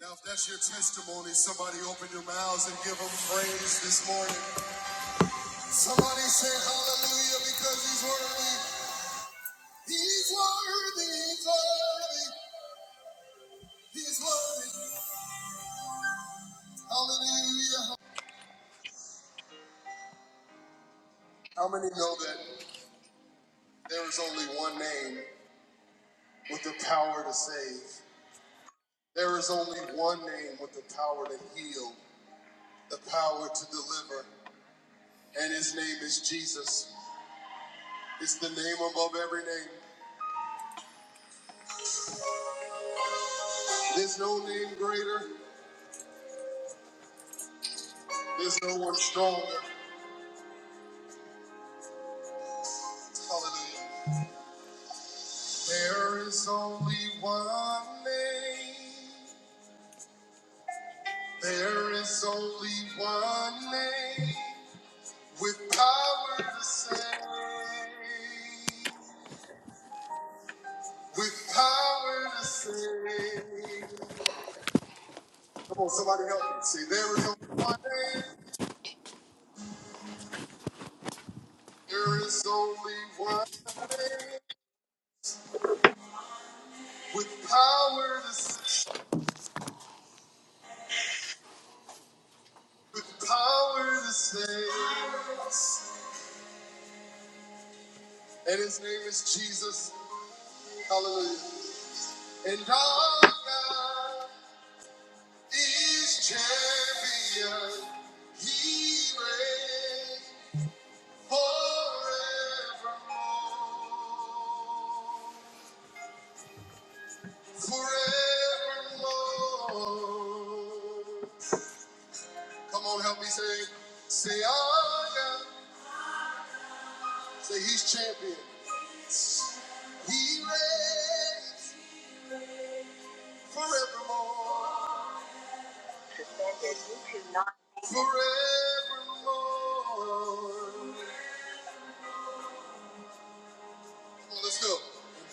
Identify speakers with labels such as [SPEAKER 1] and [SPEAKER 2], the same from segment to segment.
[SPEAKER 1] Now, if that's your testimony, somebody open your mouths and give him praise this morning. Somebody say hallelujah because he's worthy. He's worthy. He's worthy. He's worthy. Hallelujah. How many know that there is only one name with the power to save? There is only one name with the power to heal, the power to deliver, and his name is Jesus. It's the name above every name. There's no name greater. There's no one stronger. Hallelujah. There is only one name. There is only one name with power to save. With power to save. Come on, somebody help me. Say, there is only one name. There is only one name with power to save. With power to save. And his name is Jesus. Hallelujah. And our God is champion. He reigns forevermore. Forevermore. Come on, help me say, say our God. Say he's champion. He reigns forevermore. Forevermore. Let's go.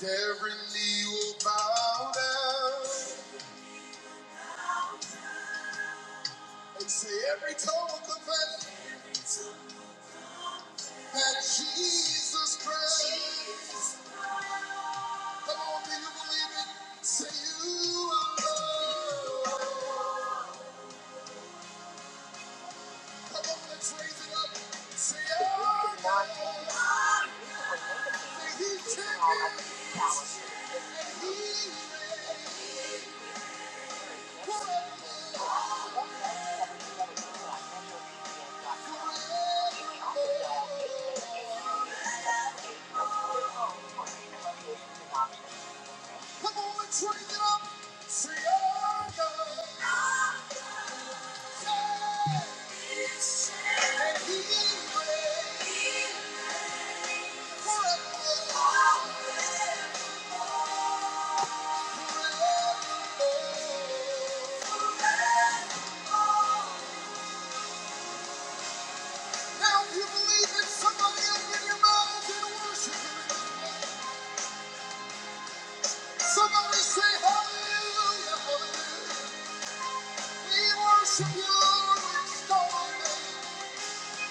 [SPEAKER 1] And every knee will bow down and say every tongue will confess that Jesus Christ. Come on, do you believe it? Say you are Lord. Come on, let's raise it up. Say I and He reigns forevermore. Come on, let's raise it up. Say I. We worship you, Lord, with storm.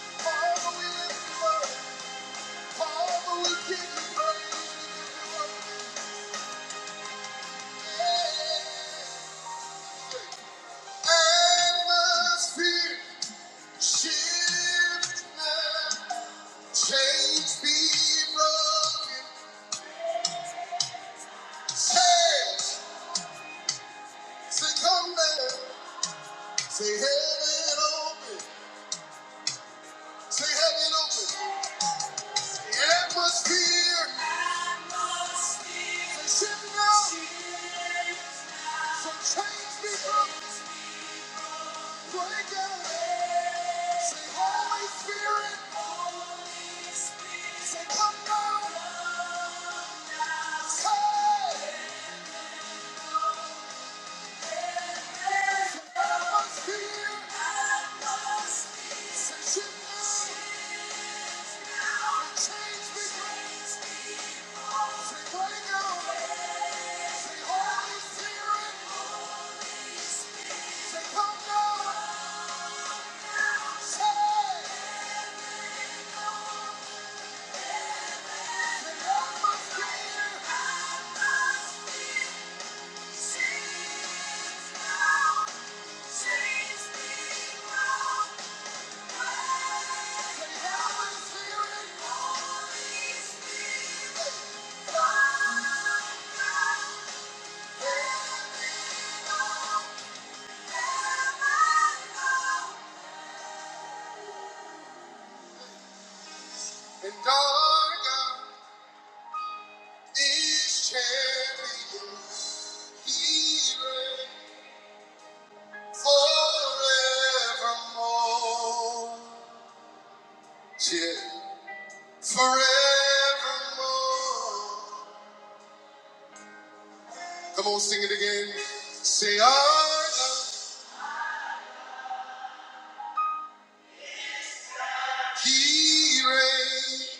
[SPEAKER 1] Father, we lift you up. Father, we give you praise. Atmosphere. Shift now, chains be broken. Chains, say come down. Say heaven open. Say heaven open. Atmosphere, say shift now. Say chains be broken. Break out. Say Holy Spirit, say come down. Hey, Say atmosphere, say shift now. Spirit. And our God is champion. He reigns forevermore. Yeah. Forevermore. Come on, sing it again. Say, our God, He reigns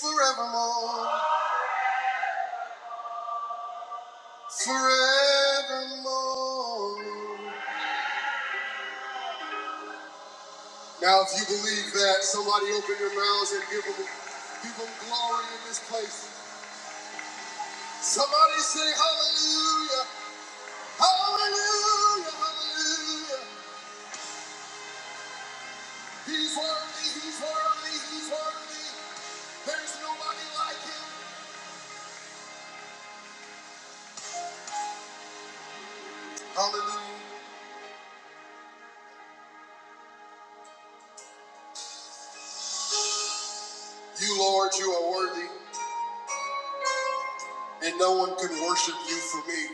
[SPEAKER 1] forevermore. Forevermore. Now, if you believe that, somebody open your mouths and give them, give them glory in this place. Somebody say hallelujah, hallelujah, hallelujah. He's worthy, he's worthy, he's worthy. There's nobody like him. Hallelujah. You, Lord, you are worthy, and no one can worship you for me.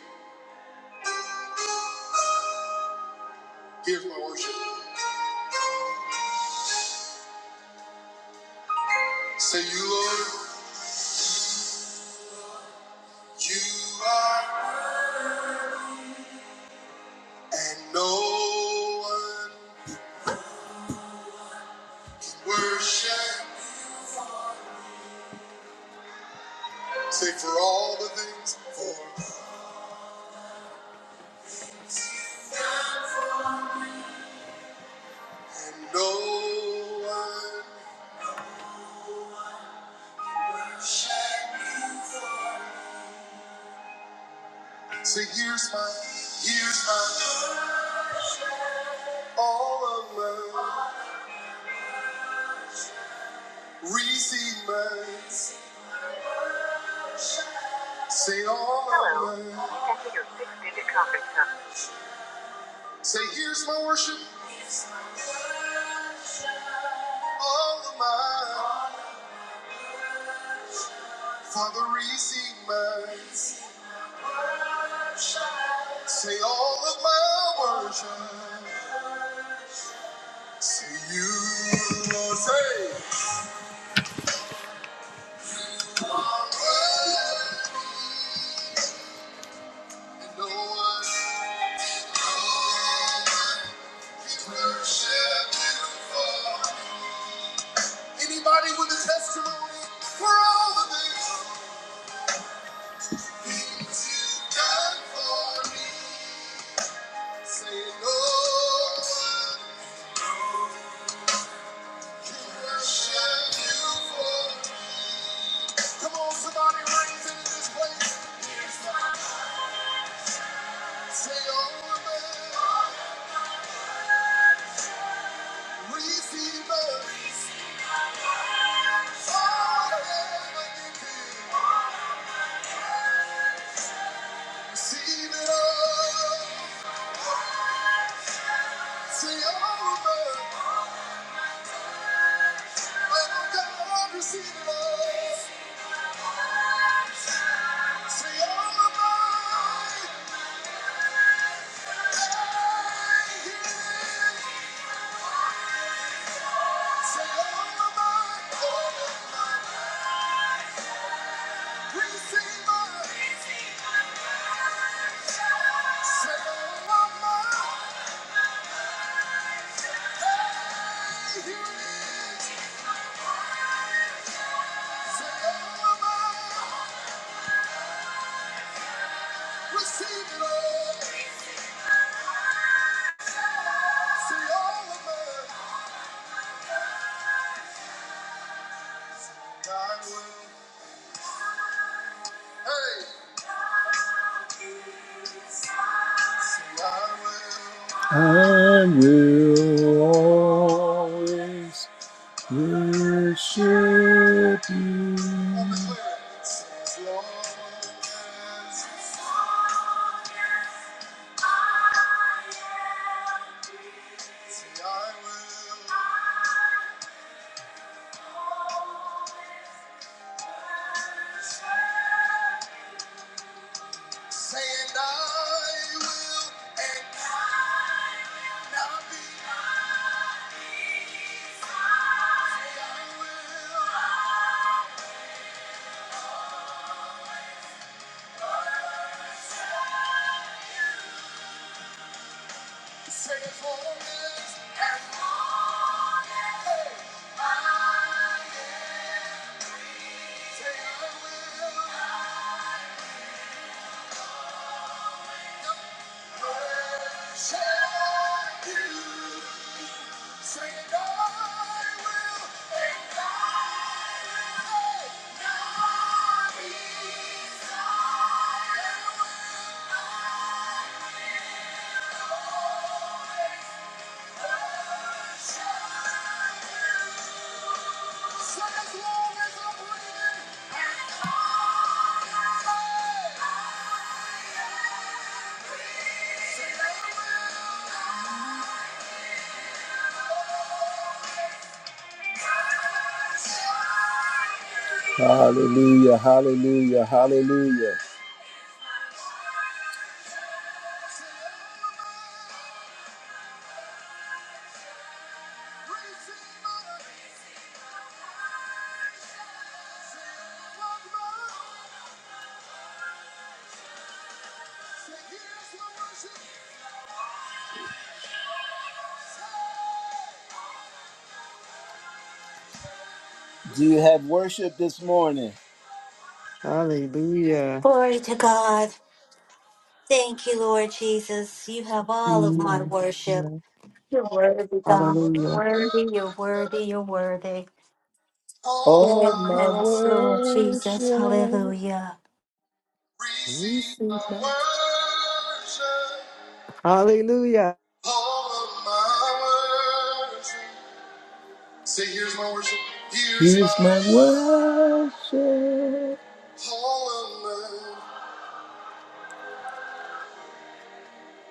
[SPEAKER 1] Here's my worship. Say, you, Lord, you are, and no one can worship. Say for all the things for and no one. Say here's my, here's my, all of my, receive mine. Say all, say here's my worship, all of mine. Father, receive mine. Say all of my worship. Say you, Lord, say. No one, no one for. Anybody with a testimony for all of this? Things you've done for me. Say it, no one can worship you for. Come on, somebody raise it in this place. Say, oh, man, receive it. All that I give you. Receive it all. Say all about it. Lamb of mine. Oh God, receive it all. Say all of mine. Say all of it. All about it. Receive it Say all of mine. Say all of mine. Receive it all. Say all of mine. I will. Hey. Say I will. I'm declaring. Say as long as Say I will. Say and I will. And not be. I will. Say it for us. And on and I am. Say I will. Shall you. Say and I will. And I will. Not be. I will. Shall you. Hallelujah, hallelujah, hallelujah. Do you have worship this morning?
[SPEAKER 2] Hallelujah.
[SPEAKER 3] Glory to God. Thank you, Lord Jesus. You have all of my
[SPEAKER 4] Amen.
[SPEAKER 3] worship.
[SPEAKER 5] Yes,
[SPEAKER 3] You're worthy, God.
[SPEAKER 4] Hallelujah.
[SPEAKER 3] Worthy, you're worthy, you're worthy.
[SPEAKER 1] All of my
[SPEAKER 3] Yes, Lord Jesus.
[SPEAKER 1] worship.
[SPEAKER 3] Hallelujah.
[SPEAKER 2] We
[SPEAKER 1] Receive
[SPEAKER 2] sing
[SPEAKER 1] my
[SPEAKER 2] about-
[SPEAKER 1] worship.
[SPEAKER 2] Hallelujah.
[SPEAKER 1] All of my worship. Say, here's my worship. Here's, here's my my worship. All of mine.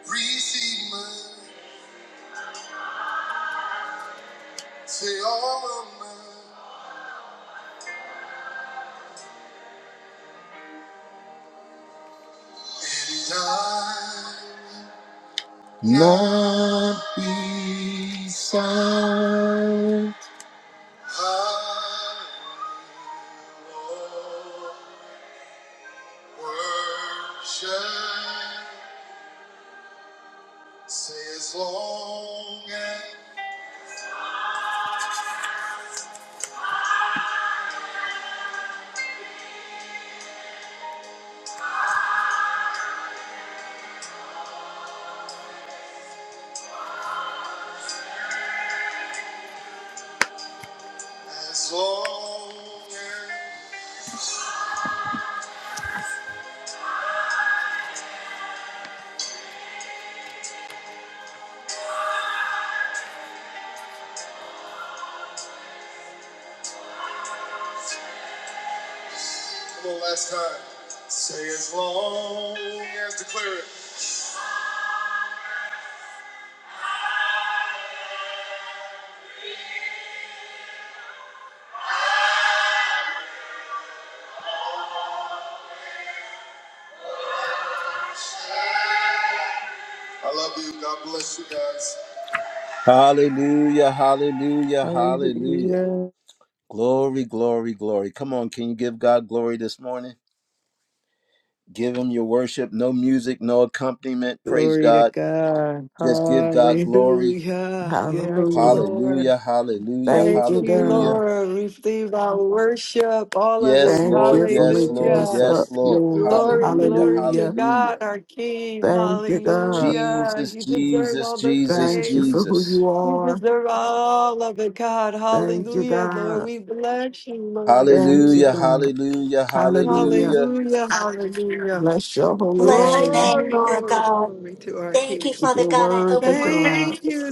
[SPEAKER 1] Receive mine. Say, all of mine. And I. Not be silent. I will worship. Say, as long as As long as, come on, last time. Say as long as, declare it. I love you. God bless you guys. Hallelujah, hallelujah, hallelujah.
[SPEAKER 2] Hallelujah.
[SPEAKER 1] Glory, glory, glory. Come on, can you give God glory this morning? Give him your worship. No music, no accompaniment. Praise
[SPEAKER 2] Glory to
[SPEAKER 1] God.
[SPEAKER 2] God.
[SPEAKER 1] Just give God glory.
[SPEAKER 2] Hallelujah. Yes,
[SPEAKER 4] Hallelujah.
[SPEAKER 2] Lord.
[SPEAKER 1] Hallelujah, hallelujah,
[SPEAKER 2] Thank
[SPEAKER 4] Thank you,
[SPEAKER 2] you,
[SPEAKER 4] God.
[SPEAKER 1] hallelujah.
[SPEAKER 2] Lord. Receive our worship, all of it.
[SPEAKER 1] Yes,
[SPEAKER 4] Thank
[SPEAKER 1] Lord,
[SPEAKER 4] you for
[SPEAKER 1] yes,
[SPEAKER 4] waking
[SPEAKER 1] Lord,
[SPEAKER 4] us
[SPEAKER 2] Hallelujah.
[SPEAKER 4] up,
[SPEAKER 1] yes, Lord.
[SPEAKER 4] Lord.
[SPEAKER 2] Glory,
[SPEAKER 1] Hallelujah,
[SPEAKER 2] glory to
[SPEAKER 4] Hallelujah.
[SPEAKER 1] hallelujah.
[SPEAKER 2] God, our King.
[SPEAKER 4] Thank you, God.
[SPEAKER 2] Hallelujah.
[SPEAKER 1] Jesus,
[SPEAKER 2] You deserve
[SPEAKER 1] Jesus,
[SPEAKER 2] all the
[SPEAKER 1] Jesus,
[SPEAKER 4] Thank you
[SPEAKER 2] praise.
[SPEAKER 4] for who
[SPEAKER 1] Jesus.
[SPEAKER 4] you
[SPEAKER 2] You
[SPEAKER 4] are.
[SPEAKER 2] deserve all of it, God.
[SPEAKER 4] Thank you,
[SPEAKER 2] Hallelujah, Lord.
[SPEAKER 4] God.
[SPEAKER 2] We bless you, Lord
[SPEAKER 4] Thank you,
[SPEAKER 1] Hallelujah,
[SPEAKER 2] Jesus.
[SPEAKER 4] God.
[SPEAKER 1] hallelujah,
[SPEAKER 4] Hallelujah.
[SPEAKER 1] hallelujah.
[SPEAKER 2] Hallelujah, hallelujah.
[SPEAKER 4] Bless your holy
[SPEAKER 3] Bless your
[SPEAKER 4] name.
[SPEAKER 3] name,
[SPEAKER 2] Glory,
[SPEAKER 3] Lord
[SPEAKER 2] glory,
[SPEAKER 3] God.
[SPEAKER 2] glory to our
[SPEAKER 3] Thank
[SPEAKER 2] King.
[SPEAKER 3] you, Father
[SPEAKER 4] Your
[SPEAKER 3] God. I
[SPEAKER 4] worthy
[SPEAKER 3] open my heart,
[SPEAKER 4] God.
[SPEAKER 2] Thank you,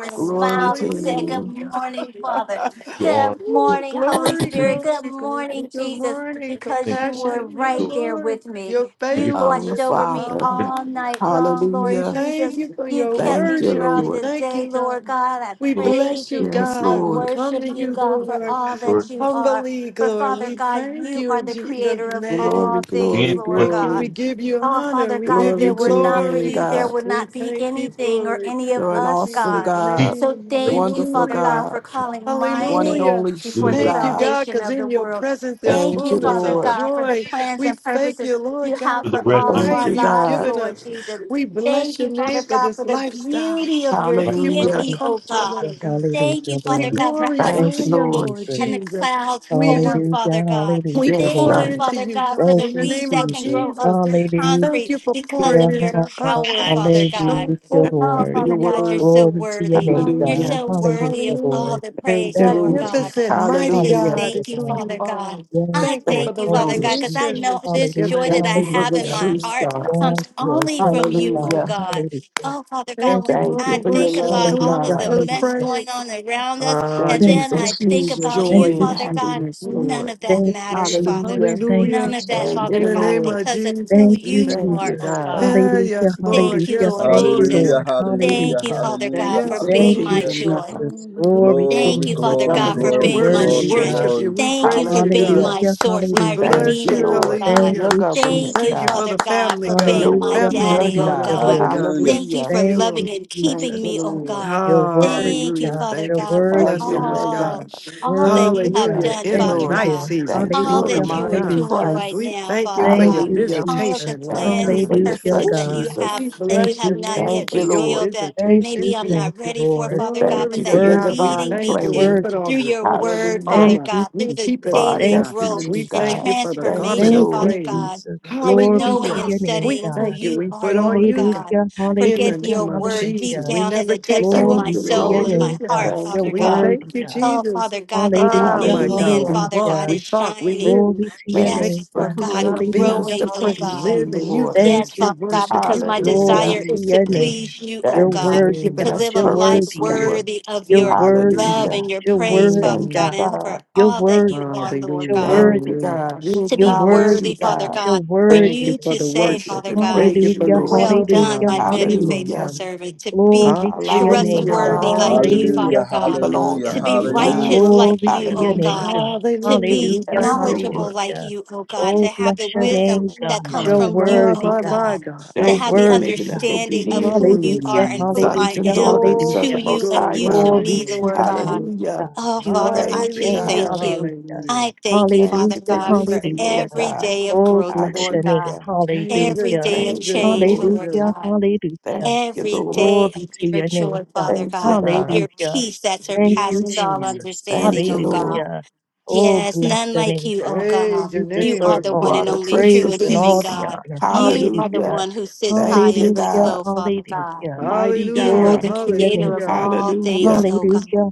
[SPEAKER 3] I
[SPEAKER 4] Glory
[SPEAKER 3] smile
[SPEAKER 4] to
[SPEAKER 3] and
[SPEAKER 4] your
[SPEAKER 3] say,
[SPEAKER 2] Hallelujah.
[SPEAKER 3] Good
[SPEAKER 4] name.
[SPEAKER 3] morning, Father. Good
[SPEAKER 2] Ooh,
[SPEAKER 3] morning, Holy
[SPEAKER 2] glory,
[SPEAKER 3] Spirit. Good
[SPEAKER 2] glory, glory.
[SPEAKER 3] morning,
[SPEAKER 2] Good
[SPEAKER 3] Jesus,
[SPEAKER 2] morning,
[SPEAKER 3] because you were
[SPEAKER 2] compassion. Yeah,
[SPEAKER 3] right there
[SPEAKER 2] Lord,
[SPEAKER 3] with me.
[SPEAKER 2] your
[SPEAKER 3] You
[SPEAKER 4] Our
[SPEAKER 3] watched
[SPEAKER 2] faithfulness.
[SPEAKER 3] over me
[SPEAKER 4] Father.
[SPEAKER 3] all
[SPEAKER 2] Hallelujah.
[SPEAKER 3] night long, Lord
[SPEAKER 2] We
[SPEAKER 4] Hallelujah.
[SPEAKER 2] thank
[SPEAKER 3] Jesus.
[SPEAKER 2] you for
[SPEAKER 3] You
[SPEAKER 2] your
[SPEAKER 3] kept
[SPEAKER 4] Thank
[SPEAKER 3] me
[SPEAKER 4] you,
[SPEAKER 2] worship. We
[SPEAKER 3] throughout
[SPEAKER 4] Lord.
[SPEAKER 3] the
[SPEAKER 2] thank you,
[SPEAKER 3] day, Lord
[SPEAKER 2] God.
[SPEAKER 3] God. I
[SPEAKER 2] We bless
[SPEAKER 3] praise
[SPEAKER 2] you,
[SPEAKER 3] you.
[SPEAKER 4] Yes,
[SPEAKER 3] I
[SPEAKER 2] God. We
[SPEAKER 4] Lord.
[SPEAKER 2] come
[SPEAKER 3] worship
[SPEAKER 2] to
[SPEAKER 3] you,
[SPEAKER 2] you,
[SPEAKER 3] God, for
[SPEAKER 2] Lord.
[SPEAKER 3] all that you are.
[SPEAKER 2] Humbly,
[SPEAKER 3] For
[SPEAKER 2] Lord,
[SPEAKER 3] Father
[SPEAKER 2] we
[SPEAKER 3] God,
[SPEAKER 2] thank
[SPEAKER 3] you
[SPEAKER 2] you
[SPEAKER 3] are
[SPEAKER 2] in
[SPEAKER 3] the
[SPEAKER 2] Jesus'
[SPEAKER 3] creator of
[SPEAKER 2] name.
[SPEAKER 4] Glory,
[SPEAKER 3] all
[SPEAKER 2] We
[SPEAKER 3] things,
[SPEAKER 4] glory,
[SPEAKER 3] Lord
[SPEAKER 2] thank you.
[SPEAKER 3] God.
[SPEAKER 2] We
[SPEAKER 4] glory.
[SPEAKER 2] give you
[SPEAKER 3] Oh,
[SPEAKER 2] honor.
[SPEAKER 3] Father
[SPEAKER 2] We
[SPEAKER 3] God,
[SPEAKER 2] give
[SPEAKER 3] if
[SPEAKER 2] you
[SPEAKER 4] Glory
[SPEAKER 3] it were
[SPEAKER 4] to your
[SPEAKER 3] not for
[SPEAKER 4] name,
[SPEAKER 2] glory.
[SPEAKER 3] you, there
[SPEAKER 4] God.
[SPEAKER 3] would
[SPEAKER 2] We
[SPEAKER 3] not be
[SPEAKER 2] thank you
[SPEAKER 3] anything
[SPEAKER 2] for
[SPEAKER 3] or
[SPEAKER 2] it,
[SPEAKER 3] any
[SPEAKER 2] God,
[SPEAKER 3] of
[SPEAKER 4] You're an
[SPEAKER 2] in
[SPEAKER 3] us,
[SPEAKER 4] awesome
[SPEAKER 2] Jesus'
[SPEAKER 3] God.
[SPEAKER 4] God,
[SPEAKER 3] So
[SPEAKER 2] name.
[SPEAKER 3] thank you,
[SPEAKER 4] wonderful
[SPEAKER 3] Father
[SPEAKER 2] Hallelujah.
[SPEAKER 3] God,
[SPEAKER 4] God,
[SPEAKER 3] for calling my
[SPEAKER 4] one and
[SPEAKER 3] name
[SPEAKER 2] Hallelujah.
[SPEAKER 4] only
[SPEAKER 3] before
[SPEAKER 4] true
[SPEAKER 3] the
[SPEAKER 2] Thank you,
[SPEAKER 4] God.
[SPEAKER 2] God,
[SPEAKER 3] foundation
[SPEAKER 2] because
[SPEAKER 3] of the
[SPEAKER 2] in your
[SPEAKER 3] world.
[SPEAKER 2] presence there's
[SPEAKER 3] Thank
[SPEAKER 4] Thank
[SPEAKER 3] you,
[SPEAKER 4] you,
[SPEAKER 2] fullness
[SPEAKER 3] Father
[SPEAKER 2] of
[SPEAKER 4] Lord.
[SPEAKER 3] God, for the
[SPEAKER 2] joy.
[SPEAKER 3] plans
[SPEAKER 2] We
[SPEAKER 3] and
[SPEAKER 2] thank
[SPEAKER 3] purposes
[SPEAKER 2] you,
[SPEAKER 3] you
[SPEAKER 2] Lord God,
[SPEAKER 3] have
[SPEAKER 2] for
[SPEAKER 3] for
[SPEAKER 2] the
[SPEAKER 3] all of
[SPEAKER 4] Thank
[SPEAKER 2] life
[SPEAKER 3] our
[SPEAKER 4] you,
[SPEAKER 2] you've
[SPEAKER 3] lives,
[SPEAKER 4] God.
[SPEAKER 2] given
[SPEAKER 3] Lord
[SPEAKER 2] us.
[SPEAKER 3] Jesus.
[SPEAKER 2] We bless
[SPEAKER 3] Thank
[SPEAKER 2] your
[SPEAKER 3] you, Father
[SPEAKER 2] name for
[SPEAKER 3] God,
[SPEAKER 2] this
[SPEAKER 3] for the
[SPEAKER 2] lifestyle
[SPEAKER 3] beauty of your
[SPEAKER 2] you for the
[SPEAKER 4] Hallelujah.
[SPEAKER 3] deity, oh
[SPEAKER 2] culture,
[SPEAKER 3] God.
[SPEAKER 5] yes,
[SPEAKER 2] Lord God.
[SPEAKER 3] Thank
[SPEAKER 5] Hallelujah,
[SPEAKER 3] you,
[SPEAKER 2] We
[SPEAKER 3] Father
[SPEAKER 5] Lord.
[SPEAKER 3] God, for how you
[SPEAKER 5] Thank
[SPEAKER 4] Thank
[SPEAKER 2] glorify
[SPEAKER 4] you,
[SPEAKER 5] you,
[SPEAKER 2] you,
[SPEAKER 4] Lord.
[SPEAKER 3] speak
[SPEAKER 2] Lord
[SPEAKER 5] Jesus.
[SPEAKER 3] and the
[SPEAKER 2] Jesus.
[SPEAKER 3] clouds
[SPEAKER 2] We do,
[SPEAKER 3] form,
[SPEAKER 5] Hallelujah,
[SPEAKER 3] Father God.
[SPEAKER 5] hallelujah,
[SPEAKER 2] we
[SPEAKER 4] Yes,
[SPEAKER 3] Thank
[SPEAKER 2] pour
[SPEAKER 3] you,
[SPEAKER 4] God.
[SPEAKER 5] Lord.
[SPEAKER 4] Thank
[SPEAKER 2] into
[SPEAKER 3] Father
[SPEAKER 2] you,
[SPEAKER 3] God, for
[SPEAKER 2] God,
[SPEAKER 5] Thank
[SPEAKER 3] the
[SPEAKER 2] in the
[SPEAKER 5] you,
[SPEAKER 3] weeds
[SPEAKER 2] name
[SPEAKER 3] that
[SPEAKER 2] of
[SPEAKER 3] can
[SPEAKER 5] Jesus.
[SPEAKER 3] grow up
[SPEAKER 2] Jesus.
[SPEAKER 3] through
[SPEAKER 5] Hallelujah,
[SPEAKER 2] Thank you
[SPEAKER 3] concrete
[SPEAKER 2] for
[SPEAKER 3] because
[SPEAKER 2] pouring
[SPEAKER 3] of your
[SPEAKER 2] into us.
[SPEAKER 3] power, Father God.
[SPEAKER 2] Show
[SPEAKER 5] hallelujah,
[SPEAKER 2] forth
[SPEAKER 3] Oh,
[SPEAKER 4] you for
[SPEAKER 5] Lord.
[SPEAKER 4] your
[SPEAKER 2] who
[SPEAKER 3] Father
[SPEAKER 2] you
[SPEAKER 3] God, you're
[SPEAKER 4] word.
[SPEAKER 2] are.
[SPEAKER 3] so
[SPEAKER 5] Glory to your
[SPEAKER 3] worthy.
[SPEAKER 5] name,
[SPEAKER 3] You're
[SPEAKER 5] God.
[SPEAKER 2] Hallelujah.
[SPEAKER 4] Hallelujah.
[SPEAKER 3] so
[SPEAKER 5] Hallelujah,
[SPEAKER 3] worthy of all
[SPEAKER 2] Hallelujah.
[SPEAKER 5] Lord.
[SPEAKER 3] the
[SPEAKER 4] Thank
[SPEAKER 3] praise,
[SPEAKER 4] you,
[SPEAKER 5] Thank
[SPEAKER 3] Lord
[SPEAKER 5] you,
[SPEAKER 4] Lord.
[SPEAKER 3] God.
[SPEAKER 2] Magnificent,
[SPEAKER 5] Jesus.
[SPEAKER 3] I
[SPEAKER 2] mighty
[SPEAKER 3] just
[SPEAKER 4] Hallelujah.
[SPEAKER 2] God
[SPEAKER 5] Hallelujah,
[SPEAKER 3] thank
[SPEAKER 2] is
[SPEAKER 3] you,
[SPEAKER 2] who
[SPEAKER 5] God.
[SPEAKER 2] you
[SPEAKER 3] Father
[SPEAKER 2] are.
[SPEAKER 3] God.
[SPEAKER 5] Yes,
[SPEAKER 3] I
[SPEAKER 2] Thank you
[SPEAKER 4] Thank
[SPEAKER 5] Lord.
[SPEAKER 2] for
[SPEAKER 3] thank
[SPEAKER 2] the
[SPEAKER 3] you,
[SPEAKER 4] you,
[SPEAKER 5] Thank
[SPEAKER 3] Father
[SPEAKER 5] you,
[SPEAKER 3] God,
[SPEAKER 4] Lord.
[SPEAKER 3] because I
[SPEAKER 2] revelation
[SPEAKER 5] Jesus.
[SPEAKER 3] know
[SPEAKER 2] that you've
[SPEAKER 3] this joy
[SPEAKER 2] given
[SPEAKER 5] Hallelujah,
[SPEAKER 3] that
[SPEAKER 2] us,
[SPEAKER 4] Thank
[SPEAKER 3] I
[SPEAKER 4] you for
[SPEAKER 2] Lord
[SPEAKER 3] have
[SPEAKER 4] the
[SPEAKER 3] in
[SPEAKER 5] hallelujah.
[SPEAKER 3] my
[SPEAKER 4] truth,
[SPEAKER 2] God.
[SPEAKER 3] heart
[SPEAKER 4] God.
[SPEAKER 3] comes
[SPEAKER 5] Yes, Lord.
[SPEAKER 3] only
[SPEAKER 5] Thank
[SPEAKER 3] from
[SPEAKER 5] you,
[SPEAKER 3] you, oh
[SPEAKER 5] Father.
[SPEAKER 4] Hallelujah.
[SPEAKER 3] God.
[SPEAKER 5] Hallelujah.
[SPEAKER 3] Oh, Father God,
[SPEAKER 5] Thank
[SPEAKER 2] Thank you
[SPEAKER 3] when
[SPEAKER 5] you,
[SPEAKER 4] Thank
[SPEAKER 2] for the
[SPEAKER 4] you
[SPEAKER 3] I
[SPEAKER 4] for
[SPEAKER 5] Jesus.
[SPEAKER 4] your
[SPEAKER 3] think
[SPEAKER 2] worship,
[SPEAKER 4] love,
[SPEAKER 3] about all
[SPEAKER 2] God,
[SPEAKER 3] of
[SPEAKER 5] Hallelujah,
[SPEAKER 4] God.
[SPEAKER 3] the
[SPEAKER 2] for the
[SPEAKER 3] mess
[SPEAKER 5] hallelujah.
[SPEAKER 3] going
[SPEAKER 2] praise.
[SPEAKER 3] on around us,
[SPEAKER 2] Ah,
[SPEAKER 3] and
[SPEAKER 4] Thank you
[SPEAKER 5] Thank
[SPEAKER 2] Jesus,
[SPEAKER 3] then
[SPEAKER 5] you,
[SPEAKER 4] for
[SPEAKER 3] I
[SPEAKER 5] Jesus.
[SPEAKER 3] think
[SPEAKER 4] peace,
[SPEAKER 2] Jesus,
[SPEAKER 3] about
[SPEAKER 5] Thank
[SPEAKER 3] you,
[SPEAKER 4] joy,
[SPEAKER 5] you,
[SPEAKER 4] and
[SPEAKER 2] Jesus.
[SPEAKER 3] Father God.
[SPEAKER 5] Jesus.
[SPEAKER 4] happiness,
[SPEAKER 3] None
[SPEAKER 4] Lord.
[SPEAKER 3] of that
[SPEAKER 5] Thank you,
[SPEAKER 3] matters, Father.
[SPEAKER 4] Hallelujah.
[SPEAKER 5] Jesus. Thank you,
[SPEAKER 3] None
[SPEAKER 2] Hallelujah.
[SPEAKER 3] of that,
[SPEAKER 4] Thank
[SPEAKER 5] Jesus.
[SPEAKER 2] In
[SPEAKER 3] Father
[SPEAKER 4] you,
[SPEAKER 2] the
[SPEAKER 3] God,
[SPEAKER 2] name
[SPEAKER 4] Lord.
[SPEAKER 2] of
[SPEAKER 3] because of who
[SPEAKER 2] Jesus,
[SPEAKER 5] Thank
[SPEAKER 2] we
[SPEAKER 5] you,
[SPEAKER 3] you
[SPEAKER 2] thank
[SPEAKER 4] Thank
[SPEAKER 2] you.
[SPEAKER 3] are,
[SPEAKER 4] you,
[SPEAKER 3] oh
[SPEAKER 5] Jesus.
[SPEAKER 4] God.
[SPEAKER 3] God.
[SPEAKER 2] Ah,
[SPEAKER 5] Hallelujah.
[SPEAKER 2] yes, Lord.
[SPEAKER 3] Thank you,
[SPEAKER 5] Hallelujah.
[SPEAKER 2] Yes,
[SPEAKER 3] Lord
[SPEAKER 5] Thank you,
[SPEAKER 2] Lord. Yes,
[SPEAKER 3] Jesus.
[SPEAKER 1] Hallelujah,
[SPEAKER 5] Lord.
[SPEAKER 2] Lord.
[SPEAKER 1] hallelujah,
[SPEAKER 3] Thank you,
[SPEAKER 5] Hallelujah.
[SPEAKER 3] Father God,
[SPEAKER 4] Thank
[SPEAKER 1] hallelujah,
[SPEAKER 4] you
[SPEAKER 3] for
[SPEAKER 2] Yes,
[SPEAKER 4] for the
[SPEAKER 5] Thank
[SPEAKER 3] being
[SPEAKER 2] Lord.
[SPEAKER 5] you,
[SPEAKER 3] my
[SPEAKER 1] hallelujah.
[SPEAKER 4] kingdom,
[SPEAKER 3] joy.
[SPEAKER 4] God,
[SPEAKER 5] Jesus.
[SPEAKER 2] Hallelujah.
[SPEAKER 5] Glory to
[SPEAKER 3] Thank
[SPEAKER 5] your
[SPEAKER 1] Glory,
[SPEAKER 3] you,
[SPEAKER 4] the
[SPEAKER 5] name,
[SPEAKER 3] Father
[SPEAKER 1] glory,
[SPEAKER 5] God.
[SPEAKER 3] God,
[SPEAKER 2] And
[SPEAKER 3] for
[SPEAKER 4] government
[SPEAKER 2] God,
[SPEAKER 5] You're
[SPEAKER 4] you
[SPEAKER 1] glory,
[SPEAKER 3] being my
[SPEAKER 2] worship,
[SPEAKER 1] glory,
[SPEAKER 5] worthy,
[SPEAKER 4] created.
[SPEAKER 5] God.
[SPEAKER 2] worship
[SPEAKER 3] strength.
[SPEAKER 2] you.
[SPEAKER 1] glory.
[SPEAKER 2] We
[SPEAKER 3] Thank you
[SPEAKER 2] praise
[SPEAKER 3] for
[SPEAKER 2] you,
[SPEAKER 3] being
[SPEAKER 2] God.
[SPEAKER 4] Hallelujah.
[SPEAKER 3] my
[SPEAKER 5] Hallelujah.
[SPEAKER 3] source,
[SPEAKER 2] We
[SPEAKER 3] my
[SPEAKER 5] Hallelujah.
[SPEAKER 4] Thank
[SPEAKER 2] bless
[SPEAKER 4] you,
[SPEAKER 3] redeemer,
[SPEAKER 2] you.
[SPEAKER 3] oh
[SPEAKER 4] Lord.
[SPEAKER 3] God.
[SPEAKER 5] Thank
[SPEAKER 4] Your
[SPEAKER 2] Hallelujah.
[SPEAKER 5] you,
[SPEAKER 4] government,
[SPEAKER 3] Thank you,
[SPEAKER 2] Thank you
[SPEAKER 4] God.
[SPEAKER 5] Jesus.
[SPEAKER 2] for
[SPEAKER 3] Father
[SPEAKER 2] the
[SPEAKER 3] God,
[SPEAKER 2] family,
[SPEAKER 3] for
[SPEAKER 2] God,
[SPEAKER 4] Your
[SPEAKER 2] the
[SPEAKER 3] being
[SPEAKER 5] Hallelujah.
[SPEAKER 4] will
[SPEAKER 3] my
[SPEAKER 4] be
[SPEAKER 2] family you
[SPEAKER 3] daddy,
[SPEAKER 4] done,
[SPEAKER 3] oh
[SPEAKER 2] brought us
[SPEAKER 5] Hallelujah,
[SPEAKER 4] God.
[SPEAKER 3] God.
[SPEAKER 2] with,
[SPEAKER 5] Lord.
[SPEAKER 2] God.
[SPEAKER 1] Hallelujah,
[SPEAKER 2] We
[SPEAKER 3] Thank you
[SPEAKER 4] Hallelujah.
[SPEAKER 2] thank
[SPEAKER 3] for
[SPEAKER 2] you,
[SPEAKER 5] Thank you,
[SPEAKER 3] loving
[SPEAKER 2] Lord.
[SPEAKER 3] and keeping
[SPEAKER 4] Thank you,
[SPEAKER 5] Jesus.
[SPEAKER 3] me, oh
[SPEAKER 4] Lord.
[SPEAKER 3] God.
[SPEAKER 5] You're worthy,
[SPEAKER 3] Thank you,
[SPEAKER 2] Hallelujah.
[SPEAKER 5] God.
[SPEAKER 3] Father
[SPEAKER 2] Thank
[SPEAKER 5] You're
[SPEAKER 2] you for
[SPEAKER 3] God, for
[SPEAKER 4] Have
[SPEAKER 5] worthy,
[SPEAKER 4] your
[SPEAKER 2] blessing
[SPEAKER 5] God.
[SPEAKER 2] us,
[SPEAKER 4] way,
[SPEAKER 2] God.
[SPEAKER 3] all,
[SPEAKER 4] God.
[SPEAKER 3] all that you
[SPEAKER 5] Worthy
[SPEAKER 3] have
[SPEAKER 5] God.
[SPEAKER 2] Hallelujah.
[SPEAKER 3] done,
[SPEAKER 4] Thank you,
[SPEAKER 2] In
[SPEAKER 5] Thank
[SPEAKER 2] the
[SPEAKER 3] Father
[SPEAKER 5] you,
[SPEAKER 4] Lord.
[SPEAKER 2] night
[SPEAKER 3] God.
[SPEAKER 5] Lord.
[SPEAKER 2] season.
[SPEAKER 4] Thank you
[SPEAKER 3] All
[SPEAKER 4] for the
[SPEAKER 2] Glory
[SPEAKER 5] Hallelujah.
[SPEAKER 3] that
[SPEAKER 2] to
[SPEAKER 3] you are
[SPEAKER 4] mind of
[SPEAKER 2] God.
[SPEAKER 3] doing
[SPEAKER 5] Hallelujah.
[SPEAKER 3] right
[SPEAKER 4] Christ.
[SPEAKER 2] We
[SPEAKER 3] now,
[SPEAKER 2] thank you
[SPEAKER 3] Father
[SPEAKER 2] for
[SPEAKER 5] Thank
[SPEAKER 2] your
[SPEAKER 3] God.
[SPEAKER 5] you,
[SPEAKER 4] Hallelujah.
[SPEAKER 3] All of
[SPEAKER 5] Jesus.
[SPEAKER 3] the
[SPEAKER 2] visitation, Lord
[SPEAKER 4] Thank
[SPEAKER 3] plans
[SPEAKER 4] you
[SPEAKER 2] God.
[SPEAKER 3] and
[SPEAKER 4] for your
[SPEAKER 5] Hallelujah,
[SPEAKER 3] purposes
[SPEAKER 4] son,
[SPEAKER 3] that you
[SPEAKER 5] God.
[SPEAKER 2] Ooh,
[SPEAKER 3] have
[SPEAKER 2] we
[SPEAKER 4] Jesus.
[SPEAKER 3] that
[SPEAKER 5] Thank
[SPEAKER 3] you
[SPEAKER 2] bless
[SPEAKER 3] have
[SPEAKER 5] you,
[SPEAKER 2] your
[SPEAKER 3] not
[SPEAKER 2] name
[SPEAKER 3] yet
[SPEAKER 4] Thank
[SPEAKER 2] for
[SPEAKER 4] you,
[SPEAKER 5] Jesus.
[SPEAKER 2] your
[SPEAKER 4] Lord.
[SPEAKER 3] revealed that
[SPEAKER 5] Thank
[SPEAKER 2] visitation
[SPEAKER 5] you,
[SPEAKER 3] maybe I'm
[SPEAKER 2] here.
[SPEAKER 5] thank
[SPEAKER 3] not
[SPEAKER 5] you,
[SPEAKER 3] ready for,
[SPEAKER 5] Lord.
[SPEAKER 3] Father God,
[SPEAKER 4] Thank
[SPEAKER 3] but
[SPEAKER 2] Glory
[SPEAKER 4] you for
[SPEAKER 3] that
[SPEAKER 2] to
[SPEAKER 3] you're
[SPEAKER 4] your
[SPEAKER 5] Worthy
[SPEAKER 2] God. We
[SPEAKER 5] God.
[SPEAKER 4] divine
[SPEAKER 3] leading me
[SPEAKER 2] thank
[SPEAKER 5] You're
[SPEAKER 2] you. We
[SPEAKER 3] to
[SPEAKER 4] plan.
[SPEAKER 2] put
[SPEAKER 5] worthy.
[SPEAKER 3] through
[SPEAKER 2] on the
[SPEAKER 3] your
[SPEAKER 2] whole
[SPEAKER 3] word,
[SPEAKER 4] Hallelujah.
[SPEAKER 3] Father
[SPEAKER 5] Thank
[SPEAKER 2] armor.
[SPEAKER 5] you,
[SPEAKER 3] God,
[SPEAKER 2] We
[SPEAKER 3] through the
[SPEAKER 2] keep
[SPEAKER 5] Jesus.
[SPEAKER 2] it
[SPEAKER 4] for our
[SPEAKER 2] on,
[SPEAKER 3] daily
[SPEAKER 5] Thank
[SPEAKER 2] God.
[SPEAKER 5] you,
[SPEAKER 3] growth
[SPEAKER 2] We
[SPEAKER 4] destinies,
[SPEAKER 3] and
[SPEAKER 5] Jesus.
[SPEAKER 2] thank
[SPEAKER 4] God.
[SPEAKER 2] you for the
[SPEAKER 4] Thank you,
[SPEAKER 2] garment
[SPEAKER 3] transformation,
[SPEAKER 2] of
[SPEAKER 5] Thank you,
[SPEAKER 4] Lord.
[SPEAKER 3] Father God.
[SPEAKER 2] praise.
[SPEAKER 5] Jesus.
[SPEAKER 3] Through
[SPEAKER 5] Glory
[SPEAKER 3] knowing
[SPEAKER 2] Hallelujah.
[SPEAKER 5] to
[SPEAKER 3] and
[SPEAKER 5] your name,
[SPEAKER 2] We
[SPEAKER 3] studying who
[SPEAKER 5] God.
[SPEAKER 2] thank you.
[SPEAKER 3] you
[SPEAKER 2] We
[SPEAKER 3] are,
[SPEAKER 2] put on
[SPEAKER 3] Lord
[SPEAKER 2] you, God.
[SPEAKER 3] God.
[SPEAKER 5] Hallelujah.
[SPEAKER 2] In
[SPEAKER 3] Forget
[SPEAKER 2] the
[SPEAKER 5] Hallelujah.
[SPEAKER 3] your
[SPEAKER 2] name of
[SPEAKER 3] word deep
[SPEAKER 2] Jesus,
[SPEAKER 5] Hallelujah.
[SPEAKER 2] we
[SPEAKER 3] down in
[SPEAKER 2] never
[SPEAKER 3] the depths
[SPEAKER 2] take
[SPEAKER 3] of
[SPEAKER 2] you
[SPEAKER 4] Thank
[SPEAKER 3] my
[SPEAKER 2] on.
[SPEAKER 5] Glory
[SPEAKER 4] you,
[SPEAKER 5] to your
[SPEAKER 3] soul
[SPEAKER 4] Lord.
[SPEAKER 3] and my
[SPEAKER 5] name,
[SPEAKER 2] Hallelujah.
[SPEAKER 5] God.
[SPEAKER 3] heart,
[SPEAKER 4] Thank
[SPEAKER 3] Father
[SPEAKER 5] You're
[SPEAKER 4] you,
[SPEAKER 2] We
[SPEAKER 3] God.
[SPEAKER 4] Father.
[SPEAKER 5] worthy,
[SPEAKER 2] thank you,
[SPEAKER 5] God.
[SPEAKER 3] Oh,
[SPEAKER 2] Jesus.
[SPEAKER 3] Father God, that the
[SPEAKER 2] Ah,
[SPEAKER 5] Hallelujah.
[SPEAKER 2] my
[SPEAKER 3] new
[SPEAKER 2] God,
[SPEAKER 3] man,
[SPEAKER 2] we
[SPEAKER 4] Hallelujah.
[SPEAKER 3] Father
[SPEAKER 2] walk,
[SPEAKER 5] Hallelujah.
[SPEAKER 3] God,
[SPEAKER 2] we
[SPEAKER 3] is
[SPEAKER 2] talk, we
[SPEAKER 3] shining.
[SPEAKER 2] live.
[SPEAKER 5] Glory to
[SPEAKER 2] We
[SPEAKER 5] your
[SPEAKER 2] thank
[SPEAKER 4] Thank you
[SPEAKER 2] you
[SPEAKER 5] name,
[SPEAKER 3] Yes,
[SPEAKER 4] for
[SPEAKER 3] Lord
[SPEAKER 2] for
[SPEAKER 5] God.
[SPEAKER 2] having
[SPEAKER 3] God,
[SPEAKER 2] our
[SPEAKER 4] creating
[SPEAKER 2] being.
[SPEAKER 4] us
[SPEAKER 5] Hallelujah,
[SPEAKER 4] to
[SPEAKER 3] growing, oh
[SPEAKER 4] praise
[SPEAKER 3] God.
[SPEAKER 5] hallelujah.
[SPEAKER 4] you,
[SPEAKER 2] Live in you,
[SPEAKER 4] Lord.
[SPEAKER 5] Thank
[SPEAKER 2] God.
[SPEAKER 3] Yes,
[SPEAKER 2] We
[SPEAKER 5] you,
[SPEAKER 3] Father God,
[SPEAKER 2] worship
[SPEAKER 5] Jesus.
[SPEAKER 3] because
[SPEAKER 2] you,
[SPEAKER 3] my
[SPEAKER 2] God, in
[SPEAKER 5] Glory
[SPEAKER 4] Hallelujah.
[SPEAKER 3] desire
[SPEAKER 5] to
[SPEAKER 3] is
[SPEAKER 2] Jesus'
[SPEAKER 3] to
[SPEAKER 5] your
[SPEAKER 2] name.
[SPEAKER 5] name.
[SPEAKER 3] please you, oh
[SPEAKER 5] You're
[SPEAKER 2] In
[SPEAKER 4] Thank
[SPEAKER 2] the
[SPEAKER 4] you
[SPEAKER 3] God,
[SPEAKER 4] for
[SPEAKER 5] worthy,
[SPEAKER 2] name
[SPEAKER 3] to
[SPEAKER 4] giving
[SPEAKER 5] God.
[SPEAKER 4] us
[SPEAKER 2] of
[SPEAKER 3] live a
[SPEAKER 5] You're
[SPEAKER 2] Jesus.
[SPEAKER 3] life
[SPEAKER 4] purpose,
[SPEAKER 5] worthy, God.
[SPEAKER 4] Lord.
[SPEAKER 3] worthy of
[SPEAKER 5] You're
[SPEAKER 3] your
[SPEAKER 5] worthy,
[SPEAKER 3] love
[SPEAKER 2] Hallelujah.
[SPEAKER 4] Hallelujah.
[SPEAKER 5] God.
[SPEAKER 3] and your
[SPEAKER 5] You're
[SPEAKER 3] praise,
[SPEAKER 5] worthy,
[SPEAKER 3] Father
[SPEAKER 4] Thank you,
[SPEAKER 2] Mm.
[SPEAKER 5] God.
[SPEAKER 3] God, and for
[SPEAKER 4] God.
[SPEAKER 5] You're
[SPEAKER 3] all that you
[SPEAKER 5] worthy, God.
[SPEAKER 3] are, Lord
[SPEAKER 5] You're
[SPEAKER 2] Hallelujah.
[SPEAKER 3] God.
[SPEAKER 4] Thank you,
[SPEAKER 5] worthy,
[SPEAKER 2] Hallelujah.
[SPEAKER 5] God.
[SPEAKER 4] God. We
[SPEAKER 3] To
[SPEAKER 5] You're
[SPEAKER 3] be
[SPEAKER 4] acknowledge
[SPEAKER 5] worthy,
[SPEAKER 4] you,
[SPEAKER 3] worthy, Father
[SPEAKER 5] God.
[SPEAKER 4] God.
[SPEAKER 5] You're
[SPEAKER 3] God, for
[SPEAKER 2] Thank
[SPEAKER 5] worthy,
[SPEAKER 2] you
[SPEAKER 3] you
[SPEAKER 2] for
[SPEAKER 3] to
[SPEAKER 2] the
[SPEAKER 5] God.
[SPEAKER 3] say,
[SPEAKER 4] Worship
[SPEAKER 2] worship.
[SPEAKER 3] Father
[SPEAKER 4] and
[SPEAKER 3] God.
[SPEAKER 2] Thank
[SPEAKER 4] praise
[SPEAKER 2] you
[SPEAKER 4] you,
[SPEAKER 2] for
[SPEAKER 5] Hallelujah,
[SPEAKER 4] Lord.
[SPEAKER 3] Well
[SPEAKER 2] receiving our
[SPEAKER 3] done,
[SPEAKER 5] hallelujah,
[SPEAKER 3] my good
[SPEAKER 2] worship,
[SPEAKER 3] and
[SPEAKER 2] Lord.
[SPEAKER 3] faithful
[SPEAKER 4] Hallelujah.
[SPEAKER 5] hallelujah.
[SPEAKER 2] God.
[SPEAKER 3] servant, to be
[SPEAKER 5] Glory
[SPEAKER 4] Our
[SPEAKER 5] to your
[SPEAKER 4] lives are
[SPEAKER 5] name,
[SPEAKER 4] not
[SPEAKER 2] Hallelujah.
[SPEAKER 4] our
[SPEAKER 5] God.
[SPEAKER 3] trustworthy like you,
[SPEAKER 4] own.
[SPEAKER 2] Hallelujah.
[SPEAKER 5] Hallelujah,
[SPEAKER 3] Father
[SPEAKER 1] hallelujah,
[SPEAKER 4] We
[SPEAKER 3] God,
[SPEAKER 4] belong
[SPEAKER 1] hallelujah,
[SPEAKER 4] to
[SPEAKER 5] hallelujah.
[SPEAKER 3] to
[SPEAKER 4] you,
[SPEAKER 3] be
[SPEAKER 2] We
[SPEAKER 4] God.
[SPEAKER 1] hallelujah.
[SPEAKER 3] righteous
[SPEAKER 2] will,
[SPEAKER 3] like
[SPEAKER 5] Glory
[SPEAKER 3] you,
[SPEAKER 5] to your
[SPEAKER 3] oh
[SPEAKER 4] Hallelujah.
[SPEAKER 5] name,
[SPEAKER 3] God,
[SPEAKER 5] God.
[SPEAKER 3] to
[SPEAKER 2] hallelujah.
[SPEAKER 3] be
[SPEAKER 2] We
[SPEAKER 5] Hallelujah,
[SPEAKER 4] Yes,
[SPEAKER 2] thank you.
[SPEAKER 3] knowledgeable
[SPEAKER 4] Lord.
[SPEAKER 3] like
[SPEAKER 5] hallelujah.
[SPEAKER 3] you, oh God, to
[SPEAKER 5] Oh,
[SPEAKER 3] have
[SPEAKER 5] bless
[SPEAKER 3] the
[SPEAKER 5] your
[SPEAKER 3] wisdom
[SPEAKER 5] name,
[SPEAKER 3] that
[SPEAKER 5] God.
[SPEAKER 3] comes
[SPEAKER 2] Hallelujah.
[SPEAKER 5] You're
[SPEAKER 4] God,
[SPEAKER 3] from you,
[SPEAKER 2] My,
[SPEAKER 5] worthy,
[SPEAKER 3] oh
[SPEAKER 2] my, my
[SPEAKER 5] God.
[SPEAKER 3] God,
[SPEAKER 2] God.
[SPEAKER 3] to
[SPEAKER 5] You're
[SPEAKER 4] thank
[SPEAKER 3] have
[SPEAKER 4] you
[SPEAKER 3] the
[SPEAKER 4] for
[SPEAKER 5] worthy,
[SPEAKER 4] making us
[SPEAKER 5] God.
[SPEAKER 3] understanding of
[SPEAKER 4] obedient
[SPEAKER 3] who you are
[SPEAKER 5] Hallelujah,
[SPEAKER 2] Mm.
[SPEAKER 3] and who
[SPEAKER 4] sons
[SPEAKER 3] I
[SPEAKER 4] and
[SPEAKER 5] hallelujah,
[SPEAKER 3] am
[SPEAKER 4] daughters
[SPEAKER 3] to
[SPEAKER 4] of the
[SPEAKER 5] hallelujah.
[SPEAKER 2] Glory,
[SPEAKER 3] you
[SPEAKER 4] Most
[SPEAKER 3] and
[SPEAKER 4] High
[SPEAKER 2] glory,
[SPEAKER 3] you to
[SPEAKER 4] God.
[SPEAKER 2] glory,
[SPEAKER 5] Glory
[SPEAKER 3] me,
[SPEAKER 2] glory.
[SPEAKER 5] to
[SPEAKER 3] Lord
[SPEAKER 5] the
[SPEAKER 3] God.
[SPEAKER 5] highest
[SPEAKER 4] Hallelujah.
[SPEAKER 5] God.
[SPEAKER 3] Oh,
[SPEAKER 5] You are
[SPEAKER 3] Father,
[SPEAKER 5] the
[SPEAKER 3] I
[SPEAKER 4] Thank you,
[SPEAKER 3] just
[SPEAKER 5] King.
[SPEAKER 4] God.
[SPEAKER 2] Hallelujah,
[SPEAKER 3] thank you.
[SPEAKER 5] Hallelujah.
[SPEAKER 2] hallelujah.
[SPEAKER 3] I thank you,
[SPEAKER 4] Thank
[SPEAKER 3] Father
[SPEAKER 4] you for
[SPEAKER 5] Hallelujah,
[SPEAKER 3] God, for
[SPEAKER 4] wisdom,
[SPEAKER 5] hallelujah.
[SPEAKER 4] Lord
[SPEAKER 3] every
[SPEAKER 4] God.
[SPEAKER 3] day of
[SPEAKER 5] Oh,
[SPEAKER 3] growth,
[SPEAKER 5] bless your
[SPEAKER 3] Lord God.
[SPEAKER 5] name.
[SPEAKER 4] Hallelujah.
[SPEAKER 2] Jesus,
[SPEAKER 3] Every
[SPEAKER 5] Hallelujah.
[SPEAKER 3] day of
[SPEAKER 4] Thank you,
[SPEAKER 2] Jesus,
[SPEAKER 3] change, oh
[SPEAKER 4] Lord.
[SPEAKER 3] Lord
[SPEAKER 2] Jesus.
[SPEAKER 5] Hallelujah,
[SPEAKER 3] God.
[SPEAKER 4] Thank
[SPEAKER 5] hallelujah.
[SPEAKER 4] you,
[SPEAKER 3] Every
[SPEAKER 4] Lord.
[SPEAKER 3] day
[SPEAKER 5] Glory
[SPEAKER 3] of
[SPEAKER 5] to
[SPEAKER 3] your
[SPEAKER 5] your name,
[SPEAKER 3] joy,
[SPEAKER 5] God.
[SPEAKER 3] Father
[SPEAKER 4] Thank you,
[SPEAKER 3] God.
[SPEAKER 4] God.
[SPEAKER 3] Your
[SPEAKER 5] Hallelujah.
[SPEAKER 3] peace that
[SPEAKER 5] Thank you,
[SPEAKER 3] surpasses all
[SPEAKER 2] Mm.
[SPEAKER 5] Jesus.
[SPEAKER 4] Thank
[SPEAKER 3] understanding,
[SPEAKER 4] you,
[SPEAKER 3] oh
[SPEAKER 4] Lord.
[SPEAKER 3] God.
[SPEAKER 5] Hallelujah. Oh,
[SPEAKER 3] Yes,
[SPEAKER 5] bless
[SPEAKER 3] none
[SPEAKER 5] the
[SPEAKER 3] like
[SPEAKER 5] name,
[SPEAKER 3] you, oh
[SPEAKER 5] God.
[SPEAKER 2] Praise
[SPEAKER 3] God.
[SPEAKER 2] your
[SPEAKER 5] You
[SPEAKER 3] You
[SPEAKER 2] name,
[SPEAKER 3] are
[SPEAKER 5] deserve
[SPEAKER 3] the
[SPEAKER 2] Lord
[SPEAKER 4] You
[SPEAKER 3] one
[SPEAKER 5] all
[SPEAKER 4] are
[SPEAKER 3] and
[SPEAKER 5] the
[SPEAKER 2] Jesus.
[SPEAKER 4] the
[SPEAKER 3] only
[SPEAKER 4] Prince
[SPEAKER 3] true
[SPEAKER 4] of
[SPEAKER 5] praise
[SPEAKER 3] and
[SPEAKER 5] and
[SPEAKER 3] living
[SPEAKER 5] all the
[SPEAKER 4] Peace.
[SPEAKER 3] God.
[SPEAKER 5] honor.
[SPEAKER 3] You are the
[SPEAKER 4] Hallelujah.
[SPEAKER 5] Hallelujah.
[SPEAKER 3] one who sits high
[SPEAKER 4] Thank you,
[SPEAKER 3] and looks
[SPEAKER 5] Hallelujah.
[SPEAKER 4] God.
[SPEAKER 3] low, Father God.
[SPEAKER 5] Hallelujah.
[SPEAKER 4] Mighty
[SPEAKER 3] You are
[SPEAKER 2] Hallelujah,
[SPEAKER 3] the
[SPEAKER 4] God.
[SPEAKER 5] Glory to your
[SPEAKER 3] creator
[SPEAKER 5] name,
[SPEAKER 3] of
[SPEAKER 2] hallelujah.
[SPEAKER 5] God.
[SPEAKER 3] all things,
[SPEAKER 4] Hallelujah.
[SPEAKER 3] oh God.
[SPEAKER 5] Hallelujah.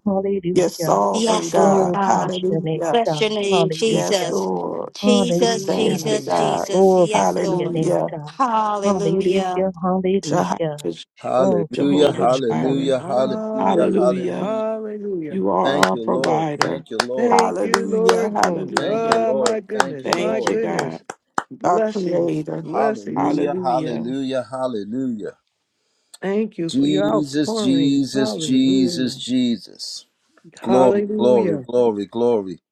[SPEAKER 4] Yes,
[SPEAKER 5] Hallelujah.
[SPEAKER 4] sovereign
[SPEAKER 3] Yes, Lord
[SPEAKER 4] God.
[SPEAKER 5] Oh, bless
[SPEAKER 3] God.
[SPEAKER 5] your name,
[SPEAKER 4] Hallelujah.
[SPEAKER 3] Bless
[SPEAKER 5] God.
[SPEAKER 3] your name,
[SPEAKER 4] Yes,
[SPEAKER 5] Hallelujah.
[SPEAKER 3] Jesus.
[SPEAKER 4] Lord.
[SPEAKER 3] Jesus,
[SPEAKER 4] Thank
[SPEAKER 5] Hallelujah.
[SPEAKER 4] you,
[SPEAKER 3] Jesus,
[SPEAKER 2] Mm.
[SPEAKER 4] God.
[SPEAKER 3] Jesus.
[SPEAKER 5] Glory
[SPEAKER 3] Yes,
[SPEAKER 5] to your
[SPEAKER 3] Lord.
[SPEAKER 5] name,
[SPEAKER 4] Hallelujah.
[SPEAKER 5] God.
[SPEAKER 3] Hallelujah.
[SPEAKER 5] Hallelujah.
[SPEAKER 4] Jehovah,
[SPEAKER 5] Hallelujah. Oh, bless
[SPEAKER 1] Hallelujah,
[SPEAKER 5] your
[SPEAKER 4] Jehovah
[SPEAKER 5] name, God.
[SPEAKER 4] Jireh.
[SPEAKER 1] hallelujah, hallelujah,
[SPEAKER 2] Hallelujah,
[SPEAKER 4] Hallelujah.
[SPEAKER 1] hallelujah.
[SPEAKER 2] hallelujah.
[SPEAKER 4] You are
[SPEAKER 1] Thank
[SPEAKER 4] our
[SPEAKER 1] you, Lord.
[SPEAKER 4] provider.
[SPEAKER 1] Thank you, Lord.
[SPEAKER 2] Thank you,
[SPEAKER 4] Hallelujah.
[SPEAKER 2] Lord. Lord.
[SPEAKER 1] Thank you,
[SPEAKER 4] Hallelujah.
[SPEAKER 2] Oh, my
[SPEAKER 1] Lord. Thank you,
[SPEAKER 2] goodness, my
[SPEAKER 4] Thank
[SPEAKER 1] Lord.
[SPEAKER 4] you, God,
[SPEAKER 2] goodness.
[SPEAKER 4] our
[SPEAKER 2] Blessings,
[SPEAKER 4] creator.
[SPEAKER 2] blessings.
[SPEAKER 1] Hallelujah,
[SPEAKER 4] Hallelujah.
[SPEAKER 1] hallelujah, hallelujah.
[SPEAKER 2] Thank you for your
[SPEAKER 1] Jesus,
[SPEAKER 2] outpouring.
[SPEAKER 1] Jesus, Jesus,
[SPEAKER 2] Hallelujah.
[SPEAKER 1] Jesus. Glory, glory,
[SPEAKER 2] Hallelujah.
[SPEAKER 1] glory, glory.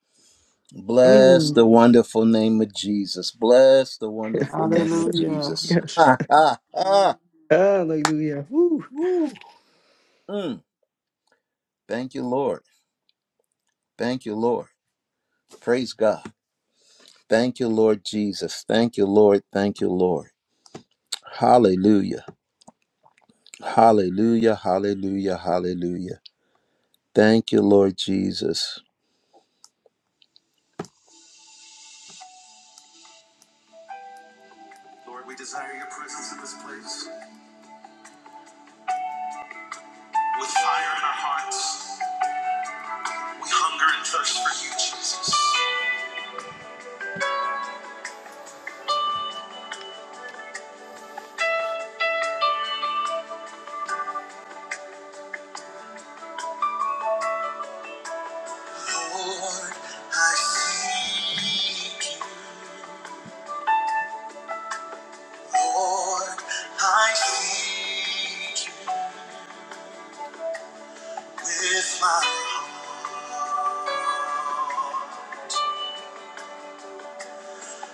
[SPEAKER 1] Bless the
[SPEAKER 2] Mm.
[SPEAKER 1] wonderful name of Jesus. Bless the wonderful
[SPEAKER 2] Yes,
[SPEAKER 1] name of
[SPEAKER 2] sir.
[SPEAKER 4] Hallelujah.
[SPEAKER 1] Jesus.
[SPEAKER 2] yes.
[SPEAKER 1] Ha, ha, ha.
[SPEAKER 2] Hallelujah. Woo.
[SPEAKER 1] Woo. Mm. Thank you, Lord. Thank you, Lord. Praise God. Thank you, Lord Jesus. Thank you, Lord. Thank you, Lord. Hallelujah. Hallelujah. Hallelujah. Hallelujah. Thank you, Lord Jesus. Lord, we desire your presence in this place. With fire in our hearts, we hunger and thirst for you, Jesus. Lord, I seek you, Lord, I with my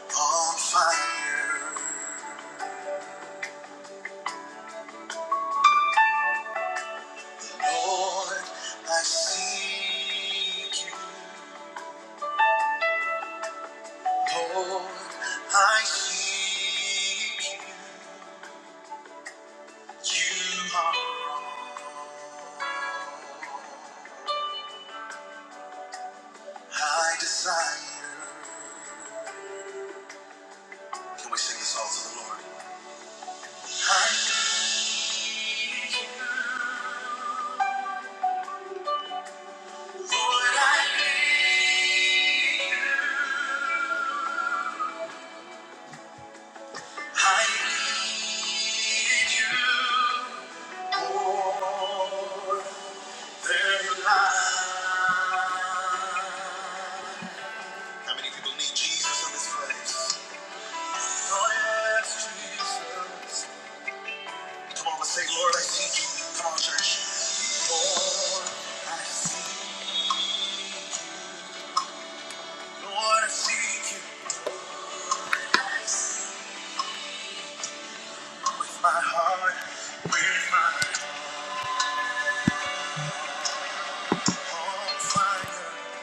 [SPEAKER 1] bonfire. Lord, I seek you. You are I desire. Can we sing this all to the Lord? I need you. Lord, I need you. I need you more than life. How many people need Jesus in this place? Oh, yes, Jesus. Come on, let's say, Lord, I seek you. Come on, church. Lord, I seek you. Lord, I seek you. With my heart, with my heart fire.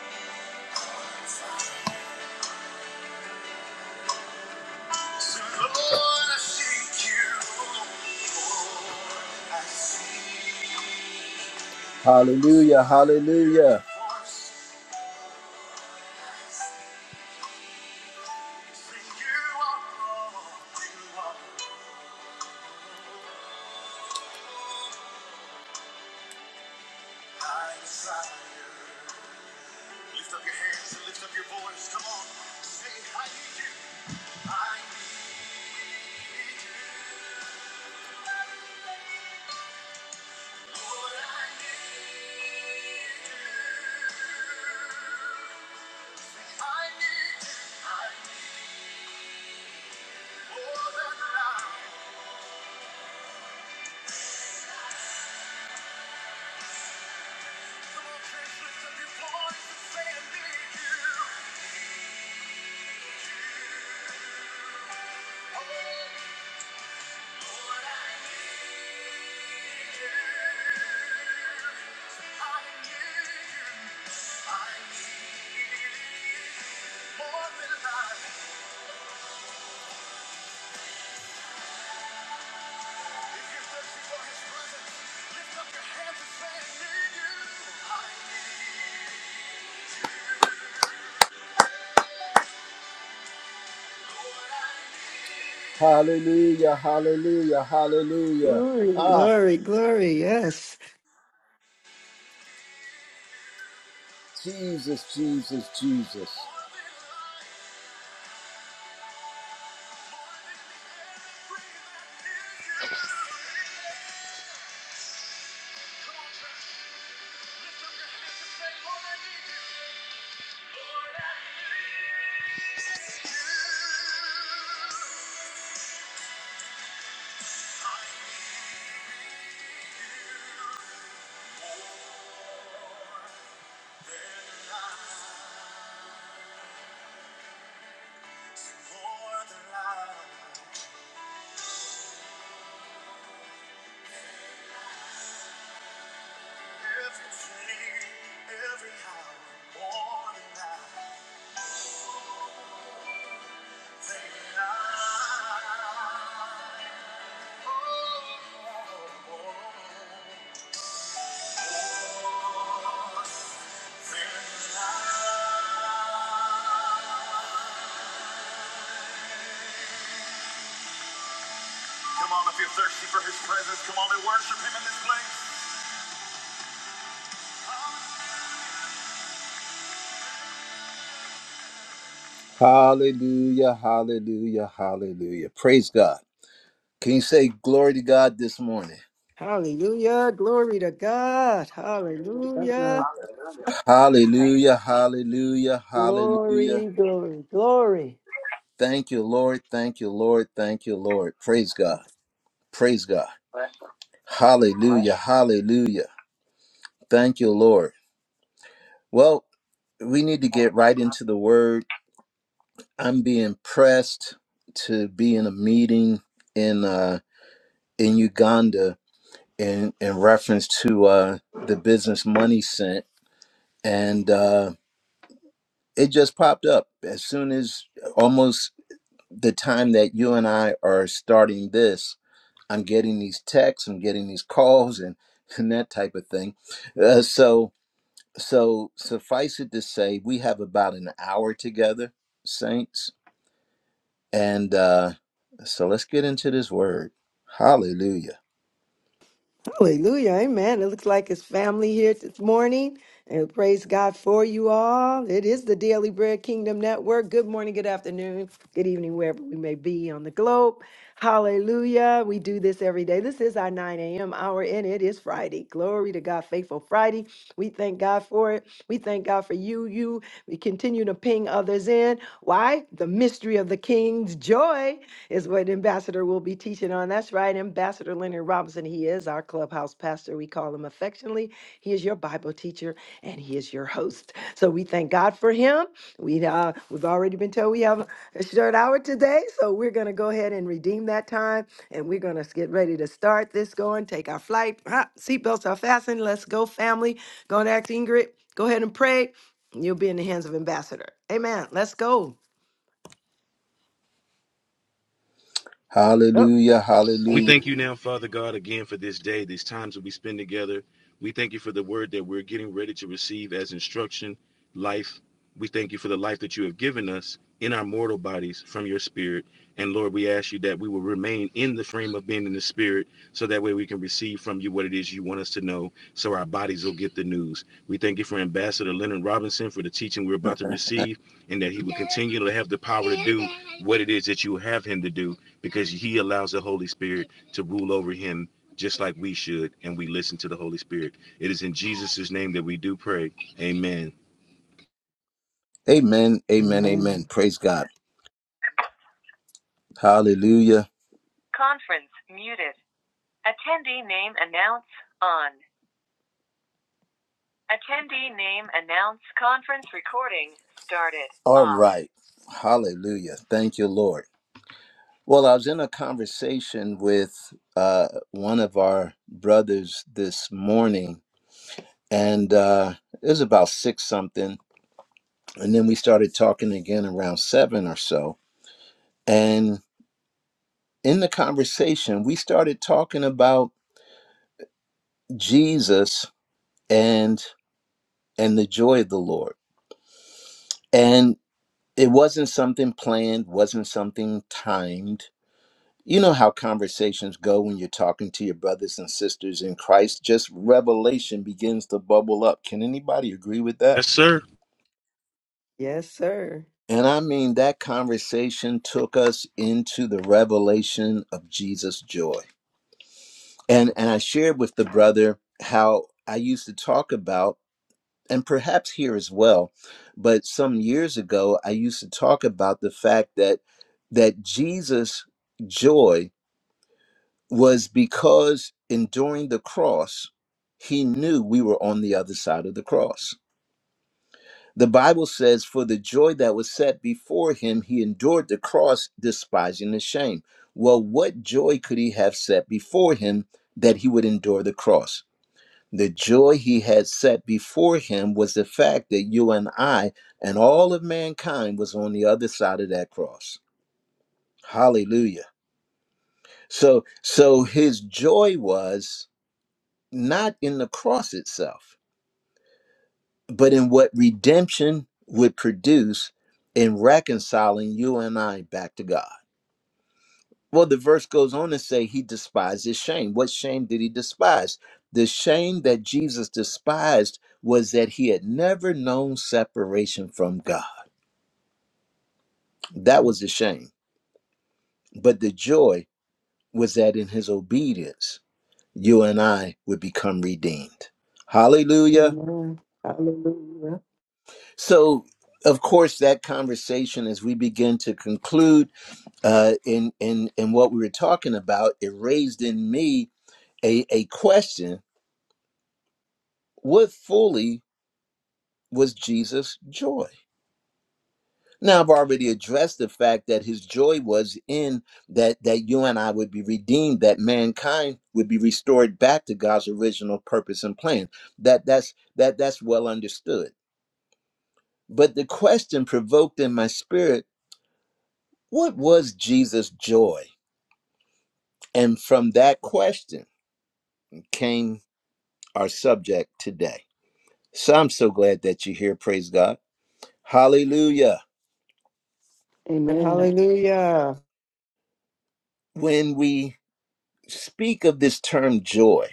[SPEAKER 1] Hallelujah, hallelujah. Hallelujah, hallelujah, hallelujah.
[SPEAKER 2] Glory,
[SPEAKER 1] Ah,
[SPEAKER 2] glory, glory. Yes.
[SPEAKER 1] Jesus, Jesus, Jesus. Come on, if you're thirsty for his presence, come on and worship him in this place. Hallelujah, hallelujah, hallelujah. Praise God. Can you say glory to God this morning?
[SPEAKER 2] Hallelujah. Glory to God.
[SPEAKER 4] Amen.
[SPEAKER 2] Hallelujah.
[SPEAKER 1] Hallelujah, hallelujah, hallelujah.
[SPEAKER 2] Glory, glory, glory.
[SPEAKER 1] Thank you, Lord. Thank you, Lord. Thank you, Lord. Praise God. Praise God. Hallelujah. Hallelujah. Thank you, Lord. Well, we need to get right into the word. I'm being pressed to be in a meeting in uh in Uganda in in reference to uh the business money sent and uh it just popped up as soon as almost the time that you and I are starting this I'm getting these texts, I'm getting these calls, and and that type of thing. Uh, so so suffice it to say, we have about an hour together, saints, and uh, so let's get into this word. Hallelujah,
[SPEAKER 2] Hallelujah. Amen. It looks like it's family here this morning. And praise God for you all. It is the Daily Bread Kingdom Network. Good morning, good afternoon, good evening, wherever we may be on the globe. Hallelujah. We do this every day. This is our 9 a.m. hour, and it is Friday. Glory to God, faithful Friday. We thank God for it. We thank God for you. You, we continue to ping others in. Why? The mystery of the King's joy is what Ambassador will be teaching on. That's right, Ambassador Leonard Robinson. He is our clubhouse pastor. We call him affectionately. He is your Bible teacher and he is your host. So we thank God for him. We uh, we've already been told we have a short hour today, so we're gonna go ahead and redeem that time, and we're gonna get ready to start this going. Take our flight. Ah, Seatbelts are fastened. Let's go, family. Go and ask Ingrid. Go ahead and pray. You'll be in the hands of Ambassador. Amen. Let's go. Oh,
[SPEAKER 1] Hallelujah,
[SPEAKER 6] We thank
[SPEAKER 1] Hallelujah.
[SPEAKER 6] you now, Father God, again for this day, these times that we spend together. We thank you for the word that we're getting ready to receive as instruction, life. We thank you for the life that you have given us in our mortal bodies from your spirit. And Lord, we ask you that we will remain in the frame of being in the spirit so that way we can receive from you what it is you want us to know so our bodies will get the news. We thank you for Ambassador Leonard Robinson for the teaching we're about to receive and that he will continue to have the power to do what it is that you have him to do because he allows the Holy Spirit to rule over him just like we should and we listen to the Holy Spirit. It is in Jesus' name that we do pray. Amen.
[SPEAKER 1] Amen, Amen, Amen. Praise God. Hallelujah. Attendee name announced. Conference recording started. All right. Hallelujah. Thank you, Lord. Well, I was in a conversation with uh, one of our brothers this morning, and uh, it was about six something. And then we started talking again around seven or so. And in the conversation, we started talking about Jesus and and the joy of the Lord. And it wasn't something planned, wasn't something timed. You know how conversations go when you're talking to your brothers and sisters in Christ, just revelation begins to bubble up. Can anybody agree with that?
[SPEAKER 6] Yes, sir.
[SPEAKER 2] yes, sir.
[SPEAKER 1] And I mean, that conversation took us into the revelation of Jesus' joy. And, and I shared with the brother how I used to talk about, and perhaps here as well, but some years ago, I used to talk about the fact that, that Jesus' joy was because enduring the cross, he knew we were on the other side of the cross. The Bible says, For the joy that was set before him, he endured the cross, despising the shame. Well, what joy could he have set before him that he would endure the cross? The joy he had set before him was the fact that you and I and all of mankind was on the other side of that cross. Hallelujah. So so his joy was not in the cross itself, but in what redemption would produce in reconciling you and I back to God. Well, the verse goes on to say he despises shame. What shame did he despise? The shame that Jesus despised was that he had never known separation from God. That was the shame. But the joy was that in his obedience, you and I would become redeemed. Hallelujah.
[SPEAKER 4] Amen. Hallelujah.
[SPEAKER 1] So, of course, that conversation as we begin to conclude uh, in in in what we were talking about, it raised in me a a question: What fully was Jesus' joy? Now, I've already addressed the fact that his joy was in that that you and I would be redeemed, that mankind would be restored back to God's original purpose and plan. That that's that that's well understood. But the question provoked in my spirit What was Jesus' joy? And from that question came our subject today. So I'm so glad that you're here. Praise God. Hallelujah.
[SPEAKER 2] And
[SPEAKER 4] Amen.
[SPEAKER 2] hallelujah.
[SPEAKER 1] When we speak of this term joy,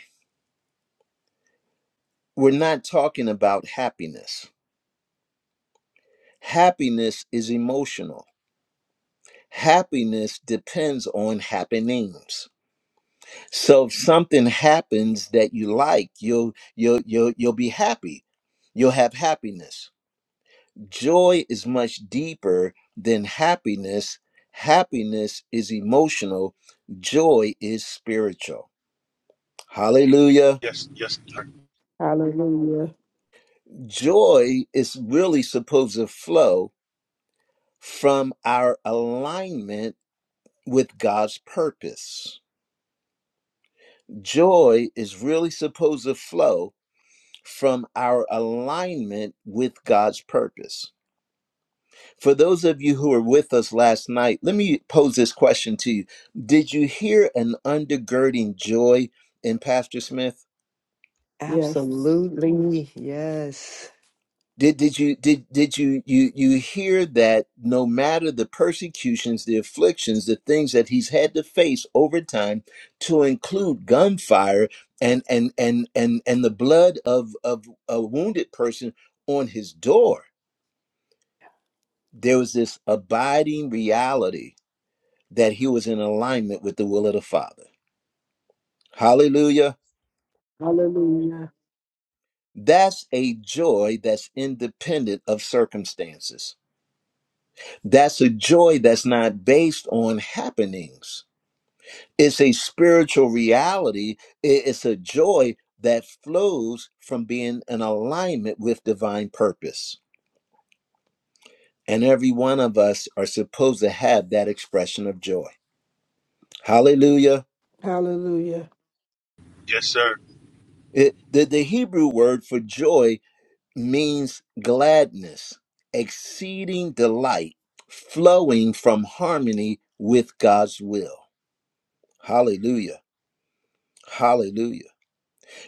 [SPEAKER 1] we're not talking about happiness. Happiness is emotional, happiness depends on happenings. So if something happens that you like, you'll, you'll, you'll, you'll be happy, you'll have happiness Joy is much deeper than happiness. Happiness is emotional, joy is spiritual. Hallelujah.
[SPEAKER 6] Yes, yes, uh,
[SPEAKER 4] Hallelujah.
[SPEAKER 1] Joy is really supposed to flow from our alignment with God's purpose. Joy is really supposed to flow from our alignment with God's purpose. For those of you who were with us last night, let me pose this question to you. Did you hear an undergirding joy in Pastor Smith?
[SPEAKER 4] Yes.
[SPEAKER 2] Absolutely. Yes.
[SPEAKER 1] Did, did you did did you you you hear that no matter the persecutions, the afflictions, the things that he's had to face over time, to include gunfire and and and and and the blood of of a wounded person on his door, there was this abiding reality that he was in alignment with the will of the Father. Hallelujah.
[SPEAKER 4] Hallelujah.
[SPEAKER 1] That's a joy that's independent of circumstances. That's a joy that's not based on happenings. It's a spiritual reality. I- It's a joy that flows from being in alignment with divine purpose. And every one of us are supposed to have that expression of joy. Hallelujah.
[SPEAKER 4] Hallelujah.
[SPEAKER 6] yes, sir.
[SPEAKER 1] It- the, the Hebrew word for joy means gladness, exceeding delight, flowing from harmony with God's will. Hallelujah. Hallelujah.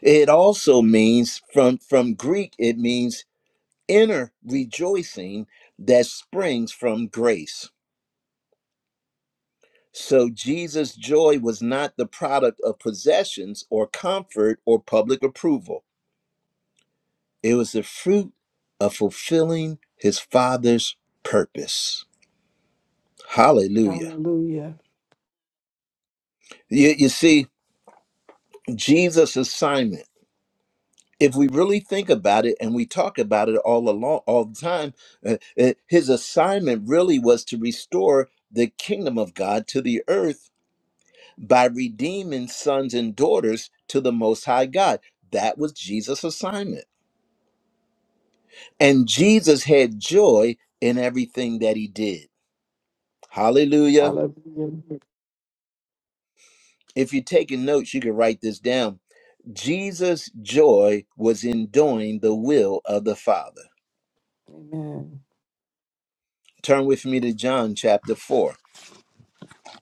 [SPEAKER 1] It also means from from Greek it means inner rejoicing that springs from grace. So Jesus' joy was not the product of possessions or comfort or public approval. It was the fruit of fulfilling his father's purpose. Hallelujah.
[SPEAKER 4] Hallelujah.
[SPEAKER 1] You, you see, Jesus' assignment. If we really think about it, and we talk about it all along, all the time, uh, uh, his assignment really was to restore the kingdom of God to the earth by redeeming sons and daughters to the Most High God. That was Jesus' assignment, and Jesus had joy in everything that he did. Hallelujah!
[SPEAKER 4] Hallelujah.
[SPEAKER 1] If you're taking notes, you can write this down. Jesus' joy was in doing the will of the Father.
[SPEAKER 4] Amen.
[SPEAKER 1] Turn with me to John chapter 4.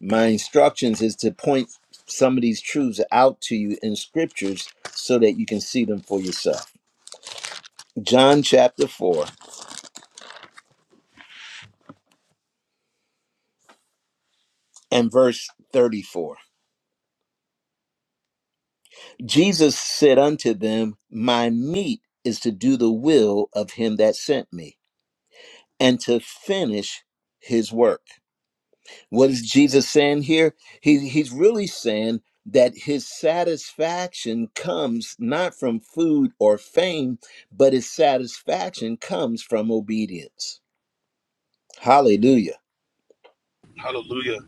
[SPEAKER 1] My instructions is to point some of these truths out to you in scriptures so that you can see them for yourself. John chapter 4 and verse 34. Jesus said unto them, My meat is to do the will of him that sent me and to finish his work. What is Jesus saying here? He, he's really saying that his satisfaction comes not from food or fame, but his satisfaction comes from obedience. Hallelujah.
[SPEAKER 6] Hallelujah.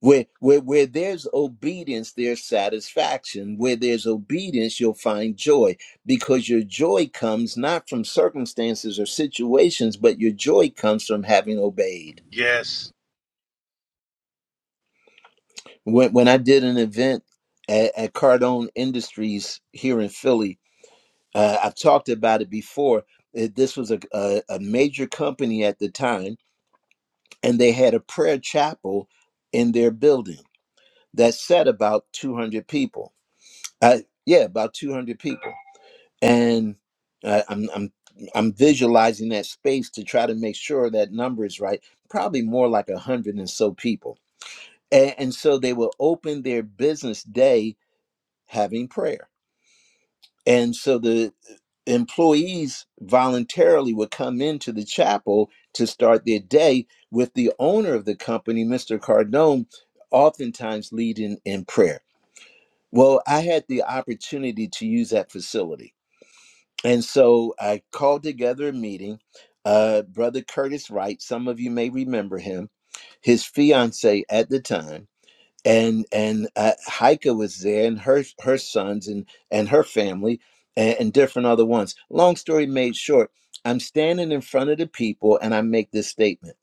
[SPEAKER 1] Where, where, where there's obedience, there's satisfaction. Where there's obedience, you'll find joy because your joy comes not from circumstances or situations, but your joy comes from having obeyed.
[SPEAKER 6] Yes,
[SPEAKER 1] when when I did an event at, at Cardone Industries here in Philly, uh, I've talked about it before. It, this was a, a a major company at the time, and they had a prayer chapel in their building that sat about two hundred people. Uh, yeah, about two hundred people, and uh, I'm I'm I'm visualizing that space to try to make sure that number is right. Probably more like a hundred and so people, and, and so they will open their business day having prayer. And so the uh, employees voluntarily would come into the chapel to start their day with the owner of the company, Mr. Cardone, oftentimes leading in prayer. Well, I had the opportunity to use that facility. And so I called together a meeting. Uh, Brother Curtis Wright, some of you may remember him, his fiance at the time and and uh, Heike was there, and her her sons and and her family, and, and different other ones. Long story made short, I'm standing in front of the people, and I make this statement: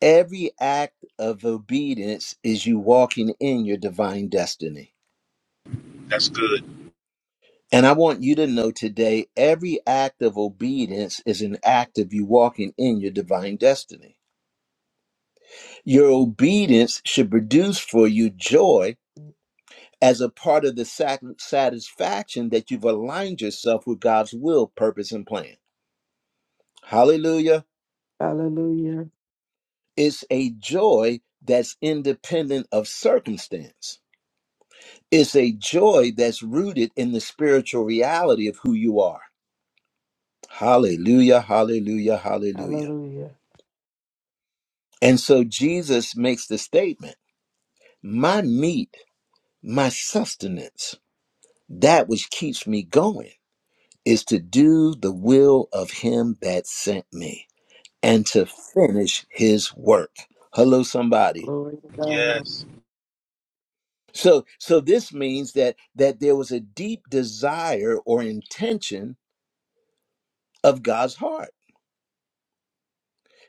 [SPEAKER 1] Every act of obedience is you walking in your divine destiny.
[SPEAKER 6] that's good.
[SPEAKER 1] And I want you to know today, every act of obedience is an act of you walking in your divine destiny. Your obedience should produce for you joy as a part of the sac- satisfaction that you've aligned yourself with God's will, purpose, and plan. Hallelujah.
[SPEAKER 4] Hallelujah.
[SPEAKER 1] It's a joy that's independent of circumstance. It's a joy that's rooted in the spiritual reality of who you are. Hallelujah, hallelujah, hallelujah.
[SPEAKER 4] Hallelujah.
[SPEAKER 1] And so Jesus makes the statement my meat, my sustenance, that which keeps me going is to do the will of him that sent me. and to finish his work hello somebody
[SPEAKER 4] Glory to God.
[SPEAKER 6] Yes,
[SPEAKER 1] so so this means that that there was a deep desire or intention of god's heart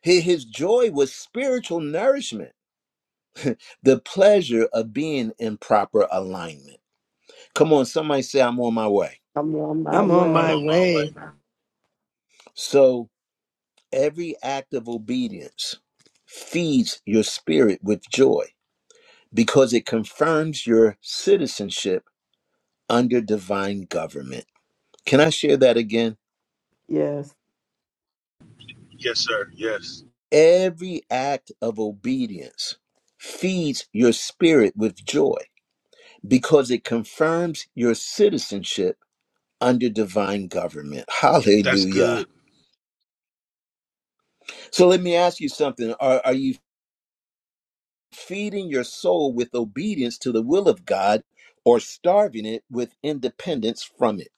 [SPEAKER 1] Hi- his joy was spiritual nourishment the pleasure of being in proper alignment come on somebody say i'm on my way
[SPEAKER 4] I'm on my
[SPEAKER 2] I'm on
[SPEAKER 6] I'm
[SPEAKER 4] way.
[SPEAKER 2] my
[SPEAKER 6] on my
[SPEAKER 2] way.
[SPEAKER 6] way.
[SPEAKER 1] so every act of obedience feeds your spirit with joy because it confirms your citizenship under divine government Can I share that again?
[SPEAKER 4] Yes.
[SPEAKER 6] Yes, sir. Yes,
[SPEAKER 1] Every act of obedience feeds your spirit with joy because it confirms your citizenship under divine government.
[SPEAKER 6] that's
[SPEAKER 1] Hallelujah.
[SPEAKER 6] good.
[SPEAKER 1] So let me ask you something. Are, are you feeding your soul with obedience to the will of God or starving it with independence from it?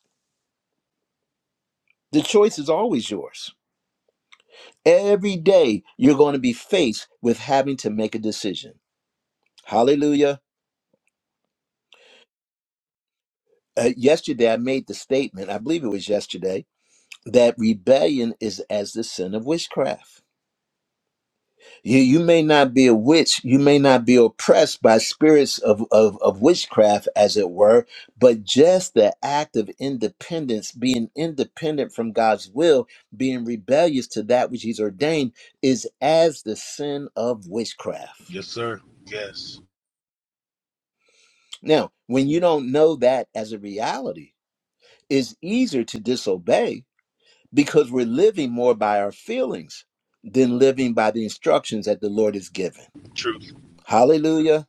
[SPEAKER 1] The choice is always yours. Every day you're going to be faced with having to make a decision. Hallelujah. uh, yesterday I made the statement, I believe it was yesterday, that rebellion is as the sin of witchcraft. You, you may not be a witch, you may not be oppressed by spirits of, of, of witchcraft, as it were, but just the act of independence, being independent from God's will, being rebellious to that which He's ordained, is as the sin of witchcraft.
[SPEAKER 6] Yes, sir. Yes,
[SPEAKER 1] Now, when you don't know that as a reality, it's easier to disobey because we're living more by our feelings than living by the instructions that the Lord has given.
[SPEAKER 6] truth,
[SPEAKER 1] Hallelujah.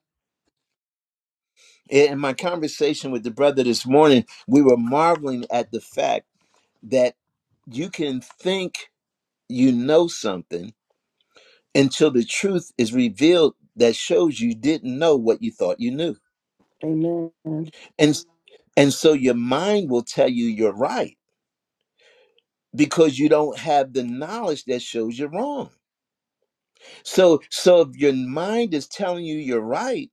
[SPEAKER 1] In my conversation with the brother this morning, we were marveling at the fact that you can think you know something until the truth is revealed that shows you didn't know what you thought you knew.
[SPEAKER 4] Amen.
[SPEAKER 1] And and so your mind will tell you you're right because you don't have the knowledge that shows you're wrong. So so if your mind is telling you you're right,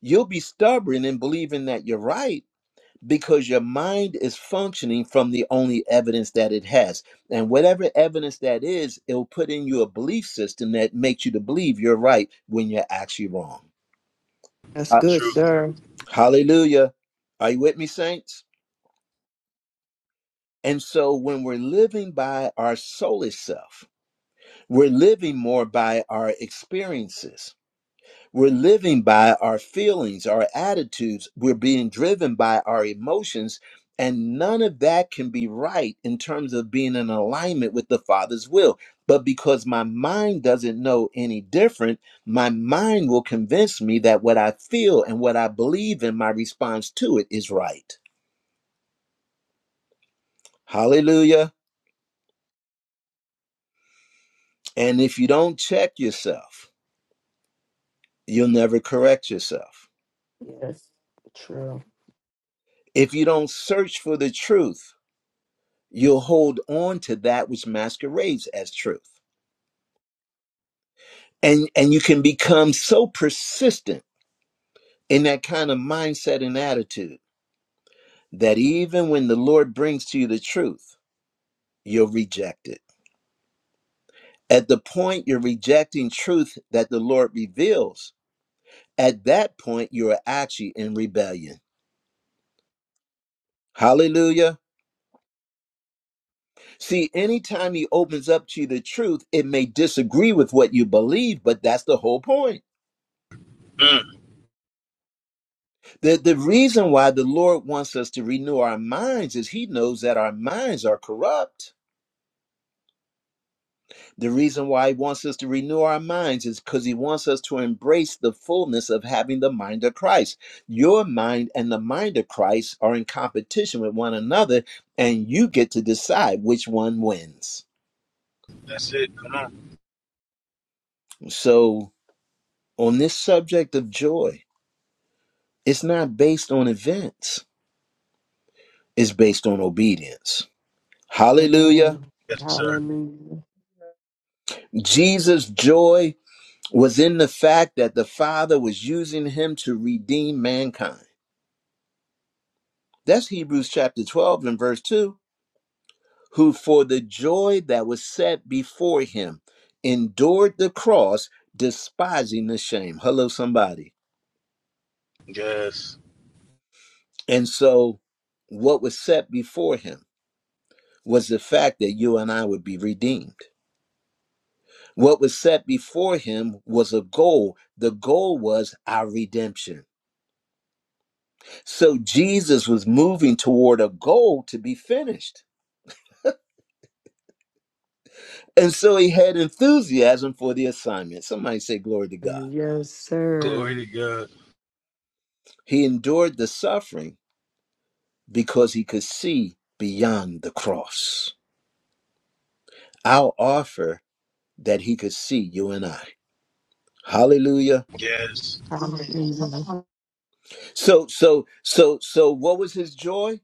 [SPEAKER 1] You'll be stubborn in believing that you're right because your mind is functioning from the only evidence that it has. And whatever evidence that is, it'll put in you a belief system that makes you to believe you're right when you're actually wrong.
[SPEAKER 2] That's
[SPEAKER 1] Uh,
[SPEAKER 2] good,
[SPEAKER 6] truth.
[SPEAKER 2] sir.
[SPEAKER 1] Hallelujah. Are you with me, saints? And so when we're living by our soulish self, we're living more by our experiences We're living by our feelings, our attitudes. We're being driven by our emotions. And none of that can be right in terms of being in alignment with the Father's will. But because my mind doesn't know any different, my mind will convince me that what I feel and what I believe in my response to it is right. Hallelujah. And if you don't check yourself, you'll never correct yourself.
[SPEAKER 4] Yes. True.
[SPEAKER 1] If you don't search for the truth, you'll hold on to that which masquerades as truth and and you can become so persistent in that kind of mindset and attitude that even when the lord brings to you the truth you'll reject it at the point you're rejecting truth that the lord reveals at that point you're actually in rebellion hallelujah see anytime he opens up to you the truth it may disagree with what you believe but that's the whole point
[SPEAKER 6] Mm,
[SPEAKER 1] The, the reason why the Lord wants us to renew our minds is He knows that our minds are corrupt. The reason why He wants us to renew our minds is because He wants us to embrace the fullness of having the mind of Christ. Your mind and the mind of Christ are in competition with one another, and you get to decide which one wins.
[SPEAKER 6] that's it. Come on.
[SPEAKER 1] So, on this subject of joy, it's not based on events, it's based on obedience. Hallelujah.
[SPEAKER 4] Amen.
[SPEAKER 6] Yes, sir.
[SPEAKER 4] Hallelujah.
[SPEAKER 1] Jesus' joy was in the fact that the Father was using him to redeem mankind. That's Hebrews chapter 12 and verse 2. Who for the joy that was set before him endured the cross, despising the shame. Hello, somebody.
[SPEAKER 6] Yes,
[SPEAKER 1] And so, what was set before him was the fact that you and I would be redeemed. What was set before him was a goal. The goal was our redemption. So, Jesus was moving toward a goal to be finished. And so he had enthusiasm for the assignment. Somebody say, Glory to God.
[SPEAKER 2] Yes,
[SPEAKER 6] glory
[SPEAKER 2] sir.
[SPEAKER 6] to God.
[SPEAKER 1] He endured the suffering because he could see beyond the cross. I'll offer that he could see you and I. Hallelujah.
[SPEAKER 6] Yes.
[SPEAKER 4] Hallelujah.
[SPEAKER 1] So, so, so, so, what was his joy?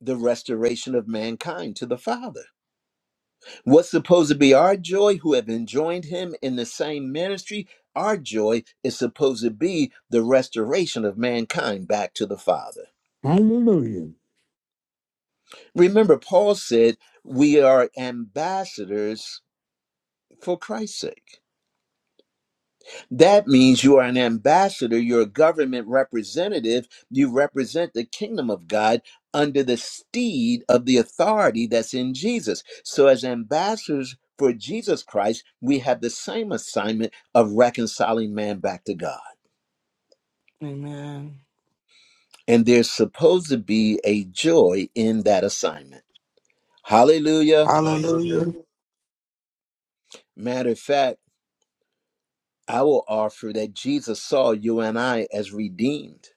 [SPEAKER 1] The restoration of mankind to the Father. What's supposed to be our joy, who have enjoined him in the same ministry, our joy is supposed to be the restoration of mankind back to the Father.
[SPEAKER 7] Hallelujah.
[SPEAKER 1] Remember, Paul said, We are ambassadors for Christ's sake. That means you are an ambassador, you're a government representative, you represent the kingdom of God under the steed of the authority that's in Jesus. So, as ambassadors for Jesus Christ, we have the same assignment of reconciling man back to God.
[SPEAKER 4] Amen.
[SPEAKER 1] And there's supposed to be a joy in that assignment. Hallelujah.
[SPEAKER 6] Hallelujah.
[SPEAKER 4] Hallelujah.
[SPEAKER 1] Matter of fact, I will offer that Jesus saw you and I as redeemed.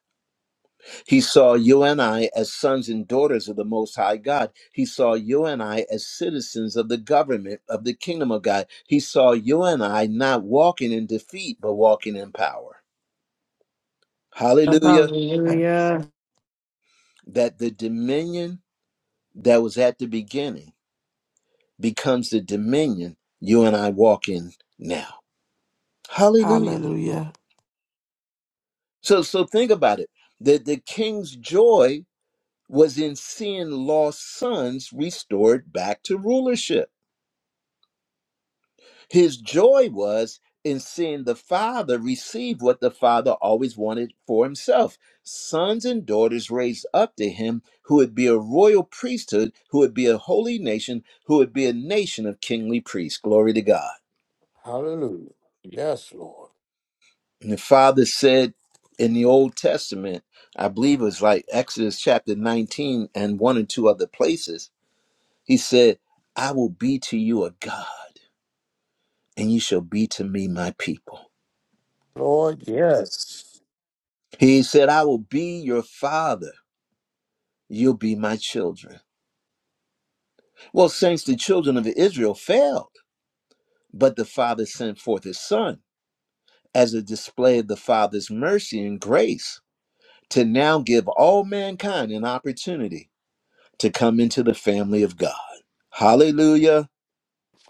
[SPEAKER 1] He saw you and I as sons and daughters of the Most High God. He saw you and I as citizens of the government of the kingdom of God. He saw you and I not walking in defeat, but walking in power. Hallelujah.
[SPEAKER 2] Hallelujah.
[SPEAKER 1] That the dominion that was at the beginning becomes the dominion you and I walk in now. Hallelujah.
[SPEAKER 4] Hallelujah.
[SPEAKER 1] So so think about it. The the king's joy was in seeing lost sons restored back to rulership. His joy was in seeing the father receive what the father always wanted for himself sons and daughters raised up to him who would be a royal priesthood, who would be a holy nation, who would be a nation of kingly priests. Glory to God.
[SPEAKER 7] Hallelujah. Yes, Lord.
[SPEAKER 1] And the father said in the Old Testament, I believe it was like Exodus chapter 19 and one and two other places He said, I will be to you a God, and you shall be to me my people.
[SPEAKER 7] Lord, yes.
[SPEAKER 1] He said, I will be your father, you'll be my children. Well, saints, the children of Israel failed, but the father sent forth his son as a display of the father's mercy and grace to now give all mankind an opportunity to come into the family of God. Hallelujah.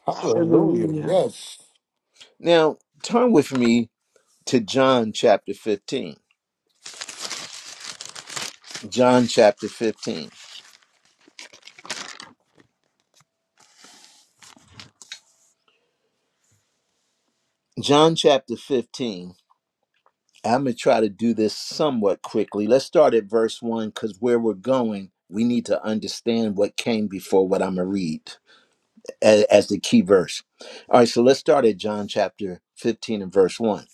[SPEAKER 7] Hallelujah.
[SPEAKER 4] Hallelujah.
[SPEAKER 7] Yes.
[SPEAKER 1] Now, turn with me to John chapter 15. John chapter 15. John chapter 15. I'm going to try to do this somewhat quickly. Let's start at verse 1 because where we're going, we need to understand what came before what I'm going to read as, as the key verse. All right, so let's start at John chapter 15 and verse 1.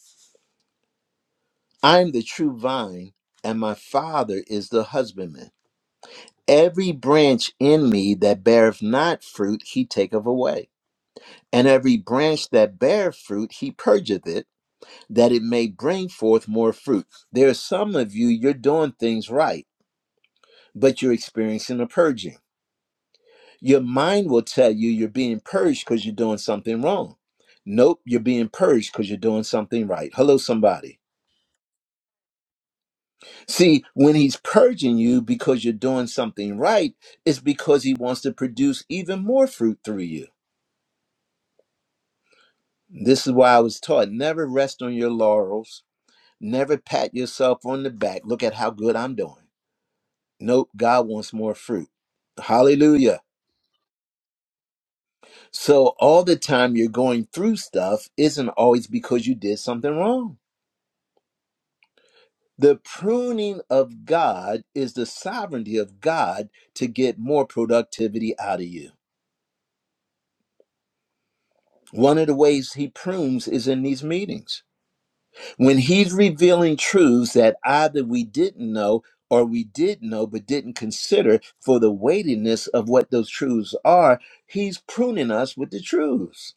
[SPEAKER 1] I am the true vine, and my Father is the husbandman. Every branch in me that beareth not fruit, he taketh away. And every branch that beareth fruit, he purgeth it that it may bring forth more fruit. There are some of you, you're doing things right, but you're experiencing a purging. Your mind will tell you you're being purged because you're doing something wrong. Nope, you're being purged because you're doing something right. Hello, somebody. See, when he's purging you because you're doing something right, it's because he wants to produce even more fruit through you. This is why I was taught never rest on your laurels, never pat yourself on the back. Look at how good I'm doing Nope, God wants more fruit. Hallelujah. So all the time you're going through stuff isn't always because you did something wrong. The pruning of God is the sovereignty of God to get more productivity out of you. One of the ways he prunes is in these meetings. When he's revealing truths that either we didn't know or we did know but didn't consider for the weightiness of what those truths are, he's pruning us with the truths.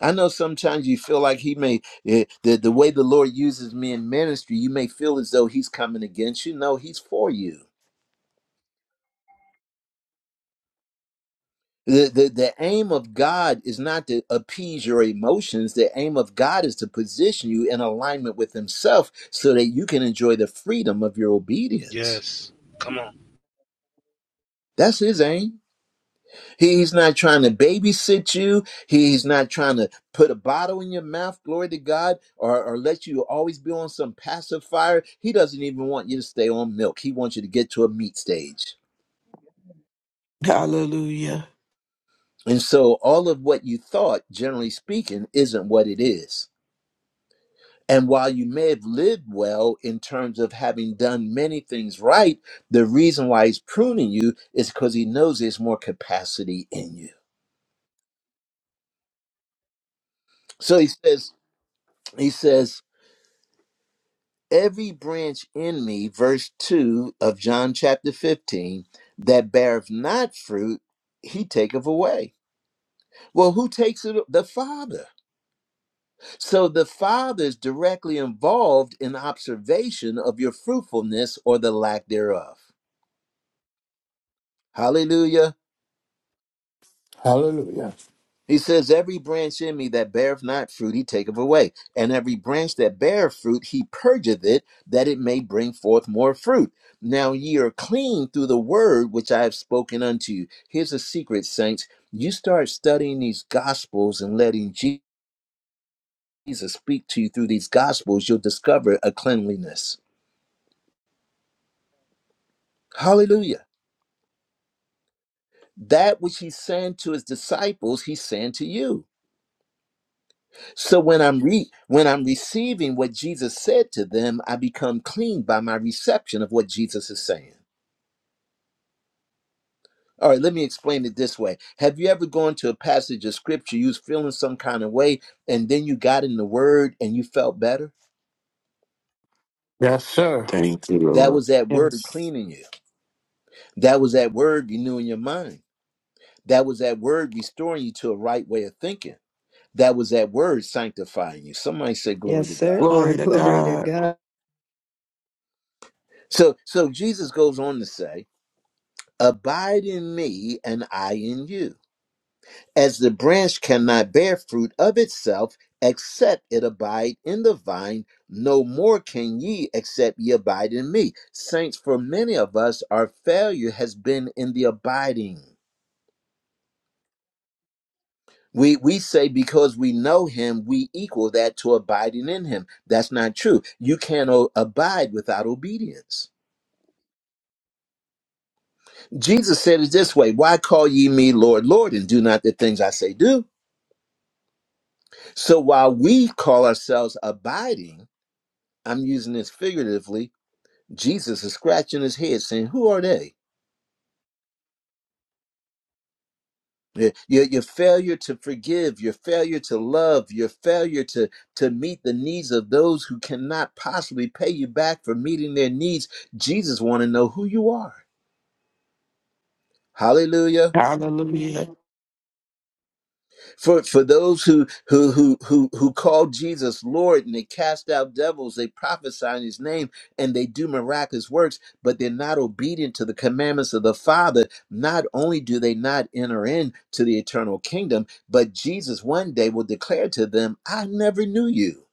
[SPEAKER 1] I know sometimes you feel like he may eh, the the way the Lord uses me in ministry, you may feel as though he's coming against you. No, he's for you. The, the the aim of God is not to appease your emotions. The aim of God is to position you in alignment with himself so that you can enjoy the freedom of your obedience.
[SPEAKER 6] Yes. Come on.
[SPEAKER 1] That's his aim. He's not trying to babysit you. He's not trying to put a bottle in your mouth, glory to God, or, or let you always be on some pacifier. He doesn't even want you to stay on milk. He wants you to get to a meat stage.
[SPEAKER 4] Hallelujah.
[SPEAKER 1] And so all of what you thought, generally speaking, isn't what it is. And while you may have lived well in terms of having done many things right, the reason why he's pruning you is because he knows there's more capacity in you. So he says, he says, every branch in me, verse 2 of John chapter 15, that beareth not fruit, he taketh away. Well, who takes it? The Father. So the Father is directly involved in observation of your fruitfulness or the lack thereof. Hallelujah.
[SPEAKER 7] Hallelujah.
[SPEAKER 1] He says, Every branch in me that beareth not fruit, he taketh away. And every branch that beareth fruit, he purgeth it, that it may bring forth more fruit. Now ye are clean through the word which I have spoken unto you. Here's a secret, saints. You start studying these gospels and letting Jesus speak to you through these gospels, you'll discover a cleanliness. Hallelujah. That which he's saying to his disciples, he's saying to you. So when I'm re- when I'm receiving what Jesus said to them, I become clean by my reception of what Jesus is saying. All right, let me explain it this way. Have you ever gone to a passage of scripture you was feeling some kind of way and then you got in the word and you felt better?
[SPEAKER 7] Yes, sir.
[SPEAKER 4] Thank you,
[SPEAKER 1] That
[SPEAKER 4] Lord.
[SPEAKER 1] was that word
[SPEAKER 4] Yes.
[SPEAKER 1] cleaning you. That was that word renewing your mind. That was that word restoring you to a right way of thinking. That was that word sanctifying you. Somebody say glory
[SPEAKER 2] Yes,
[SPEAKER 1] to
[SPEAKER 2] sir.
[SPEAKER 1] God.
[SPEAKER 2] Uh,
[SPEAKER 4] Glory to
[SPEAKER 2] glory to
[SPEAKER 4] God.
[SPEAKER 2] God.
[SPEAKER 1] So so Jesus goes on to say Abide in me, and I in you. As the branch cannot bear fruit of itself except it abide in the vine, no more can ye except ye abide in me. Saints, for many of us, our failure has been in the abiding. We, we say because we know him, we equal that to abiding in him. That's not true. You can't o- abide without obedience. Jesus said it this way Why call ye me Lord, Lord, and do not the things I say do? So while we call ourselves abiding, I'm using this figuratively, Jesus is scratching his head saying, Who are they? Your, your your failure to forgive, your failure to love, your failure to, to meet the needs of those who cannot possibly pay you back for meeting their needs. Jesus wants to know who you are. Hallelujah.
[SPEAKER 4] Hallelujah.
[SPEAKER 1] For for those who who who who who call Jesus Lord and they cast out devils, they prophesy in his name and they do miraculous works, but they're not obedient to the commandments of the Father, not only do they not enter into the eternal kingdom, but Jesus one day will declare to them, I never knew you.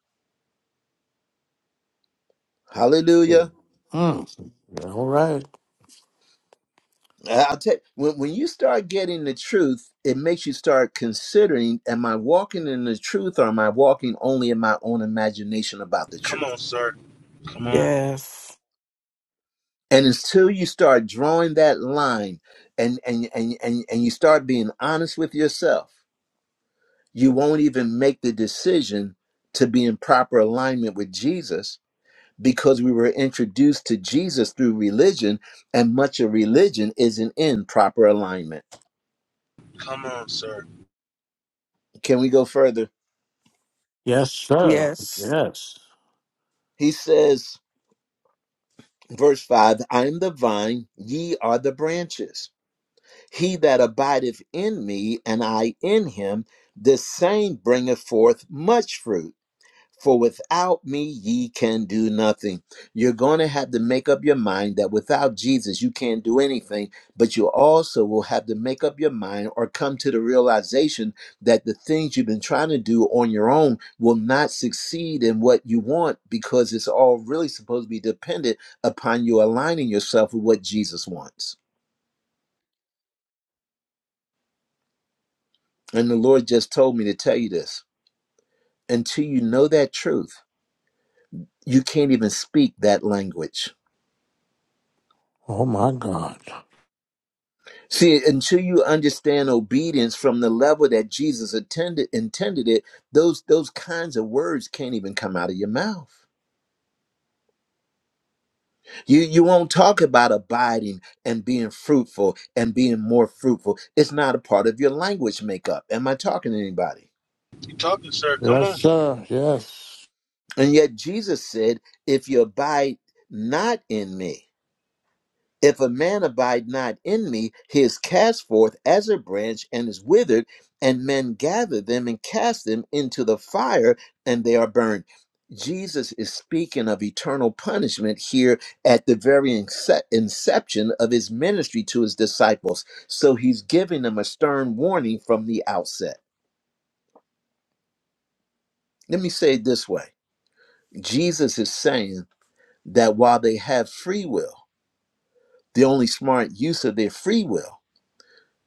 [SPEAKER 7] Mm.
[SPEAKER 1] Hallelujah.
[SPEAKER 7] All right.
[SPEAKER 1] I- I'll tell you when, when you start getting the truth, it makes you start considering, am I walking in the truth or am I walking only in my own imagination about the
[SPEAKER 6] Come
[SPEAKER 1] truth?
[SPEAKER 6] on, sir. Come on.
[SPEAKER 4] Yes.
[SPEAKER 1] And until you start drawing that line and, and, and, and, and you start being honest with yourself, you won't even make the decision to be in proper alignment with Jesus because we were introduced to Jesus through religion, and much of religion isn't in proper alignment.
[SPEAKER 6] Come on, sir.
[SPEAKER 1] Can we go further?
[SPEAKER 7] Yes, sir.
[SPEAKER 4] Yes.
[SPEAKER 7] Yes.
[SPEAKER 1] He says, verse 5 I am the vine, ye are the branches. He that abideth in me, and I in him, this same bringeth forth much fruit. For without me, ye can do nothing. You're going to have to make up your mind that without Jesus, you can't do anything. But you also will have to make up your mind or come to the realization that the things you've been trying to do on your own will not succeed in what you want because it's all really supposed to be dependent upon you aligning yourself with what Jesus wants. And the Lord just told me to tell you this until you know that truth, you can't even speak that language.
[SPEAKER 7] Oh, my God.
[SPEAKER 1] See, until you understand obedience from the level that Jesus attended, intended it, those those kinds of words can't even come out of your mouth. You you won't talk about abiding and being fruitful and being more fruitful. It's not a part of your language makeup. Am I talking to anybody?
[SPEAKER 6] You talking, sir? Come
[SPEAKER 7] Yes,
[SPEAKER 6] on.
[SPEAKER 7] sir. Yes.
[SPEAKER 1] And yet Jesus said, if you abide not in me. If a man abide not in me, he is cast forth as a branch and is withered, and men gather them and cast them into the fire, and they are burned. Jesus is speaking of eternal punishment here at the very ince- inception of his ministry to his disciples. So he's giving them a stern warning from the outset. Let me say it this way Jesus is saying that while they have free will, the only smart use of their free will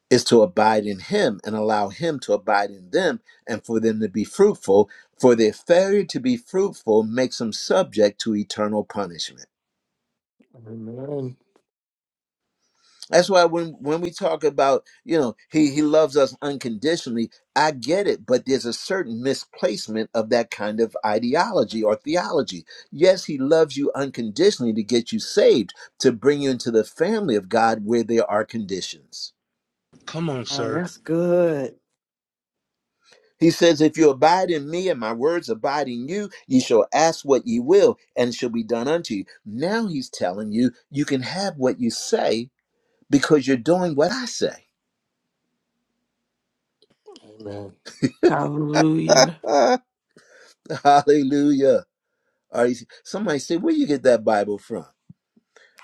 [SPEAKER 1] is to abide in him and allow him to abide in them and for them to be fruitful for their failure to be fruitful makes them subject to eternal punishment
[SPEAKER 7] Amen.
[SPEAKER 1] that's why when when we talk about you know he he loves us unconditionally i get it but there's a certain misplacement of that kind of ideology or theology yes he loves you unconditionally to get you saved to bring you into the family of god where there are conditions
[SPEAKER 6] Come on,
[SPEAKER 2] Uh,
[SPEAKER 6] sir.
[SPEAKER 2] that's good.
[SPEAKER 1] He says, If you abide in me and my words abide in you, ye shall ask what ye will, and it shall be done unto you. Now he's telling you, you can have what you say because you're doing what I say.
[SPEAKER 7] Amen.
[SPEAKER 4] Hallelujah.
[SPEAKER 1] Hallelujah. All right. Somebody say, Where you get that Bible from?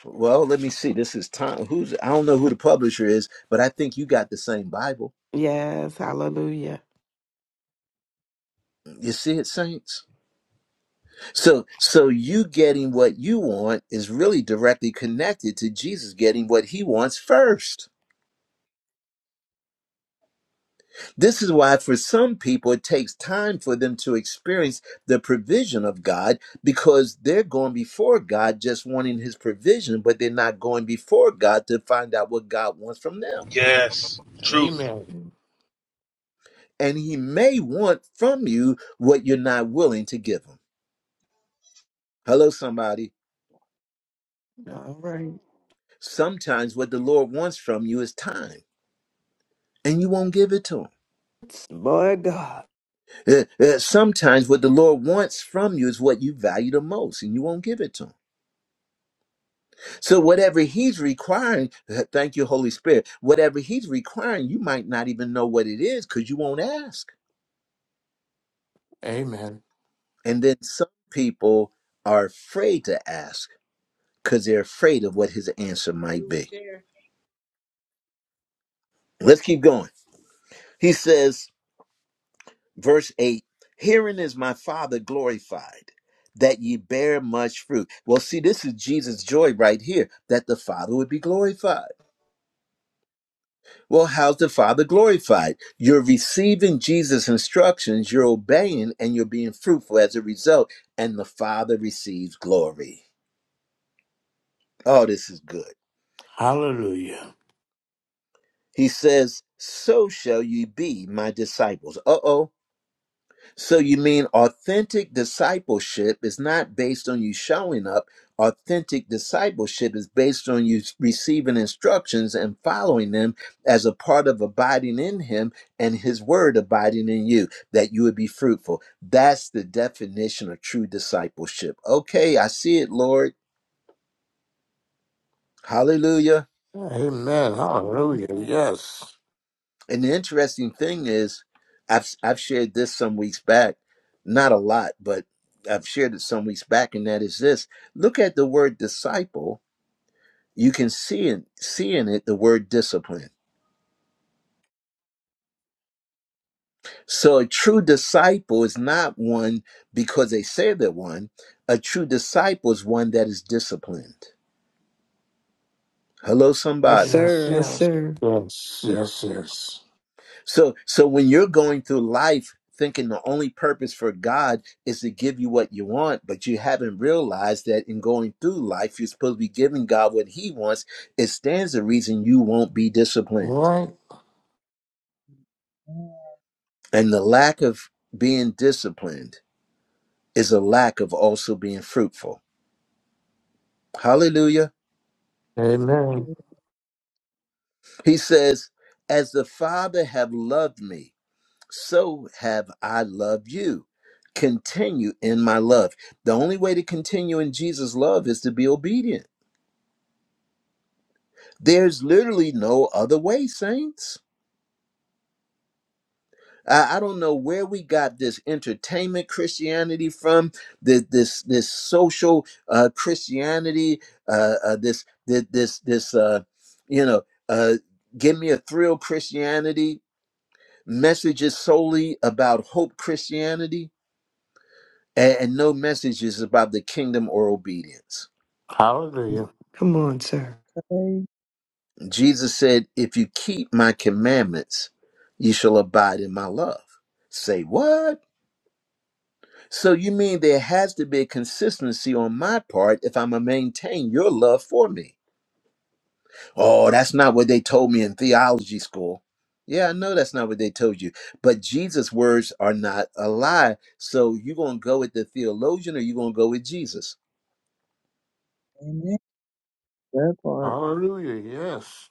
[SPEAKER 1] Well, let me see. This is Tom. Who's I don't know who the publisher is, but I think you got the same Bible.
[SPEAKER 4] Yes. Hallelujah.
[SPEAKER 1] You see it, saints? So so you getting what you want is really directly connected to Jesus getting what he wants first. This is why, for some people, it takes time for them to experience the provision of God because they're going before God just wanting His provision, but they're not going before God to find out what God wants from them.
[SPEAKER 6] Yes. Truth.
[SPEAKER 7] Amen.
[SPEAKER 1] And He may want from you what you're not willing to give Him. Hello, somebody.
[SPEAKER 4] All right.
[SPEAKER 1] Sometimes what the Lord wants from you is time, and you won't give it to Him.
[SPEAKER 2] Boy, God.
[SPEAKER 1] Uh, uh, Sometimes what the Lord wants from you is what you value the most, and you won't give it to Him So whatever he's requiring, uh, thank you, Holy Spirit, whatever he's requiring, you might not even know what it is because you won't ask.
[SPEAKER 7] Amen.
[SPEAKER 1] And then some people are afraid to ask because they're afraid of what his answer might
[SPEAKER 8] You were
[SPEAKER 1] be.
[SPEAKER 8] there.
[SPEAKER 1] Let's keep going. He says, verse 8, herein is my Father glorified, that ye bear much fruit. Well, see, this is Jesus' joy right here, that the Father would be glorified. Well, how's the Father glorified? You're receiving Jesus' instructions, you're obeying, and you're being fruitful as a result, and the Father receives glory. Oh, this is good.
[SPEAKER 7] Hallelujah.
[SPEAKER 1] He says, So shall you be my disciples. Uh oh. So you mean authentic discipleship is not based on you showing up. Authentic discipleship is based on you receiving instructions and following them as a part of abiding in him and his word abiding in you, that you would be fruitful. That's the definition of true discipleship. Okay, I see it, Lord. Hallelujah.
[SPEAKER 7] Amen.
[SPEAKER 9] Amen.
[SPEAKER 7] Hallelujah. Yes.
[SPEAKER 1] And the interesting thing is, I've I've shared this some weeks back, not a lot, but I've shared it some weeks back, and that is this: look at the word disciple. You can see in see in it the word discipline. So a true disciple is not one because they say they're one. A true disciple is one that is disciplined. Hello,
[SPEAKER 2] Yes,
[SPEAKER 1] somebody.
[SPEAKER 7] Yes,
[SPEAKER 2] sir. Yes,
[SPEAKER 7] yes.
[SPEAKER 2] sir.
[SPEAKER 7] Yes, yes, yes.
[SPEAKER 1] So so when you're going through life thinking the only purpose for God is to give you what you want, but you haven't realized that in going through life you're supposed to be giving God what he wants, it stands the reason you won't be
[SPEAKER 7] All
[SPEAKER 1] disciplined.
[SPEAKER 7] right.
[SPEAKER 1] And the lack of being disciplined is a lack of also being fruitful. Hallelujah.
[SPEAKER 7] Amen.
[SPEAKER 1] He says, as the Father have loved me, so have I loved you. Continue in my love. The only way to continue in Jesus' love is to be obedient. There's literally no other way, saints. I, I don't know where we got this entertainment Christianity from, this this, this social uh, Christianity, uh, uh, this this this, this uh, you know, uh, give me a thrill Christianity. Messages solely about hope Christianity and, and no message is about the kingdom or obedience.
[SPEAKER 7] Hallelujah.
[SPEAKER 2] Come on, sir.
[SPEAKER 9] Okay.
[SPEAKER 1] Jesus said, If you keep my commandments, you shall abide in my love. Say what? So you mean there has to be a consistency on my part if I'm going to maintain your love for me? Oh, that's not what they told me in theology school. Yeah, I know that's not what they told you, but Jesus' words are not a lie. So you going to go with the theologian or you going to go with Jesus?
[SPEAKER 9] Amen. That part.
[SPEAKER 7] Hallelujah. Yes.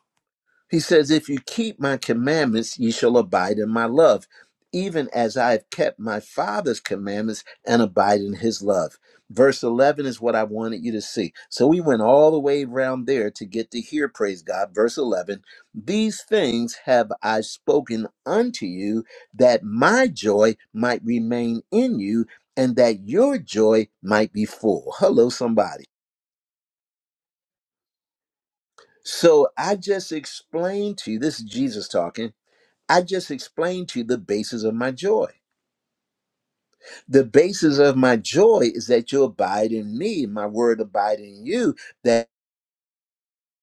[SPEAKER 1] He says, If you keep my commandments, ye shall abide in my love, even as I have kept my Father's commandments and abide in his love. Verse 11 is what I wanted you to see. So we went all the way around there to get to here, praise God. Verse 11 These things have I spoken unto you, that my joy might remain in you, and that your joy might be full. Hello, somebody. So I just explained to you, this is Jesus talking. I just explained to you the basis of my joy. The basis of my joy is that you abide in me, my word abide in you, that,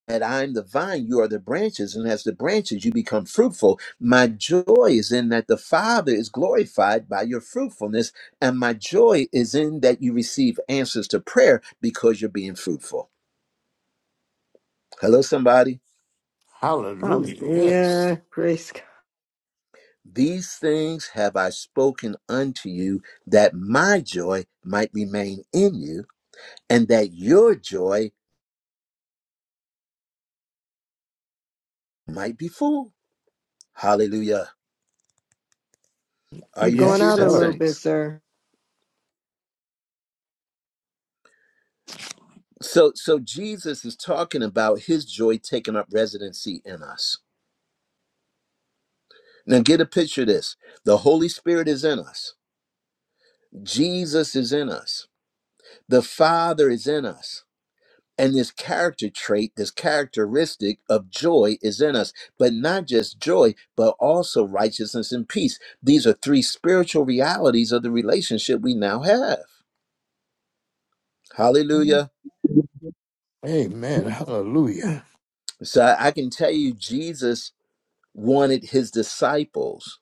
[SPEAKER 1] that I'm the vine, you are the branches, and as the branches you become fruitful. My joy is in that the Father is glorified by your fruitfulness, and my joy is in that you receive answers to prayer because you're being fruitful. Hello, somebody.
[SPEAKER 7] Hallelujah. Yes.
[SPEAKER 2] Hallelujah. Praise God.
[SPEAKER 1] These things have I spoken unto you that my joy might remain in you and that your joy might be full. Hallelujah. Are
[SPEAKER 2] You're
[SPEAKER 1] you
[SPEAKER 2] going
[SPEAKER 7] Yes,
[SPEAKER 2] out
[SPEAKER 1] receiving
[SPEAKER 2] a
[SPEAKER 7] sir.
[SPEAKER 2] little bit,
[SPEAKER 1] saints?
[SPEAKER 2] sir.
[SPEAKER 1] So so Jesus is talking about his joy taking up residency in us. Now get a picture of this. The Holy Spirit is in us. Jesus is in us. The Father is in us. And this character trait, this characteristic of joy is in us, but not just joy, but also righteousness and peace. These are three spiritual realities of the relationship we now have.
[SPEAKER 9] Yeah.
[SPEAKER 1] Hallelujah.
[SPEAKER 7] Amen. Hallelujah.
[SPEAKER 1] So I I can tell you, Jesus wanted his disciples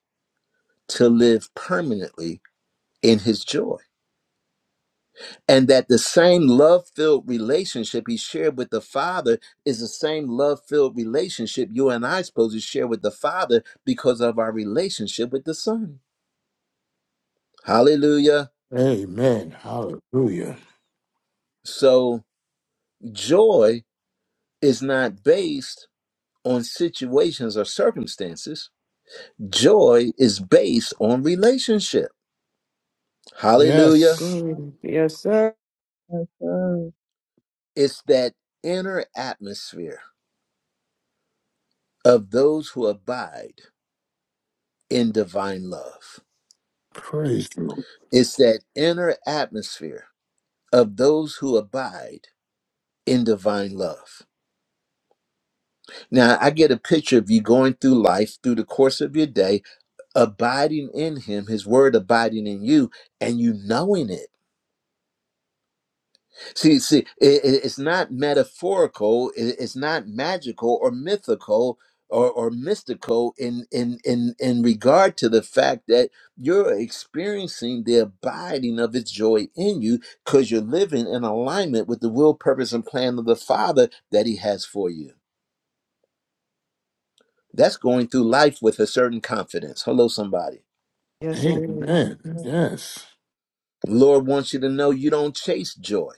[SPEAKER 1] to live permanently in his joy. And that the same love filled relationship he shared with the Father is the same love filled relationship you and I supposed to share with the Father because of our relationship with the Son. Hallelujah.
[SPEAKER 7] Amen. Hallelujah.
[SPEAKER 1] So joy is not based on situations or circumstances, joy is based on relationship. Hallelujah.
[SPEAKER 7] Yes.
[SPEAKER 2] Glory. Yes, sir.
[SPEAKER 9] Yes, sir.
[SPEAKER 1] It's that inner atmosphere of those who abide in divine love.
[SPEAKER 7] Praise the Lord.
[SPEAKER 1] It's that inner atmosphere of those who abide in divine love. Now, I get a picture of you going through life through the course of your day, abiding in Him, His Word abiding in you, and you knowing it. See, see, i- i- it's not metaphorical. i- It's not magical or mythical or, or mystical in, in in in regard to the fact that you're experiencing the abiding of its joy in you because you're living in alignment with the will, purpose, and plan of the Father that He has for you. That's going through life with a certain confidence. Hello, somebody.
[SPEAKER 2] Yes, it is.
[SPEAKER 7] Amen.
[SPEAKER 9] Yes.
[SPEAKER 7] Yes.
[SPEAKER 1] Lord wants you to know you don't chase joy.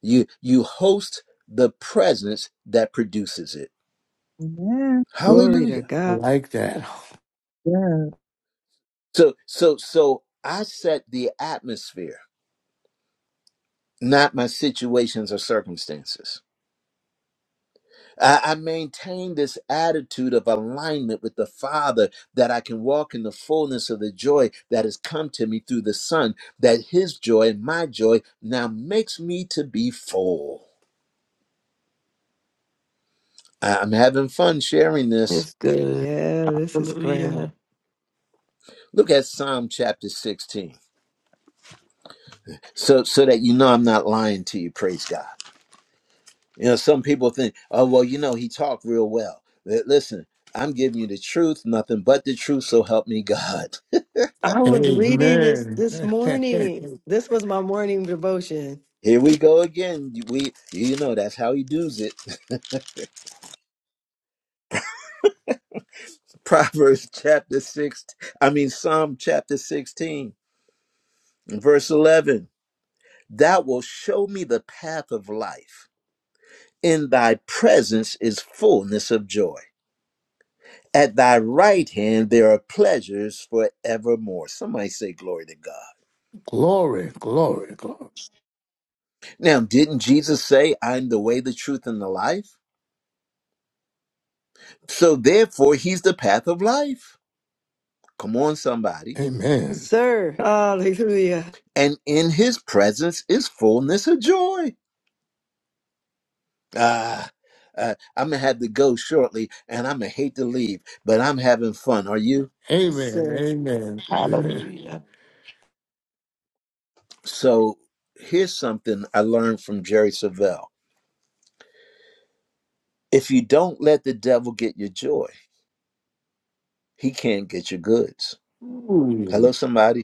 [SPEAKER 1] You you host the presence that produces it.
[SPEAKER 9] Amen.
[SPEAKER 2] Glory to
[SPEAKER 1] Hallelujah.
[SPEAKER 2] God.
[SPEAKER 7] Like that.
[SPEAKER 9] Yes.
[SPEAKER 1] So so so I set the atmosphere, not my situations or circumstances. I, I maintain this attitude of alignment with the Father that I can walk in the fullness of the joy that has come to me through the Son, that his joy and my joy now makes me to be full. I- I'm having fun sharing this.
[SPEAKER 4] It's good.
[SPEAKER 2] Yeah, this is grand.
[SPEAKER 4] Hallelujah.
[SPEAKER 1] Look at Psalm chapter 16. So so that you know I'm not lying to you, praise God. You know, some people think, oh, well, you know, he talked real well. Li- Listen, I'm giving you the truth, nothing but the truth, so help me God.
[SPEAKER 2] I was reading this
[SPEAKER 7] Amen.
[SPEAKER 2] this morning. This was my morning devotion.
[SPEAKER 1] Here we go again. We, you know, that's how he does it. Proverbs chapter 6, I mean, Psalm chapter 16, verse 11. Thou wilt show me the path of life. In thy presence is fullness of joy. At thy right hand there are pleasures forevermore. Somebody say, Glory to God.
[SPEAKER 7] glory, glory, glory.
[SPEAKER 1] Now, didn't Jesus say, I'm the way, the truth, and the life? So therefore, he's the path of life. Come on, somebody.
[SPEAKER 2] Yes,
[SPEAKER 7] Amen.
[SPEAKER 2] Sir, hallelujah.
[SPEAKER 1] And in his presence is fullness of joy. Ah, uh, I'm going to have to go shortly and I'm going to hate to leave, but I'm having fun. Are you?
[SPEAKER 2] Yes,
[SPEAKER 7] Amen.
[SPEAKER 2] Sir,
[SPEAKER 7] Amen.
[SPEAKER 4] Hallelujah.
[SPEAKER 1] So here's something I learned from Jerry Savelle. If you don't let the devil get your joy, he can't get your goods. Hello,
[SPEAKER 7] Ooh,
[SPEAKER 1] somebody.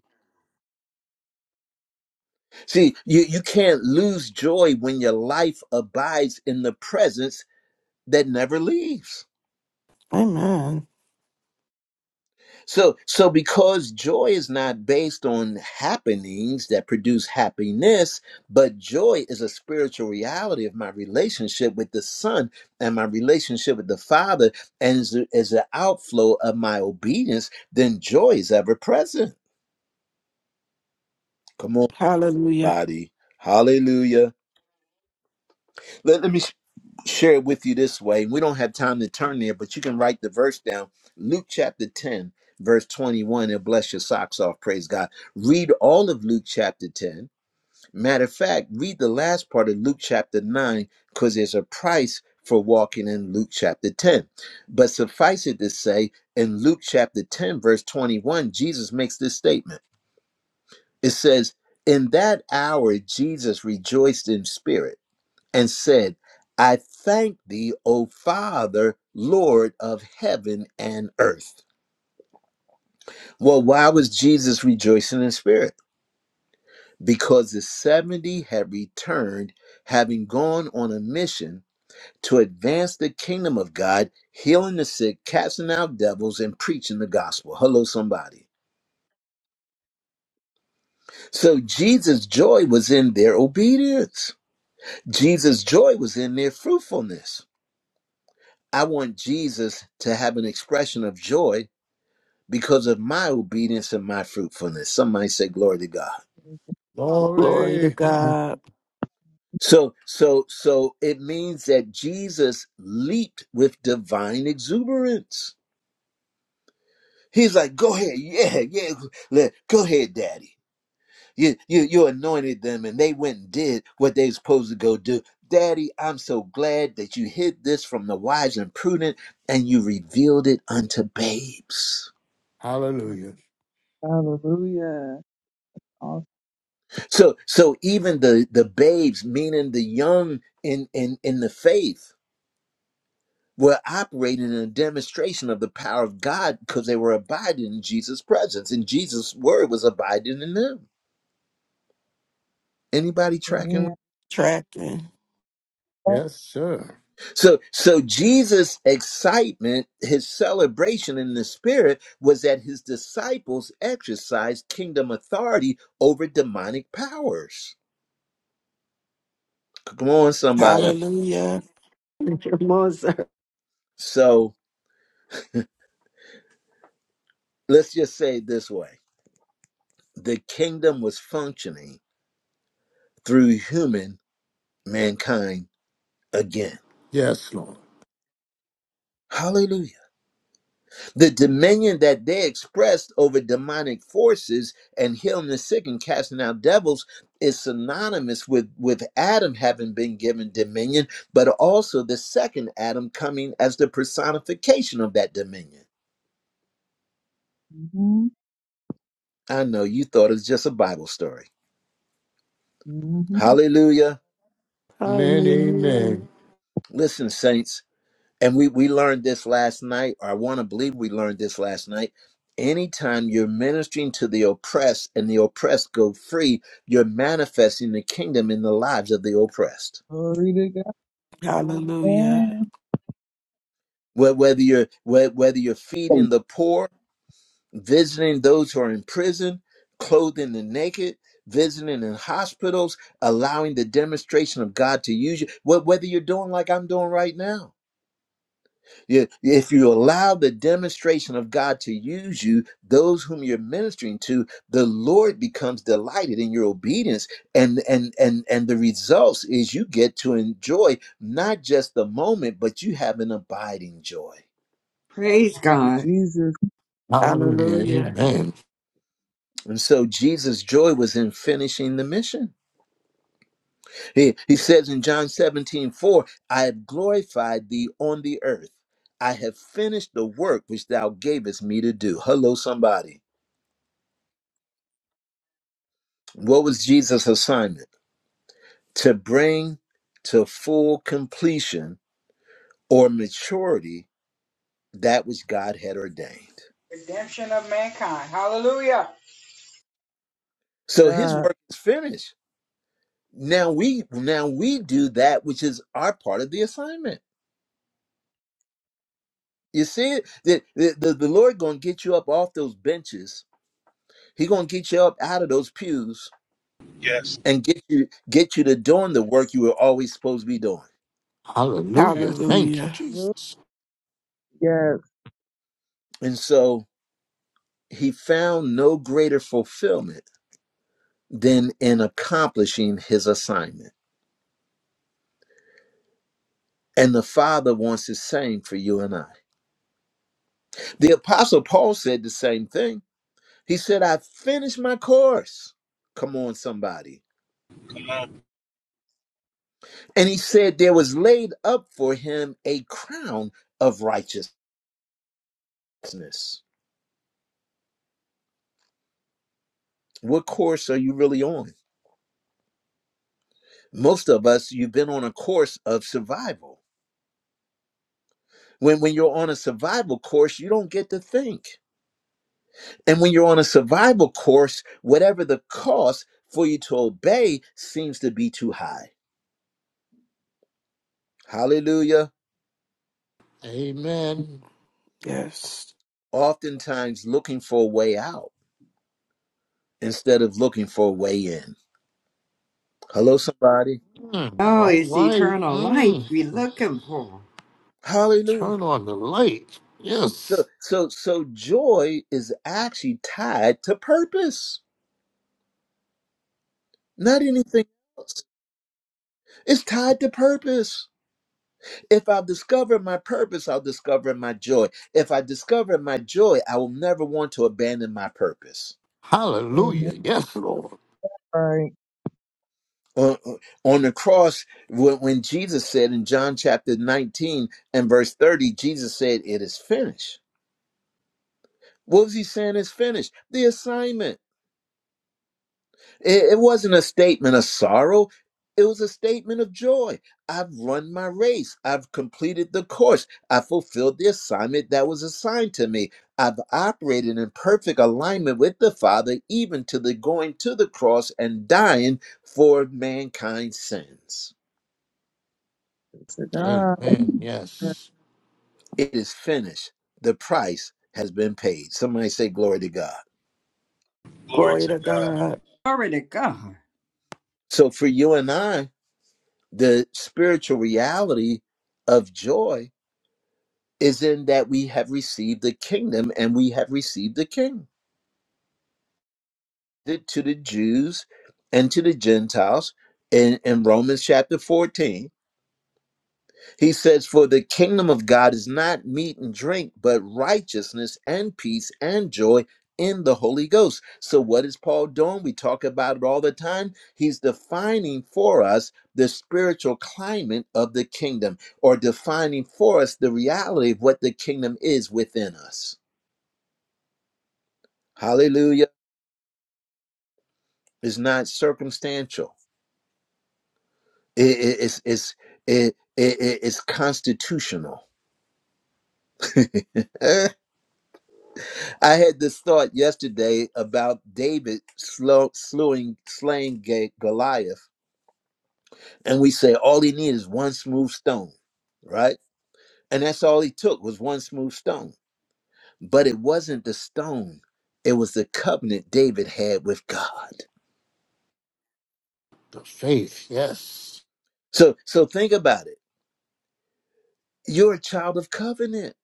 [SPEAKER 1] See, you, you can't lose joy when your life abides in the presence that never leaves.
[SPEAKER 4] Amen.
[SPEAKER 1] So so because joy is not based on happenings that produce happiness, but joy is a spiritual reality of my relationship with the Son and my relationship with the Father, and is a- is an outflow of my obedience, then joy is ever present. Come on,
[SPEAKER 4] Hallelujah.
[SPEAKER 1] body. Hallelujah. Let let me. share it with you this way. We don't have time to turn there, but you can write the verse down. Luke chapter 10, verse 21. It'll bless your socks off. Praise God. Read all of Luke chapter 10. Matter of fact, read the last part of Luke chapter 9 because there's a price for walking in Luke chapter 10. But suffice it to say, in Luke chapter 10, verse 21, Jesus makes this statement. It says, In that hour, Jesus rejoiced in spirit and said, I thank thee, O Father, Lord of heaven and earth. Well, why was Jesus rejoicing in spirit? Because the 70 had returned, having gone on a mission to advance the kingdom of God, healing the sick, casting out devils, and preaching the gospel. Hello, somebody. So Jesus' joy was in their obedience, Jesus' joy was in their fruitfulness. I want Jesus to have an expression of joy because of my obedience and my fruitfulness. Somebody say glory to God.
[SPEAKER 4] Glory to
[SPEAKER 7] glory.
[SPEAKER 4] God.
[SPEAKER 1] So so so it means that Jesus leaped with divine exuberance. He's like, go ahead, yeah, yeah, let, go ahead, daddy. You, you you anointed them and they went and did what they supposed to go do. Daddy, I'm so glad that you hid this from the wise and prudent and you revealed it unto babes.
[SPEAKER 7] Hallelujah.
[SPEAKER 9] Hallelujah. Awesome.
[SPEAKER 1] So so even the the babes, meaning the young in in in the faith, were operating in a demonstration of the power of God because they were abiding in Jesus' presence, and Jesus' word was abiding in them. Anybody tracking? with-
[SPEAKER 9] Amen.
[SPEAKER 4] Tracking.
[SPEAKER 7] Yes, sir.
[SPEAKER 1] So, so Jesus' excitement, his celebration in the spirit, was that his disciples exercised kingdom authority over demonic powers. Come on, somebody.
[SPEAKER 7] Yes.
[SPEAKER 4] Hallelujah.
[SPEAKER 2] come on, sir.
[SPEAKER 1] So let's just say it this way: the kingdom was functioning through human mankind again.
[SPEAKER 7] Yes, Lord.
[SPEAKER 1] Hallelujah. the dominion that they expressed over demonic forces and healing the sick and casting out devils is synonymous with with Adam having been given dominion but also the second Adam coming as the personification of that dominion.
[SPEAKER 9] Mm-hmm.
[SPEAKER 1] I know you thought it was just a Bible story.
[SPEAKER 9] Mm-hmm.
[SPEAKER 1] Hallelujah.
[SPEAKER 7] Amen.
[SPEAKER 2] Hallelujah.
[SPEAKER 7] Amen.
[SPEAKER 1] Listen saints, And we, we learned this last night, or I want to believe we learned this last night. Anytime you're ministering to the oppressed and the oppressed go free, you're manifesting the kingdom in the lives of the oppressed.
[SPEAKER 9] Glory to God.
[SPEAKER 4] Hallelujah.
[SPEAKER 9] Amen.
[SPEAKER 1] Wh- Whether you're wh- whether you're feeding
[SPEAKER 9] Thank
[SPEAKER 1] the poor, visiting those who are in prison, clothing the naked, visiting in hospitals, allowing the demonstration of God to use you. wh- Whether you're doing like I'm doing right now, You- If you allow the demonstration of God to use you, those whom you're ministering to, the Lord becomes delighted in your obedience, and and and and the results is you get to enjoy not just the moment, but you have an abiding joy.
[SPEAKER 10] Praise
[SPEAKER 9] you,
[SPEAKER 10] God.
[SPEAKER 9] Jesus.
[SPEAKER 7] Hallelujah.
[SPEAKER 4] Hallelujah.
[SPEAKER 7] Amen.
[SPEAKER 1] And so Jesus' joy was in finishing the mission. He, he says in John 17 4, I have glorified thee on the earth. I have finished the work which thou gavest me to do. Hello, somebody. What was Jesus' assignment? to bring to full completion or maturity that which God had ordained.
[SPEAKER 8] Redemption of mankind. Hallelujah.
[SPEAKER 1] So his
[SPEAKER 9] God.
[SPEAKER 1] work is finished. Now we now we do that which is our part of the assignment. You see it? The, the, the the Lord gonna get you up off those benches. He gonna get you up out of those pews
[SPEAKER 6] Yes.
[SPEAKER 1] and get you get you to doing the work you were always supposed to be doing.
[SPEAKER 7] Hallelujah.
[SPEAKER 9] Yes.
[SPEAKER 7] Thank you,
[SPEAKER 4] Hallelujah.
[SPEAKER 9] Hallelujah.
[SPEAKER 7] Jesus.
[SPEAKER 9] Yes.
[SPEAKER 1] And so he found no greater fulfillment than in accomplishing his assignment. And the Father wants the same for you and I. The Apostle Paul said the same thing. He said, I finished my course. Come on, somebody.
[SPEAKER 6] Come on.
[SPEAKER 1] And he said, There was laid up for him a crown of righteousness. What course are you really on? Most of us, you've been on a course of survival. When, when you're on a survival course, you don't get to think. And when you're on a survival course, whatever the cost for you to obey seems to be too high. Hallelujah.
[SPEAKER 7] Amen.
[SPEAKER 4] Yes.
[SPEAKER 1] Oftentimes looking for a way out instead of looking for a way in. Hello, somebody.
[SPEAKER 7] Mm,
[SPEAKER 10] Oh,
[SPEAKER 7] all
[SPEAKER 10] it's
[SPEAKER 7] right.
[SPEAKER 10] eternal life
[SPEAKER 7] Mm,
[SPEAKER 10] we're looking for.
[SPEAKER 1] Hallelujah.
[SPEAKER 7] turn on the light.
[SPEAKER 1] So,
[SPEAKER 7] Yes.
[SPEAKER 1] so, so joy is actually tied to purpose, not anything else. It's tied to purpose. If I discover my purpose, I'll discover my joy. If I discover my joy, I will never want to abandon my purpose.
[SPEAKER 9] Amen.
[SPEAKER 7] Hallelujah. Yes, Lord.
[SPEAKER 9] Right.
[SPEAKER 1] on, on the cross when, when jesus said in john chapter 19 and verse 30 jesus said it is finished what was he saying is finished the assignment it, it wasn't a statement of sorrow it was a statement of joy i've run my race i've completed the course i fulfilled the assignment that was assigned to me i've operated in perfect alignment with the father even to the going to the cross and dying for mankind's sins
[SPEAKER 9] To God.
[SPEAKER 7] Amen.
[SPEAKER 9] Yes.
[SPEAKER 7] Yes.
[SPEAKER 1] It is finished. The price has been paid. Somebody say, Glory to God.
[SPEAKER 6] Glory
[SPEAKER 4] Glory
[SPEAKER 6] to
[SPEAKER 4] to
[SPEAKER 6] God.
[SPEAKER 4] God.
[SPEAKER 10] Glory to God.
[SPEAKER 1] So for you and I, the spiritual reality of joy is in that we have received the kingdom and we have received the king. To the Jews and to the Gentiles in, in Romans chapter 14 He says, For the kingdom of God is not meat and drink, but righteousness and peace and joy in the Holy Ghost. So, what is Paul doing? We talk about it all the time. He's defining for us the spiritual climate of the kingdom, or defining for us the reality of what the kingdom is within us. Hallelujah. It's not circumstantial, It- it- it's, it's, it, it- it's constitutional. I had this thought yesterday about David slow, slewing, slaying Ga- Goliath, and we say all he needed is one smooth stone, right? And that's all he took was one smooth stone. But it wasn't the stone; it was the covenant David had with God.
[SPEAKER 7] The faith. Yes.
[SPEAKER 1] So, so think about it. You're a child of covenant.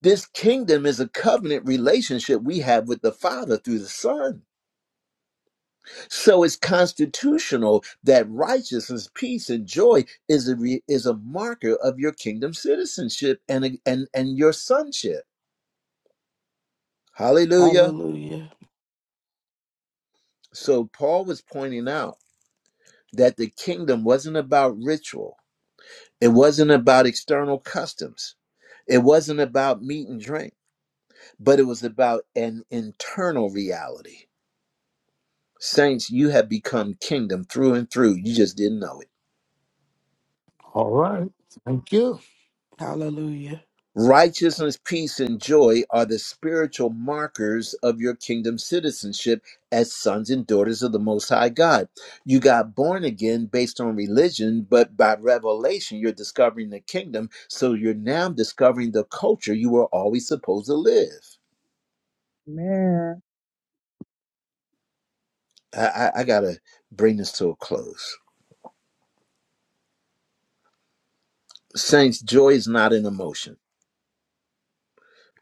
[SPEAKER 1] This kingdom is a covenant relationship we have with the Father through the Son. So it's constitutional that righteousness, peace, and joy is a re, is a marker of your kingdom citizenship and a- and and your sonship. Hallelujah.
[SPEAKER 4] Hallelujah.
[SPEAKER 1] So Paul was pointing out that the kingdom wasn't about ritual. It wasn't about external customs. It wasn't about meat and drink, but it was about an internal reality. Saints, you have become kingdom through and through. You just didn't know it.
[SPEAKER 7] All right. Thank you.
[SPEAKER 4] Hallelujah.
[SPEAKER 1] Righteousness, peace, and joy are the spiritual markers of your kingdom citizenship as sons and daughters of the Most High God. You got born again based on religion, but by revelation, you're discovering the kingdom. So you're now discovering the culture you were always supposed to live.
[SPEAKER 9] Amen.
[SPEAKER 1] I, I, I got to bring this to a close. Saints, joy is not an emotion,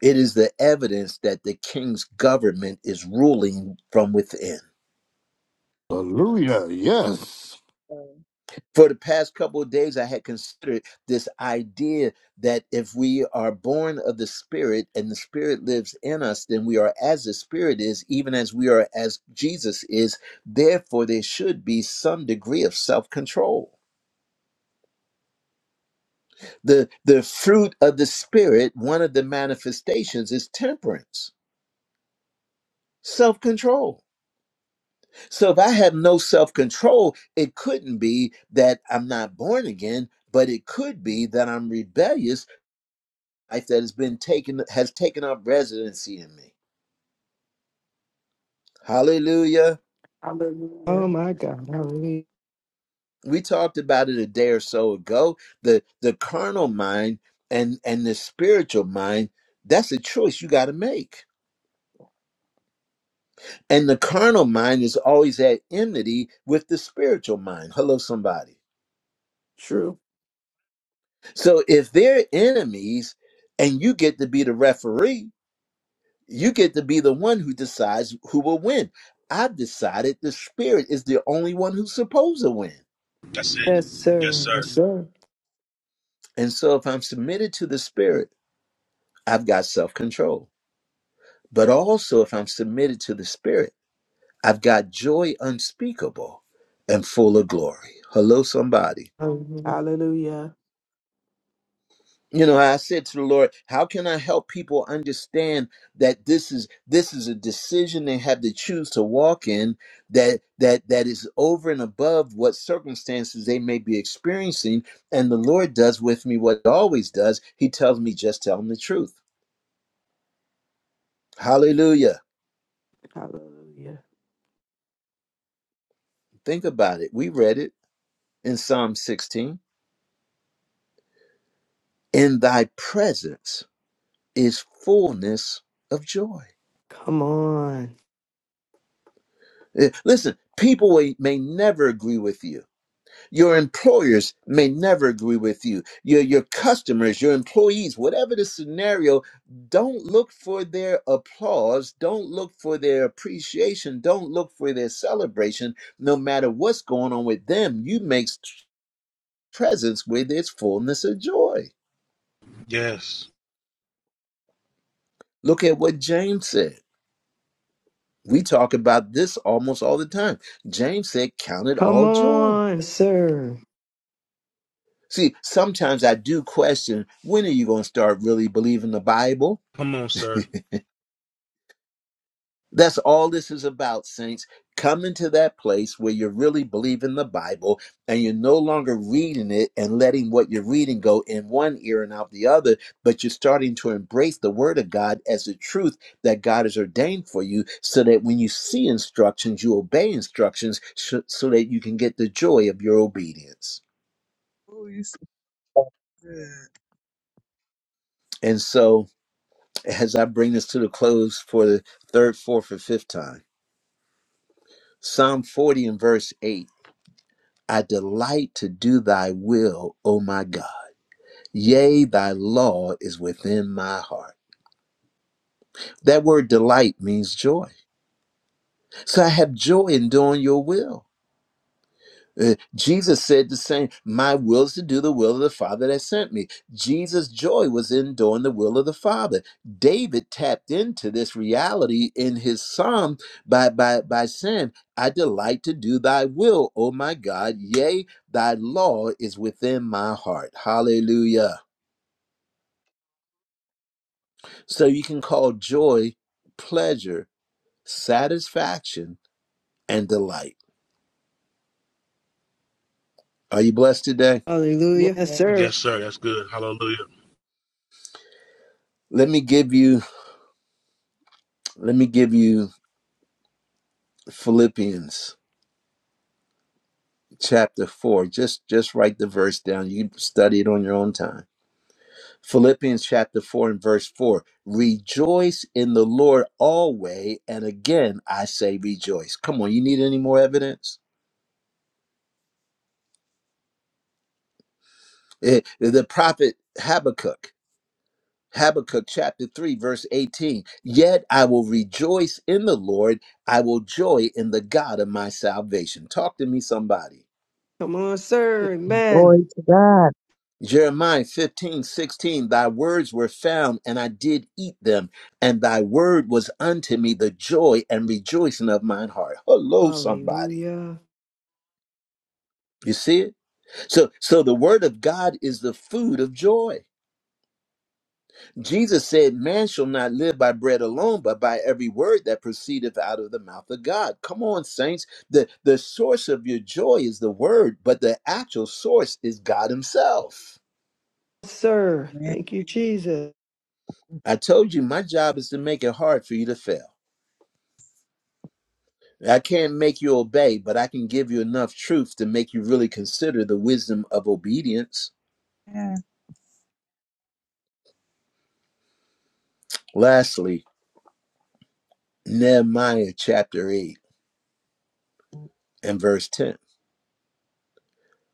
[SPEAKER 1] it is the evidence that the king's government is ruling from within.
[SPEAKER 7] Hallelujah. Yes.
[SPEAKER 1] For the past couple of days, I had considered this idea that if we are born of the Spirit and the Spirit lives in us, then we are as the Spirit is, even as we are as Jesus is. Therefore, there should be some degree of self control. The, the fruit of the Spirit, one of the manifestations is temperance, self control. So if I have no self control, it couldn't be that I'm not born again, but it could be that I'm rebellious life that has been taken has taken up residency in me. Hallelujah.
[SPEAKER 2] Oh
[SPEAKER 4] Hallelujah.
[SPEAKER 2] my God. Hallelujah.
[SPEAKER 1] We talked about it a day or so ago. The the carnal mind and and the spiritual mind, that's a choice you got to make. And the carnal mind is always at enmity with the spiritual mind. Hello somebody.
[SPEAKER 4] True.
[SPEAKER 1] So if they're enemies and you get to be the referee, you get to be the one who decides who will win. I've decided the spirit is the only one who's supposed to win.
[SPEAKER 6] That's it.
[SPEAKER 2] Yes,
[SPEAKER 6] Yes,
[SPEAKER 2] sir. Yes,
[SPEAKER 6] sir.
[SPEAKER 2] sir.
[SPEAKER 1] And so if I'm submitted to the Spirit, I've got self control. But also, if I'm submitted to the Spirit, I've got joy unspeakable and full of glory. Hello, somebody.
[SPEAKER 2] Hallelujah.
[SPEAKER 4] Hallelujah.
[SPEAKER 1] You know, I said to the Lord, how can I help people understand that this is this is a decision they have to choose to walk in that that that is over and above what circumstances they may be experiencing and the Lord does with me what he always does. He tells me just tell them the truth. Hallelujah.
[SPEAKER 4] Hallelujah.
[SPEAKER 1] Think about it. We read it in Psalm 16. In thy presence is fullness of joy.
[SPEAKER 2] Come on.
[SPEAKER 1] Eh, Listen, people may may never agree with you. Your employers may never agree with you. Your, your customers, your employees, whatever the scenario, don't look for their applause. Don't look for their appreciation. Don't look for their celebration. No matter what's going on with them, you make s- presence with its fullness of joy.
[SPEAKER 6] Yes.
[SPEAKER 1] Look at what
[SPEAKER 9] Amen.
[SPEAKER 1] James said. We talk about this almost all the time. James said, Count it
[SPEAKER 2] Come
[SPEAKER 1] all joy.
[SPEAKER 2] on, sir.
[SPEAKER 1] See, sometimes I do question when are you going to start really believing the Bible?
[SPEAKER 6] Come on, sir.
[SPEAKER 1] That's all this is about, saints. Coming to that place where you really believe in the Bible and you're no longer reading it and letting what you're reading go in one ear and out the other, but you're starting to embrace the Word of God as the truth that God has ordained for you so that when you see instructions, you obey instructions sh- so that you can get the joy of your obedience.
[SPEAKER 9] Oh, you so good,
[SPEAKER 1] And so, as I bring this to the close for the third, fourth, and fifth time, Psalm 40 and verse 8 I delight to do thy will, O my God. Yea, thy law is within my heart. That word delight means joy. So I have joy in doing your will. Uh, Jesus said the same, My will is to do the will of the Father that sent me. Jesus' joy was in doing the will of the Father. David tapped into this reality in his psalm by, by, by saying, I delight to do thy will, O my God. Yea, thy law is within my heart. Hallelujah. So you can call joy pleasure, satisfaction, and delight. Are you blessed today?
[SPEAKER 4] Yeah.
[SPEAKER 2] Hallelujah. Yes, sir.
[SPEAKER 6] Yes, sir. That's good. Hallelujah.
[SPEAKER 1] Let me give you, let me give you Philippians chapter 4 just just write the verse down you can study it on your own time philippians chapter 4 and verse 4 rejoice in the lord always and again i say rejoice come on you need any more evidence Eh, the prophet habakkuk habakkuk chapter 3 verse 18 yet i will rejoice in the lord i will joy in the god of my salvation talk to me somebody
[SPEAKER 2] Come on, sir. Amen.
[SPEAKER 5] Glory to God.
[SPEAKER 1] Jeremiah 15 16. thy words were found, and I did eat them, and thy word was unto me the joy and rejoicing of mine heart. Hello, somebody.
[SPEAKER 2] Hallelujah.
[SPEAKER 1] You see it? So so the word of God is the food of joy. Jesus said, Man shall not live by bread alone, but by every word that proceedeth out of the mouth of God. Come on, saints. The the source of your joy is the word, but the actual source is God Himself.
[SPEAKER 2] Yes, Sir. Thank you, Jesus.
[SPEAKER 1] I told you my job is to make it hard for you to fail. I can't make you obey, but I can give you enough truth to make you really consider the wisdom of obedience.
[SPEAKER 9] man.
[SPEAKER 1] Lastly, Nehemiah chapter 8 and verse 10.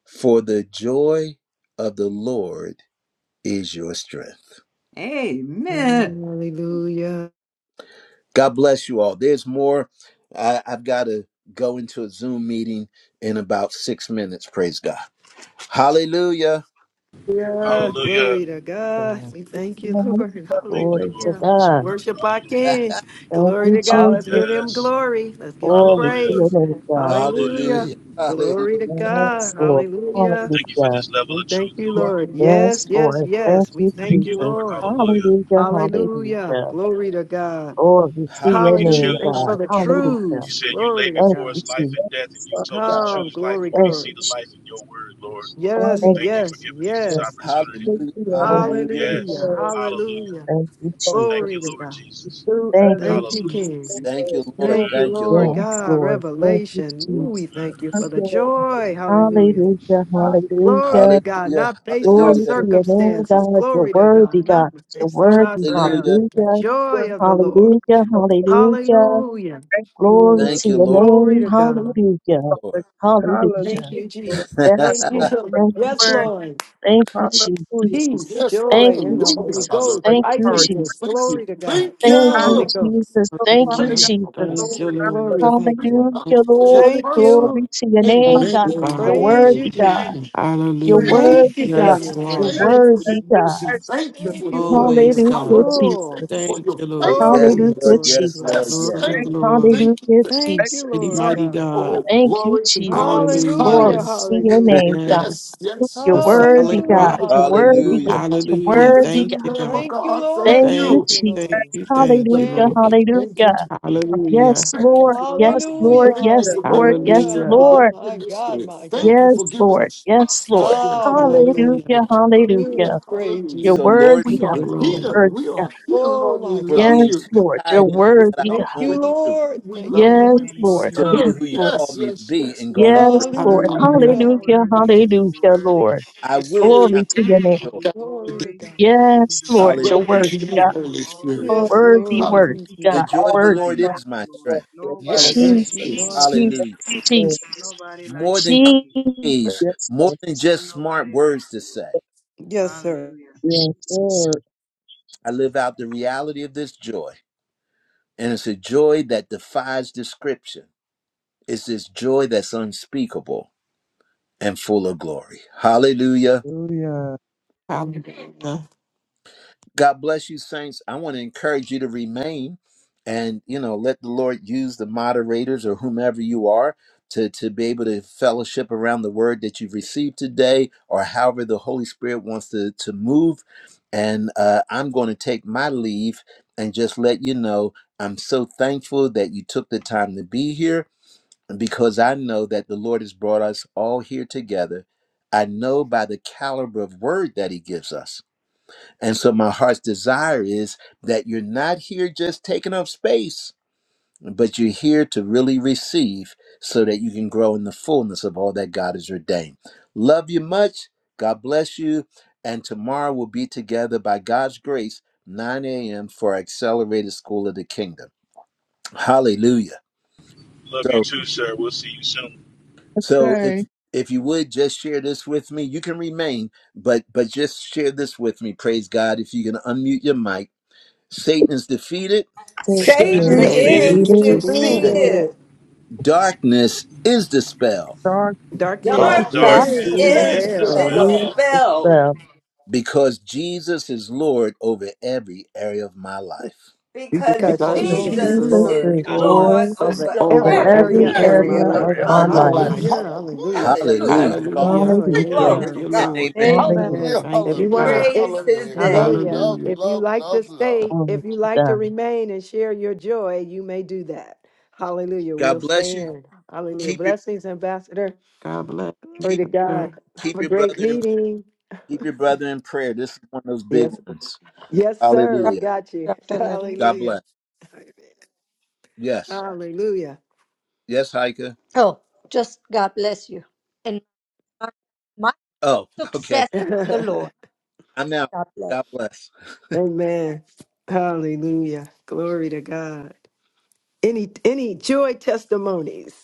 [SPEAKER 1] For the joy of the Lord is your strength.
[SPEAKER 10] Amen.
[SPEAKER 2] Hallelujah.
[SPEAKER 1] God bless you all. There's more. I, I've got to go into a Zoom meeting in about six minutes. Praise God. Hallelujah.
[SPEAKER 2] Yeah,
[SPEAKER 6] Hallelujah.
[SPEAKER 2] glory to God.
[SPEAKER 5] God.
[SPEAKER 2] We thank you,
[SPEAKER 5] Amen.
[SPEAKER 2] Lord.
[SPEAKER 6] Thank you,
[SPEAKER 5] Glory
[SPEAKER 6] Lord,
[SPEAKER 5] to
[SPEAKER 6] for
[SPEAKER 2] Hallelujah.
[SPEAKER 6] this
[SPEAKER 5] God.
[SPEAKER 6] word.
[SPEAKER 2] Worship our
[SPEAKER 6] Hallelujah.
[SPEAKER 2] King.
[SPEAKER 5] Thank
[SPEAKER 2] Glory
[SPEAKER 5] you,
[SPEAKER 2] to God.
[SPEAKER 9] all
[SPEAKER 2] Let's
[SPEAKER 5] Jesus.
[SPEAKER 2] give him
[SPEAKER 6] Yes.
[SPEAKER 2] glory. Let's give him
[SPEAKER 5] Glory to
[SPEAKER 6] Hallelujah.
[SPEAKER 5] your
[SPEAKER 2] praise.
[SPEAKER 5] name, God.
[SPEAKER 6] Hallelujah.
[SPEAKER 2] Hallelujah.
[SPEAKER 1] Hallelujah. Hallelujah.
[SPEAKER 2] Glory to
[SPEAKER 5] Yes,
[SPEAKER 2] God.
[SPEAKER 5] Lord.
[SPEAKER 2] Hallelujah.
[SPEAKER 6] Thank you for
[SPEAKER 5] Hallelujah.
[SPEAKER 6] this level
[SPEAKER 2] We
[SPEAKER 6] of
[SPEAKER 2] thank
[SPEAKER 6] truth,
[SPEAKER 2] you,
[SPEAKER 9] that
[SPEAKER 6] Lord.
[SPEAKER 2] Lord.
[SPEAKER 5] Yes,
[SPEAKER 2] Yes, yes,
[SPEAKER 5] Lord. Thank
[SPEAKER 2] yes. We
[SPEAKER 5] you,
[SPEAKER 9] we
[SPEAKER 2] thank
[SPEAKER 9] thank you
[SPEAKER 6] Thank you,
[SPEAKER 2] you,
[SPEAKER 5] Jesus.
[SPEAKER 6] Lord.
[SPEAKER 2] Lord.
[SPEAKER 6] Hallelujah.
[SPEAKER 5] Hallelujah.
[SPEAKER 2] Hallelujah.
[SPEAKER 5] Hallelujah.
[SPEAKER 2] Glory to God.
[SPEAKER 5] Glory to
[SPEAKER 6] Now we
[SPEAKER 5] your
[SPEAKER 6] can
[SPEAKER 2] Hallelujah.
[SPEAKER 5] name,
[SPEAKER 1] Hallelujah.
[SPEAKER 6] choose.
[SPEAKER 2] Thank you for
[SPEAKER 5] God.
[SPEAKER 2] the
[SPEAKER 1] Hallelujah.
[SPEAKER 6] You
[SPEAKER 5] Hallelujah.
[SPEAKER 2] truths.
[SPEAKER 6] said you lay
[SPEAKER 2] Glory to
[SPEAKER 5] Thank
[SPEAKER 6] before
[SPEAKER 5] you,
[SPEAKER 2] God.
[SPEAKER 6] us life and
[SPEAKER 9] said,
[SPEAKER 6] death, and you
[SPEAKER 9] Father
[SPEAKER 5] Jesus.
[SPEAKER 6] told us to
[SPEAKER 9] God,
[SPEAKER 2] Oh,
[SPEAKER 6] choose life
[SPEAKER 2] glory,
[SPEAKER 6] when we
[SPEAKER 9] for
[SPEAKER 5] Thank
[SPEAKER 6] see
[SPEAKER 5] you,
[SPEAKER 2] glory.
[SPEAKER 6] the life
[SPEAKER 5] Jesus.
[SPEAKER 6] in your word, Lord.
[SPEAKER 9] all
[SPEAKER 2] Yes,
[SPEAKER 5] Thank
[SPEAKER 9] of
[SPEAKER 6] Thank
[SPEAKER 5] you,
[SPEAKER 6] you for
[SPEAKER 2] yes,
[SPEAKER 5] Jesus.
[SPEAKER 6] giving us this
[SPEAKER 9] the
[SPEAKER 2] yes.
[SPEAKER 6] opportunity.
[SPEAKER 1] Hallelujah.
[SPEAKER 9] safety your
[SPEAKER 5] Thank
[SPEAKER 9] name,
[SPEAKER 5] you,
[SPEAKER 1] Hallelujah.
[SPEAKER 5] Jesus.
[SPEAKER 2] Hallelujah.
[SPEAKER 6] Yes.
[SPEAKER 9] oh,
[SPEAKER 6] Hallelujah.
[SPEAKER 2] Hallelujah.
[SPEAKER 5] Thank you,
[SPEAKER 9] Father,
[SPEAKER 6] Thank
[SPEAKER 2] Glory
[SPEAKER 6] you,
[SPEAKER 2] to
[SPEAKER 5] Jesus.
[SPEAKER 6] Lord
[SPEAKER 2] God.
[SPEAKER 6] Jesus.
[SPEAKER 9] through
[SPEAKER 5] Thank
[SPEAKER 9] others,
[SPEAKER 5] you,
[SPEAKER 2] Thank you,
[SPEAKER 6] Hallelujah.
[SPEAKER 2] King.
[SPEAKER 5] Jesus.
[SPEAKER 1] Thank
[SPEAKER 9] Father,
[SPEAKER 1] you, Lord.
[SPEAKER 9] joy,
[SPEAKER 2] Thank you,
[SPEAKER 6] Mm,
[SPEAKER 1] Thank you,
[SPEAKER 2] Lord
[SPEAKER 1] Lord.
[SPEAKER 9] coming
[SPEAKER 5] Yes,
[SPEAKER 2] God.
[SPEAKER 5] Lord. Thank you,
[SPEAKER 2] Revelation. Ooh, we
[SPEAKER 6] mm.
[SPEAKER 2] thank you
[SPEAKER 5] Jesus.
[SPEAKER 2] for the
[SPEAKER 9] under
[SPEAKER 2] joy. Hallelujah.
[SPEAKER 5] Hallelujah,
[SPEAKER 9] hot
[SPEAKER 2] Glory to
[SPEAKER 5] hallelujah.
[SPEAKER 2] God.
[SPEAKER 1] Hallelujah.
[SPEAKER 2] Not based on
[SPEAKER 5] Glory
[SPEAKER 1] Hallelujah.
[SPEAKER 9] we
[SPEAKER 5] to your name,
[SPEAKER 2] circumstances.
[SPEAKER 5] God. You're
[SPEAKER 2] Glory to God.
[SPEAKER 5] worthy,
[SPEAKER 2] Not
[SPEAKER 5] God. You're
[SPEAKER 2] based on
[SPEAKER 9] do
[SPEAKER 2] our
[SPEAKER 5] worthy.
[SPEAKER 1] Hallelujah.
[SPEAKER 2] surroundings. The
[SPEAKER 5] Hallelujah,
[SPEAKER 9] work
[SPEAKER 2] joy of the Lord.
[SPEAKER 5] hallelujah,
[SPEAKER 9] of the
[SPEAKER 5] hallelujah.
[SPEAKER 2] Hallelujah.
[SPEAKER 9] thank you,
[SPEAKER 5] Glory
[SPEAKER 9] Lord,
[SPEAKER 1] Thank
[SPEAKER 5] to
[SPEAKER 1] you,
[SPEAKER 5] your
[SPEAKER 1] Lord.
[SPEAKER 2] Glory
[SPEAKER 5] name.
[SPEAKER 2] to
[SPEAKER 1] Thank you,
[SPEAKER 2] God.
[SPEAKER 5] Hallelujah,
[SPEAKER 1] Lord.
[SPEAKER 9] Father, hallelujah,
[SPEAKER 2] Thank
[SPEAKER 5] hallelujah.
[SPEAKER 2] you, Jesus.
[SPEAKER 9] Lord,
[SPEAKER 1] Lord.
[SPEAKER 9] Father, God,
[SPEAKER 5] Yes,
[SPEAKER 2] Thank
[SPEAKER 9] for
[SPEAKER 5] Lord.
[SPEAKER 2] you.
[SPEAKER 5] Thank
[SPEAKER 9] the
[SPEAKER 5] you,
[SPEAKER 2] Yes,
[SPEAKER 9] word,
[SPEAKER 5] Jesus.
[SPEAKER 2] Lord.
[SPEAKER 5] Thank you,
[SPEAKER 9] hallelujah,
[SPEAKER 5] Jesus.
[SPEAKER 2] Peace,
[SPEAKER 7] Yes.
[SPEAKER 5] Thank
[SPEAKER 2] joy in
[SPEAKER 5] you,
[SPEAKER 2] the Holy
[SPEAKER 7] Hallelujah.
[SPEAKER 5] Jesus.
[SPEAKER 7] Hallelujah.
[SPEAKER 2] Ghost,
[SPEAKER 9] for
[SPEAKER 5] Thank you,
[SPEAKER 9] our
[SPEAKER 7] Thank you.
[SPEAKER 2] righteousness,
[SPEAKER 7] Thank
[SPEAKER 5] Jesus.
[SPEAKER 7] you.
[SPEAKER 2] glory to God
[SPEAKER 7] Thank
[SPEAKER 2] in the
[SPEAKER 5] Thank you,
[SPEAKER 9] time,
[SPEAKER 2] Holy
[SPEAKER 7] you.
[SPEAKER 2] Ghost.
[SPEAKER 5] Jesus.
[SPEAKER 9] oh,
[SPEAKER 5] Thank you,
[SPEAKER 9] Father,
[SPEAKER 4] Hallelujah.
[SPEAKER 9] God,
[SPEAKER 7] Praise the Lord.
[SPEAKER 4] Thank
[SPEAKER 9] Lord,
[SPEAKER 5] Jesus.
[SPEAKER 4] you,
[SPEAKER 9] God, for
[SPEAKER 4] Lord.
[SPEAKER 2] Glory,
[SPEAKER 9] the good
[SPEAKER 2] thank
[SPEAKER 9] work,
[SPEAKER 2] you.
[SPEAKER 7] Not
[SPEAKER 5] Hallelujah,
[SPEAKER 7] because you're
[SPEAKER 5] Lord.
[SPEAKER 2] Thank
[SPEAKER 7] personal.
[SPEAKER 2] you.
[SPEAKER 5] Glory to your name,
[SPEAKER 4] Thank
[SPEAKER 7] Amen.
[SPEAKER 5] God.
[SPEAKER 4] you,
[SPEAKER 5] You're
[SPEAKER 4] Father.
[SPEAKER 7] Amen.
[SPEAKER 2] Praise you,
[SPEAKER 5] worthy, God.
[SPEAKER 2] Jesus.
[SPEAKER 7] Amen.
[SPEAKER 5] You're
[SPEAKER 9] for the
[SPEAKER 4] Hallelujah.
[SPEAKER 2] Thank
[SPEAKER 5] worthy,
[SPEAKER 2] you for
[SPEAKER 1] Hallelujah.
[SPEAKER 5] God.
[SPEAKER 4] Yes,
[SPEAKER 2] your
[SPEAKER 5] You're
[SPEAKER 4] Lord.
[SPEAKER 7] Thank you
[SPEAKER 9] better,
[SPEAKER 7] for your
[SPEAKER 2] presence.
[SPEAKER 5] worthy,
[SPEAKER 7] mercy.
[SPEAKER 5] God.
[SPEAKER 9] thank
[SPEAKER 7] Thank you
[SPEAKER 9] you,
[SPEAKER 2] Thank
[SPEAKER 7] for
[SPEAKER 2] you
[SPEAKER 7] your
[SPEAKER 2] for
[SPEAKER 7] love.
[SPEAKER 2] it
[SPEAKER 4] always,
[SPEAKER 2] being
[SPEAKER 5] Hallelujah,
[SPEAKER 4] God.
[SPEAKER 7] Hallelujah.
[SPEAKER 2] full.
[SPEAKER 7] Thank you for
[SPEAKER 5] Jesus.
[SPEAKER 4] Thank
[SPEAKER 7] your
[SPEAKER 4] you,
[SPEAKER 9] Father,
[SPEAKER 4] Lord.
[SPEAKER 1] Yes,
[SPEAKER 2] Glory,
[SPEAKER 7] faithfulness.
[SPEAKER 1] Lord.
[SPEAKER 5] Hallelujah,
[SPEAKER 2] glory,
[SPEAKER 1] Yes,
[SPEAKER 2] glory,
[SPEAKER 1] Lord.
[SPEAKER 5] Jesus.
[SPEAKER 7] Yes.
[SPEAKER 1] Yes.
[SPEAKER 9] God,
[SPEAKER 4] Glory,
[SPEAKER 7] Thank
[SPEAKER 9] thank
[SPEAKER 2] joy.
[SPEAKER 7] you.
[SPEAKER 9] you,
[SPEAKER 4] glory.
[SPEAKER 7] Thank you.
[SPEAKER 5] Hallelujah,
[SPEAKER 7] Thank you.
[SPEAKER 2] Thank you,
[SPEAKER 4] Mighty,
[SPEAKER 5] Jesus.
[SPEAKER 2] Lord
[SPEAKER 9] Jesus,
[SPEAKER 4] mighty
[SPEAKER 2] God.
[SPEAKER 4] God.
[SPEAKER 7] Oh,
[SPEAKER 5] Thank you,
[SPEAKER 7] glory to God in the
[SPEAKER 5] Jesus.
[SPEAKER 4] Hallelujah.
[SPEAKER 2] Hallelujah,
[SPEAKER 5] Glory
[SPEAKER 7] highest.
[SPEAKER 5] to your
[SPEAKER 2] hallelujah.
[SPEAKER 5] name, God.
[SPEAKER 4] Yes.
[SPEAKER 7] Yes. Yes.
[SPEAKER 5] You're
[SPEAKER 4] The
[SPEAKER 7] Yes.
[SPEAKER 5] worthy,
[SPEAKER 4] solid
[SPEAKER 2] Hallelujah,
[SPEAKER 5] God.
[SPEAKER 4] rock.
[SPEAKER 7] Hallelujah.
[SPEAKER 5] You're worthy,
[SPEAKER 2] hallelujah.
[SPEAKER 1] Hallelujah.
[SPEAKER 7] Hallelujah.
[SPEAKER 5] God. You're
[SPEAKER 4] Hallelujah.
[SPEAKER 7] Hallelujah to
[SPEAKER 5] worthy,
[SPEAKER 4] Thank
[SPEAKER 7] the
[SPEAKER 5] God.
[SPEAKER 4] you,
[SPEAKER 7] Lamb of
[SPEAKER 4] God.
[SPEAKER 2] Thank you,
[SPEAKER 7] God.
[SPEAKER 2] Lord.
[SPEAKER 7] Thank
[SPEAKER 5] Thank
[SPEAKER 2] Thank
[SPEAKER 5] you,
[SPEAKER 4] Thank
[SPEAKER 7] you.
[SPEAKER 4] you,
[SPEAKER 2] you,
[SPEAKER 5] Jesus.
[SPEAKER 2] Lord.
[SPEAKER 4] thank you,
[SPEAKER 2] See the
[SPEAKER 4] thank you,
[SPEAKER 5] Hallelujah,
[SPEAKER 7] Thank
[SPEAKER 2] family.
[SPEAKER 4] Lord.
[SPEAKER 7] you. Thank you.
[SPEAKER 5] hallelujah.
[SPEAKER 4] Hallelujah.
[SPEAKER 5] Yes,
[SPEAKER 7] Thank you
[SPEAKER 5] Lord.
[SPEAKER 7] for another
[SPEAKER 5] Yes,
[SPEAKER 7] day.
[SPEAKER 2] Hallelujah,
[SPEAKER 5] Lord.
[SPEAKER 7] Thank you
[SPEAKER 5] Yes,
[SPEAKER 7] for giving
[SPEAKER 5] Lord.
[SPEAKER 7] me
[SPEAKER 5] Yes,
[SPEAKER 2] hallelujah.
[SPEAKER 7] strength
[SPEAKER 4] Hallelujah.
[SPEAKER 7] to
[SPEAKER 2] Oh,
[SPEAKER 5] Lord.
[SPEAKER 7] walk
[SPEAKER 2] my
[SPEAKER 7] in this
[SPEAKER 2] God,
[SPEAKER 7] day.
[SPEAKER 2] my
[SPEAKER 7] Thank
[SPEAKER 2] God.
[SPEAKER 7] you
[SPEAKER 5] Yes,
[SPEAKER 7] for giving
[SPEAKER 5] Lord.
[SPEAKER 7] us
[SPEAKER 5] Yes,
[SPEAKER 7] us the
[SPEAKER 5] Lord.
[SPEAKER 7] strength
[SPEAKER 2] Oh,
[SPEAKER 7] to
[SPEAKER 2] my
[SPEAKER 7] walk
[SPEAKER 4] Hallelujah.
[SPEAKER 2] God.
[SPEAKER 7] in
[SPEAKER 2] I
[SPEAKER 7] this
[SPEAKER 5] Hallelujah,
[SPEAKER 7] day.
[SPEAKER 2] Thank you.
[SPEAKER 5] hallelujah.
[SPEAKER 2] I
[SPEAKER 7] Hallelujah.
[SPEAKER 2] praise
[SPEAKER 7] Hallelujah.
[SPEAKER 5] Your are
[SPEAKER 2] you,
[SPEAKER 1] So,
[SPEAKER 2] God.
[SPEAKER 1] Lord,
[SPEAKER 5] worthy,
[SPEAKER 7] We
[SPEAKER 4] Thank
[SPEAKER 5] God.
[SPEAKER 7] are
[SPEAKER 4] you,
[SPEAKER 1] forgive
[SPEAKER 5] Your are
[SPEAKER 4] Lord.
[SPEAKER 7] here.
[SPEAKER 5] worthy,
[SPEAKER 7] We
[SPEAKER 5] God.
[SPEAKER 7] are here,
[SPEAKER 2] Oh,
[SPEAKER 7] Lord. We
[SPEAKER 2] my God.
[SPEAKER 1] for
[SPEAKER 7] love
[SPEAKER 5] Yes,
[SPEAKER 1] being
[SPEAKER 7] you.
[SPEAKER 1] too
[SPEAKER 5] Lord. Your are
[SPEAKER 1] tied
[SPEAKER 7] And we
[SPEAKER 1] into
[SPEAKER 7] lift
[SPEAKER 1] what
[SPEAKER 7] it
[SPEAKER 5] worthy,
[SPEAKER 1] I was
[SPEAKER 5] God.
[SPEAKER 2] Thank
[SPEAKER 7] out here.
[SPEAKER 2] you,
[SPEAKER 1] going
[SPEAKER 7] We love
[SPEAKER 1] through
[SPEAKER 2] Lord.
[SPEAKER 7] you. We
[SPEAKER 2] Thank
[SPEAKER 7] love
[SPEAKER 2] you,
[SPEAKER 7] you.
[SPEAKER 5] Yes,
[SPEAKER 7] We
[SPEAKER 2] Lord.
[SPEAKER 7] will
[SPEAKER 8] And Lord,
[SPEAKER 5] Lord.
[SPEAKER 1] to
[SPEAKER 8] you're
[SPEAKER 1] be
[SPEAKER 5] Yes,
[SPEAKER 7] serve.
[SPEAKER 1] who
[SPEAKER 8] worthy.
[SPEAKER 1] you
[SPEAKER 5] Lord.
[SPEAKER 1] called
[SPEAKER 7] Yes,
[SPEAKER 1] me to
[SPEAKER 7] yes,
[SPEAKER 1] be
[SPEAKER 7] yes.
[SPEAKER 1] and
[SPEAKER 8] You are
[SPEAKER 1] going
[SPEAKER 5] Yes,
[SPEAKER 8] so
[SPEAKER 1] through. it.
[SPEAKER 5] Lord.
[SPEAKER 8] worthy and
[SPEAKER 2] Hallelujah.
[SPEAKER 4] Hallelujah.
[SPEAKER 8] so
[SPEAKER 7] Hallelujah.
[SPEAKER 5] Hallelujah.
[SPEAKER 8] worthy and
[SPEAKER 2] Hallelujah.
[SPEAKER 8] so
[SPEAKER 5] Hallelujah,
[SPEAKER 8] worthy.
[SPEAKER 5] Lord.
[SPEAKER 1] I
[SPEAKER 7] Holy
[SPEAKER 1] will
[SPEAKER 5] Glory
[SPEAKER 1] count
[SPEAKER 7] Spirit,
[SPEAKER 5] to
[SPEAKER 7] lead
[SPEAKER 5] your
[SPEAKER 8] We
[SPEAKER 5] name.
[SPEAKER 1] it
[SPEAKER 7] our
[SPEAKER 8] give
[SPEAKER 1] joy.
[SPEAKER 8] you
[SPEAKER 7] God,
[SPEAKER 2] Glory
[SPEAKER 7] the
[SPEAKER 2] to
[SPEAKER 8] glory.
[SPEAKER 2] God.
[SPEAKER 8] We give you
[SPEAKER 5] Yes,
[SPEAKER 8] the
[SPEAKER 5] Lord. Your are
[SPEAKER 8] glory.
[SPEAKER 7] the
[SPEAKER 1] Hallelujah.
[SPEAKER 5] worthy,
[SPEAKER 7] kingdom
[SPEAKER 8] We
[SPEAKER 7] of
[SPEAKER 5] God.
[SPEAKER 8] give you
[SPEAKER 7] Holy
[SPEAKER 8] all the
[SPEAKER 7] Spirit.
[SPEAKER 2] Yes,
[SPEAKER 8] glory.
[SPEAKER 5] Worthy,
[SPEAKER 2] Lord.
[SPEAKER 5] worthy,
[SPEAKER 7] Hallelujah.
[SPEAKER 2] Thank you,
[SPEAKER 1] The
[SPEAKER 5] God.
[SPEAKER 1] joy
[SPEAKER 8] There's
[SPEAKER 1] of the
[SPEAKER 5] Worthy.
[SPEAKER 2] Jesus.
[SPEAKER 8] nobody
[SPEAKER 1] Lord
[SPEAKER 7] Hallelujah.
[SPEAKER 8] like
[SPEAKER 1] is
[SPEAKER 8] you,
[SPEAKER 1] my
[SPEAKER 8] Lord.
[SPEAKER 1] strength.
[SPEAKER 8] Nobody
[SPEAKER 7] Yes,
[SPEAKER 8] like
[SPEAKER 7] yes,
[SPEAKER 2] Yes,
[SPEAKER 8] you,
[SPEAKER 2] you
[SPEAKER 5] Jesus,
[SPEAKER 2] are,
[SPEAKER 7] yes.
[SPEAKER 8] Jesus.
[SPEAKER 2] Lord.
[SPEAKER 1] Hallelujah.
[SPEAKER 5] Jesus, Jesus,
[SPEAKER 8] Nobody like
[SPEAKER 1] More
[SPEAKER 8] you,
[SPEAKER 1] than
[SPEAKER 8] Jesus.
[SPEAKER 1] cliches,
[SPEAKER 5] Jesus,
[SPEAKER 1] more than just smart
[SPEAKER 8] Nobody like
[SPEAKER 1] words to
[SPEAKER 8] you, Lord.
[SPEAKER 1] say.
[SPEAKER 2] Yes, sir.
[SPEAKER 8] Hallelujah.
[SPEAKER 9] Yes,
[SPEAKER 5] Jesus.
[SPEAKER 9] Lord. Hallelujah.
[SPEAKER 1] I live out the reality of this joy. And it's a joy that defies description. It's this joy that's unspeakable and full of glory. Hallelujah.
[SPEAKER 4] Hallelujah.
[SPEAKER 1] God bless you, saints. I want to encourage you to remain and, you know, let the Lord use the moderators or whomever you are to, to be able to fellowship around the word that you've received today or however the Holy Spirit wants to, to move. And uh, I'm going to take my leave and just let you know I'm so thankful that you took the time to be here because I know that the Lord has brought us all here together. I know by the caliber of word that He gives us and so my heart's desire is that you're not here just taking up space, but you're here to really receive so that you can grow in the fullness of all that God has ordained. Love you much. God bless you. And tomorrow we'll be together by God's grace, 9 a.m. for Accelerated School of the Kingdom. Hallelujah.
[SPEAKER 6] Love you
[SPEAKER 1] So
[SPEAKER 6] too, sir. We'll see you soon.
[SPEAKER 1] so if
[SPEAKER 9] Okay.
[SPEAKER 1] if you would just share this with me, you can remain, but but just share this with me. Praise God. If you can unmute your mic. Satan is defeated.
[SPEAKER 6] Satan
[SPEAKER 7] Satan
[SPEAKER 9] when
[SPEAKER 6] is
[SPEAKER 10] Satan
[SPEAKER 5] Satan
[SPEAKER 9] it's
[SPEAKER 5] is
[SPEAKER 7] is
[SPEAKER 2] Satan
[SPEAKER 4] Satan
[SPEAKER 2] is
[SPEAKER 10] is
[SPEAKER 6] defeated.
[SPEAKER 4] is
[SPEAKER 5] defeated.
[SPEAKER 4] Christine.
[SPEAKER 7] defeated.
[SPEAKER 10] defeated.
[SPEAKER 2] defeated.
[SPEAKER 1] Darkness is dispelled
[SPEAKER 9] dark
[SPEAKER 2] Darkness
[SPEAKER 9] because.
[SPEAKER 7] Yes,
[SPEAKER 4] Dorothy
[SPEAKER 7] this
[SPEAKER 10] Darkness
[SPEAKER 2] is
[SPEAKER 11] Darkness
[SPEAKER 6] Darkness
[SPEAKER 11] is
[SPEAKER 10] is
[SPEAKER 6] is
[SPEAKER 7] is
[SPEAKER 4] is
[SPEAKER 7] the
[SPEAKER 2] dispelled
[SPEAKER 11] itself
[SPEAKER 6] dispelled.
[SPEAKER 5] Satan
[SPEAKER 7] spell
[SPEAKER 5] is
[SPEAKER 10] dispelled
[SPEAKER 5] the
[SPEAKER 1] because Jesus is Lord over every area of my
[SPEAKER 11] is
[SPEAKER 1] life.
[SPEAKER 10] because
[SPEAKER 2] because
[SPEAKER 7] because
[SPEAKER 4] because
[SPEAKER 11] Lord
[SPEAKER 2] Jesus is
[SPEAKER 10] Jesus
[SPEAKER 7] Jesus
[SPEAKER 5] Jesus
[SPEAKER 4] Jesus,
[SPEAKER 7] is
[SPEAKER 10] is
[SPEAKER 2] Lord
[SPEAKER 5] is
[SPEAKER 6] Because,
[SPEAKER 7] Lord
[SPEAKER 4] Lord,
[SPEAKER 7] and
[SPEAKER 10] Lord
[SPEAKER 5] Lord.
[SPEAKER 4] is
[SPEAKER 2] over
[SPEAKER 10] over
[SPEAKER 7] Savior
[SPEAKER 4] Lord
[SPEAKER 11] of
[SPEAKER 5] over
[SPEAKER 4] over
[SPEAKER 2] every
[SPEAKER 7] over
[SPEAKER 10] every
[SPEAKER 2] area
[SPEAKER 4] every
[SPEAKER 5] every
[SPEAKER 2] of my
[SPEAKER 7] every
[SPEAKER 10] area
[SPEAKER 5] area
[SPEAKER 4] area
[SPEAKER 10] of
[SPEAKER 2] life.
[SPEAKER 5] of
[SPEAKER 7] area
[SPEAKER 4] of
[SPEAKER 10] my
[SPEAKER 5] my
[SPEAKER 7] of my
[SPEAKER 4] my
[SPEAKER 10] life.
[SPEAKER 5] life.
[SPEAKER 7] life.
[SPEAKER 4] life.
[SPEAKER 2] Hallelujah.
[SPEAKER 7] Hallelujah
[SPEAKER 2] Hallelujah.
[SPEAKER 7] to the
[SPEAKER 11] glory.
[SPEAKER 7] Lamb
[SPEAKER 10] Hallelujah.
[SPEAKER 1] Hallelujah.
[SPEAKER 7] of God.
[SPEAKER 4] Hallelujah.
[SPEAKER 6] yeah.
[SPEAKER 5] Hallelujah.
[SPEAKER 10] Glory
[SPEAKER 4] Thank
[SPEAKER 2] Hallelujah.
[SPEAKER 10] to
[SPEAKER 4] you,
[SPEAKER 1] And
[SPEAKER 10] God.
[SPEAKER 4] Lord.
[SPEAKER 1] amen.
[SPEAKER 11] Amen.
[SPEAKER 2] Amen.
[SPEAKER 7] Hallelujah,
[SPEAKER 5] Hallelujah.
[SPEAKER 4] Thank
[SPEAKER 2] If
[SPEAKER 4] you,
[SPEAKER 2] you want
[SPEAKER 7] hallelujah,
[SPEAKER 2] to,
[SPEAKER 4] God.
[SPEAKER 2] it,
[SPEAKER 10] Praise his
[SPEAKER 7] hallelujah. Love,
[SPEAKER 5] Amen.
[SPEAKER 10] name.
[SPEAKER 2] hallelujah.
[SPEAKER 7] love,
[SPEAKER 4] Hallelujah.
[SPEAKER 2] If you
[SPEAKER 7] love,
[SPEAKER 2] like to
[SPEAKER 7] love, love.
[SPEAKER 2] stay,
[SPEAKER 5] Glory
[SPEAKER 2] if you
[SPEAKER 5] to
[SPEAKER 2] like to
[SPEAKER 5] God.
[SPEAKER 2] remain and share your joy, you may do that. Hallelujah.
[SPEAKER 1] God
[SPEAKER 2] We'll
[SPEAKER 1] bless
[SPEAKER 2] stay
[SPEAKER 1] you.
[SPEAKER 2] in. Hallelujah.
[SPEAKER 9] All
[SPEAKER 1] Keep your
[SPEAKER 2] Blessings, Ambassador.
[SPEAKER 4] God bless
[SPEAKER 2] Glory
[SPEAKER 1] keep
[SPEAKER 2] to God.
[SPEAKER 4] you.
[SPEAKER 2] Have
[SPEAKER 1] keep
[SPEAKER 2] a
[SPEAKER 1] your
[SPEAKER 2] great
[SPEAKER 1] brother in
[SPEAKER 2] meeting.
[SPEAKER 1] keep your brother in prayer. This is one of those big
[SPEAKER 2] Yes.
[SPEAKER 1] ones.
[SPEAKER 2] Yes, sir. We
[SPEAKER 1] Hallelujah.
[SPEAKER 2] got you.
[SPEAKER 11] Dr. Leonard.
[SPEAKER 1] God
[SPEAKER 2] Hallelujah.
[SPEAKER 1] bless. Yes.
[SPEAKER 2] Hallelujah.
[SPEAKER 1] Yes, Heike.
[SPEAKER 11] Oh, just God bless you. And my, my
[SPEAKER 1] Oh, okay.
[SPEAKER 11] success, the Lord.
[SPEAKER 1] I'm out.
[SPEAKER 11] God bless.
[SPEAKER 1] God bless.
[SPEAKER 2] Amen. Hallelujah. Glory to God. Any any joy testimonies?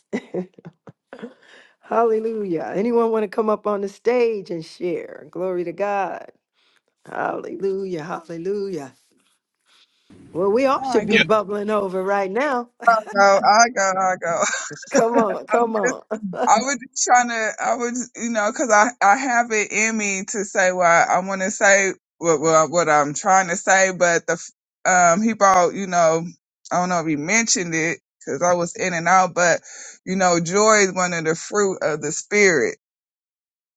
[SPEAKER 2] Hallelujah. Anyone want to come up on the stage and share? Glory to God. Hallelujah. Hallelujah. Well, we all should
[SPEAKER 9] right,
[SPEAKER 2] be
[SPEAKER 9] good
[SPEAKER 6] Yep.
[SPEAKER 9] morning.
[SPEAKER 2] bubbling over right now.
[SPEAKER 9] I go, I go, I
[SPEAKER 2] Come on.
[SPEAKER 9] go.
[SPEAKER 2] Come on.
[SPEAKER 9] I was just trying to, I was, you know, because I, I have it in me to say what I want to say, what, what, what I'm trying to say, but the, um, he brought, you know, I don't know if he mentioned it because I was in and out, but, you know, joy is one of the fruit of the spirit.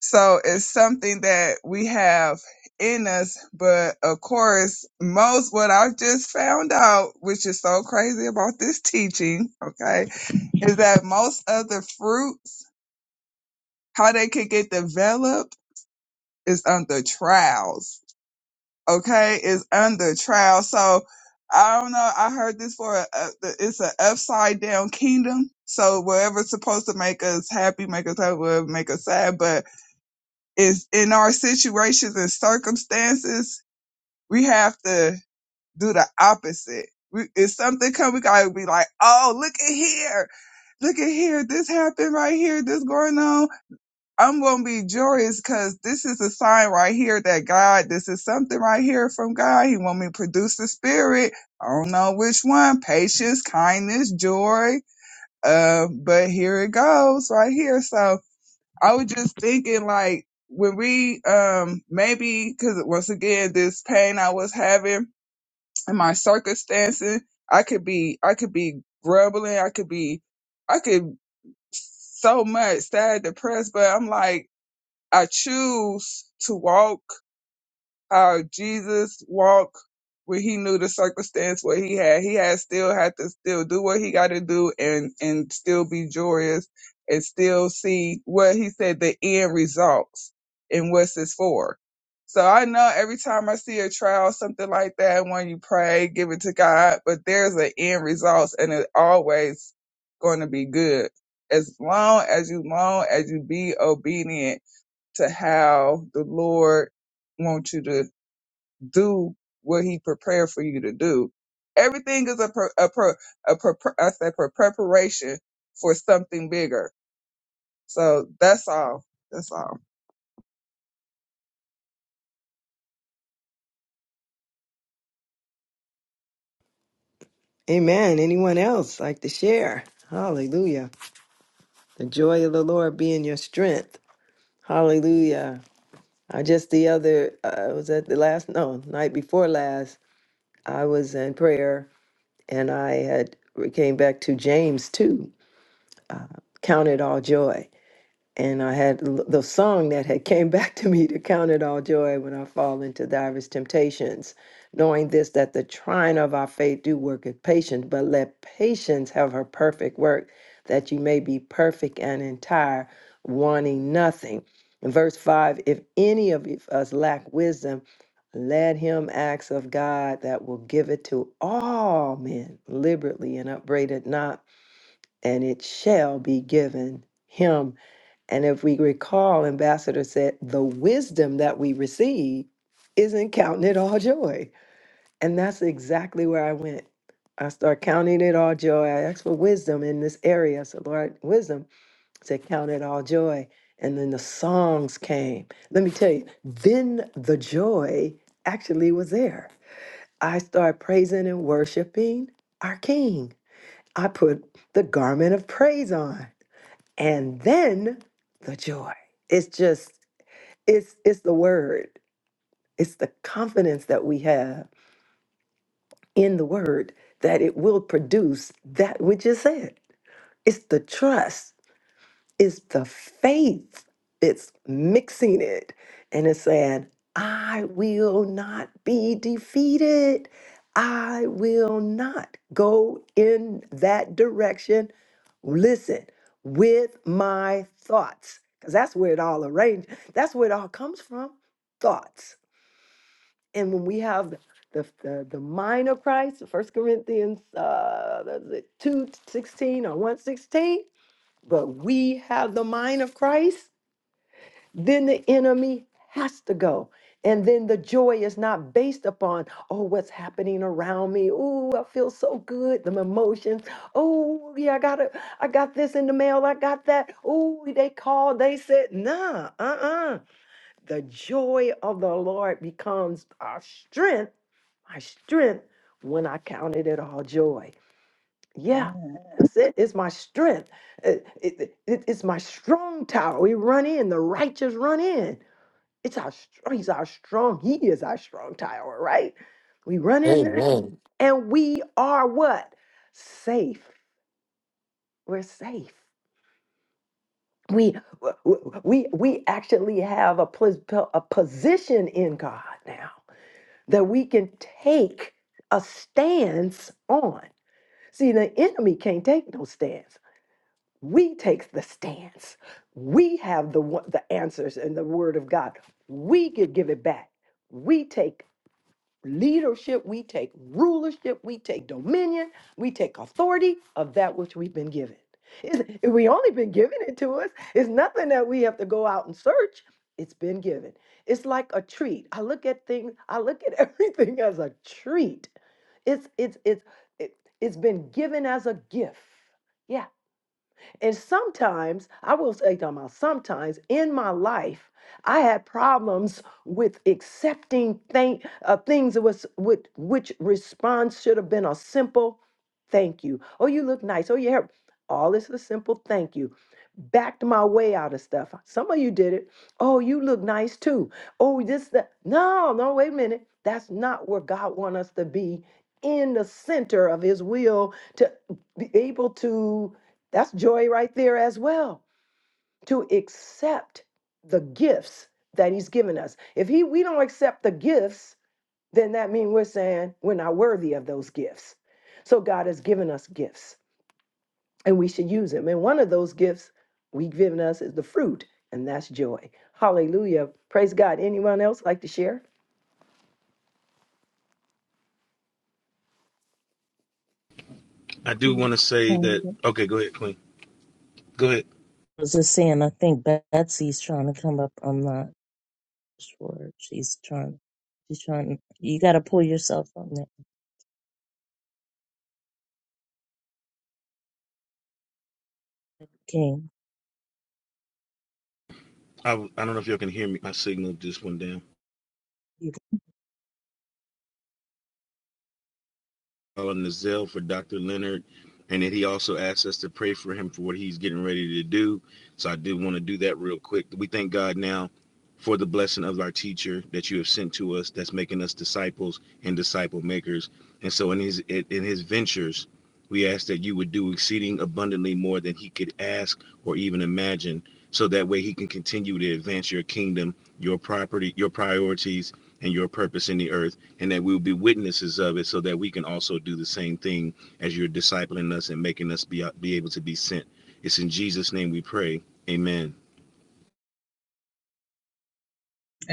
[SPEAKER 9] So it's something that we have in us, but of course, most what I just found out, which is so crazy about this teaching, okay, is that most of the fruits how they can get developed is under trials. Okay, is under trial. So I don't know. I heard this for a, a, it's an upside down kingdom. So whatever's supposed to make us happy, make us happy, whatever make us sad, but it's in our situations and circumstances, we have to do the opposite. We, if something come, we gotta be like, oh, look at here look at here, this happened right here, this going on. I'm gonna be joyous because this is a sign right here that God, this is something right here from God. He want me to produce the spirit. I don't know which one, patience, kindness, joy. Uh, but here it goes right here. So I was just thinking like when we, um, maybe because once again, this pain I was having in my circumstances, I could be, I could be grumbling. I could be, I could so much sad, depressed, but I'm like, I choose to walk how Jesus walked where he knew the circumstance what he had. He had still had to still do what he got to do and, and still be joyous and still see what he said the end results and what's this for. So I know every time I see a trial, something like that, when you pray, give it to God, but there's an end result and it's always going to be good. As long as you long as you be obedient to how the Lord wants you to do what He prepared for you to do. Everything is a pre- a pre- a, pre- I say pre- preparation for something bigger. So that's all. That's all.
[SPEAKER 2] Amen. Anyone else like to share? Hallelujah. The joy of the Lord being your strength. Hallelujah. I just the other, I was at the last, no, night before last, I was in prayer and I had we came back to James 2. Uh, count it all joy and I had l- the song that had came back to me to count it all joy when I fall into divers temptations, knowing this that the trying of our faith do work at patience, but let patience have her perfect work, that you may be perfect and entire, wanting nothing. In verse five, if any of you- us lack wisdom, let him ask of God that will give it to all men liberally and upbraid it not, and it shall be given him and if we recall, Ambassador said, the wisdom that we receive isn't counting it all joy. And that's exactly where I went. I start counting it all joy. I asked for wisdom in this area. So, Lord, wisdom I said, count it all joy. And then the songs came. Let me tell you, then the joy actually was there. I started praising and worshiping our King. I put the garment of praise on. And then the joy. It's just it's it's the word it's the confidence that we have in the word that it will produce that which is said it's the trust it's the faith it's mixing it and it's saying i will not be defeated i will not go in that direction listen with my thoughts because that's where it all arranged that's where it all comes from thoughts And when we have the the, the mind of Christ, First Corinthians uh, what is it, two sixteen or one sixteen, but we have the mind of Christ, then the enemy has to go. And then the joy is not based upon, oh, what's happening around me. Oh, I feel so good. The emotions. Oh, yeah, I got it. I got this in the mail. I got that. Oh, they called. They said, nah, uh-uh the joy of the Lord becomes our strength, my strength when I counted it all joy. Yeah,
[SPEAKER 9] Yeah.
[SPEAKER 2] that's it. It's my strength. Uh, It- it- it- it's my strong tower. We run in, the righteous run in. It's our str- he's our strong, he is our strong tower, right? We run in there
[SPEAKER 7] Amen.
[SPEAKER 2] and we are what? Safe. We're safe. We w- w- we we actually have a, pos- po- a position in God now that we can take a stance on. See, the enemy can't take no stance. We take the stance. We have the wo- the answers in the word of God. We can give it back. We take leadership we take, rulership we take, dominion we take, authority of that which we've been given. It's- If we only been given it to us, it's nothing that we have to go out and search. It's been given. It's like a treat. I look at things. I look at everything as a treat. It's it's it's it, it's been given as a gift. Yeah. And sometimes, I will say, talking about sometimes in my life, I had problems with accepting thank, uh, things that was with which response should have been a simple thank you. Oh, you look nice. Oh, your hair. All this is a simple thank you. Backed my way out of stuff. Some of you did it. Oh, you look nice too. Oh, this that. No, no, wait a minute. That's not where God wants us to be in the center of his will to be able to that's joy right there as well to accept the gifts that he's given us. If he we don't accept the gifts, then that means we're saying we're not worthy of those gifts. So God has given us gifts and we should use them. And one of those gifts we have given us is the fruit, and that's joy. Hallelujah. Praise God. Anyone else like to share?
[SPEAKER 6] I do want to say that.
[SPEAKER 5] Hallelujah.
[SPEAKER 6] Okay, go ahead, Queen. Go ahead.
[SPEAKER 5] I was just saying, I think Betsy's trying to come up. I'm not sure. She's trying. She's trying. You got to pull yourself on that, King.
[SPEAKER 6] I, I don't know if y'all can hear me. My signal just went down.
[SPEAKER 5] You
[SPEAKER 6] calling the Zell for Dr. Leonard, and then he also asked us to pray for him for what he's getting ready to do. So I did want to do that real quick. We thank God now for the blessing of our teacher that you have sent to us, that's making us disciples and disciple makers. And so in his in his ventures. We ask that you would do exceeding abundantly more than he could ask or even imagine, so that way he can continue to advance your kingdom, your property, your priorities, and your purpose in the earth, and that we will be witnesses of it, so that we can also do the same thing as you're discipling us and making us be, be able to be sent. It's in Jesus' name we pray. Amen.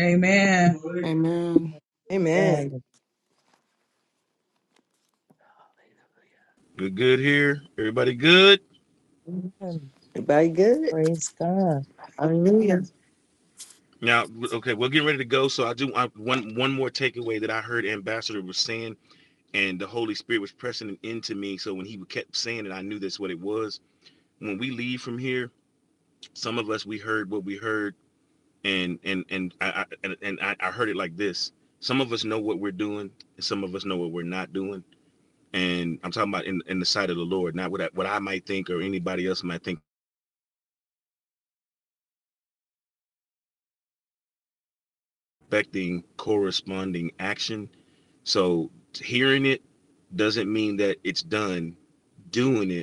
[SPEAKER 9] Amen.
[SPEAKER 4] Amen.
[SPEAKER 5] got
[SPEAKER 2] Amen.
[SPEAKER 6] Good, good here. Everybody good?
[SPEAKER 5] God.
[SPEAKER 2] Everybody good?
[SPEAKER 5] Praise God.
[SPEAKER 2] Hallelujah.
[SPEAKER 6] Now, okay, we're getting ready to go. So I do I, one one more takeaway that I heard Ambassador was saying and the Holy Spirit was pressing it into me. So when he kept saying it, I knew that's what it was. When we leave from here, some of us we heard what we heard, and and and I, I and, and I, I heard it like this. Some of us know what we're doing, and some of us know what we're not doing. And I'm talking about in, in the sight of the Lord, not what I, what I might think or anybody else might think, affecting corresponding action. So hearing it doesn't mean that it's done. Doing it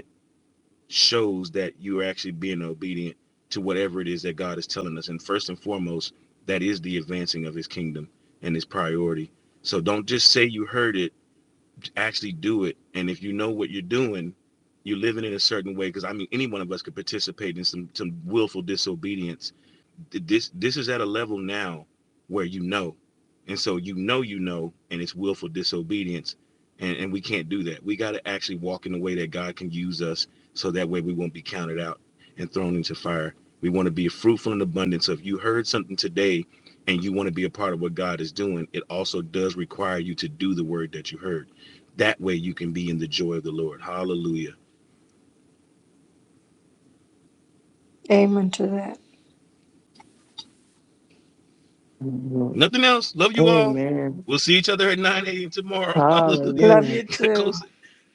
[SPEAKER 6] shows that you are actually being obedient to whatever it is that God is telling us. And first and foremost, that is the advancing of his kingdom and his priority. So don't just say you heard it, actually do it. And if you know what you're doing, you're living in a certain way. Because I mean, any one of us could participate in some some willful disobedience this this is at a level now where you know and so you know you know and it's willful disobedience and and we can't do that we got to actually walk in the way that god can use us so that way we won't be counted out and thrown into fire we want to be fruitful in abundance so if you heard something today and you want to be a part of what god is doing it also does require you to do the word that you heard that way you can be in the joy of the lord hallelujah
[SPEAKER 11] Amen to that.
[SPEAKER 2] Mhm.
[SPEAKER 6] nothing else love you all
[SPEAKER 2] Amen.
[SPEAKER 6] we'll see each other at 9 a.m tomorrow hallelujah
[SPEAKER 11] Love
[SPEAKER 2] Hallelujah.
[SPEAKER 11] you
[SPEAKER 6] go
[SPEAKER 11] too.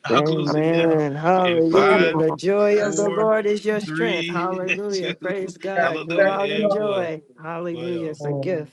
[SPEAKER 6] I'll close
[SPEAKER 4] God
[SPEAKER 6] it
[SPEAKER 4] bless.
[SPEAKER 6] now
[SPEAKER 2] Amen.
[SPEAKER 6] in
[SPEAKER 4] Love
[SPEAKER 11] Have
[SPEAKER 4] you
[SPEAKER 2] Hallelujah.
[SPEAKER 4] all.
[SPEAKER 6] five,
[SPEAKER 2] The joy of
[SPEAKER 9] That's
[SPEAKER 2] the
[SPEAKER 6] four,
[SPEAKER 2] Lord is your strength.
[SPEAKER 6] three,
[SPEAKER 2] Hallelujah.
[SPEAKER 6] two,
[SPEAKER 2] Praise God. Go
[SPEAKER 6] hallelujah,
[SPEAKER 2] out in
[SPEAKER 9] God.
[SPEAKER 6] and one.
[SPEAKER 2] joy.
[SPEAKER 6] Bye,
[SPEAKER 2] Hallelujah.
[SPEAKER 6] y'all.
[SPEAKER 2] It's a gift.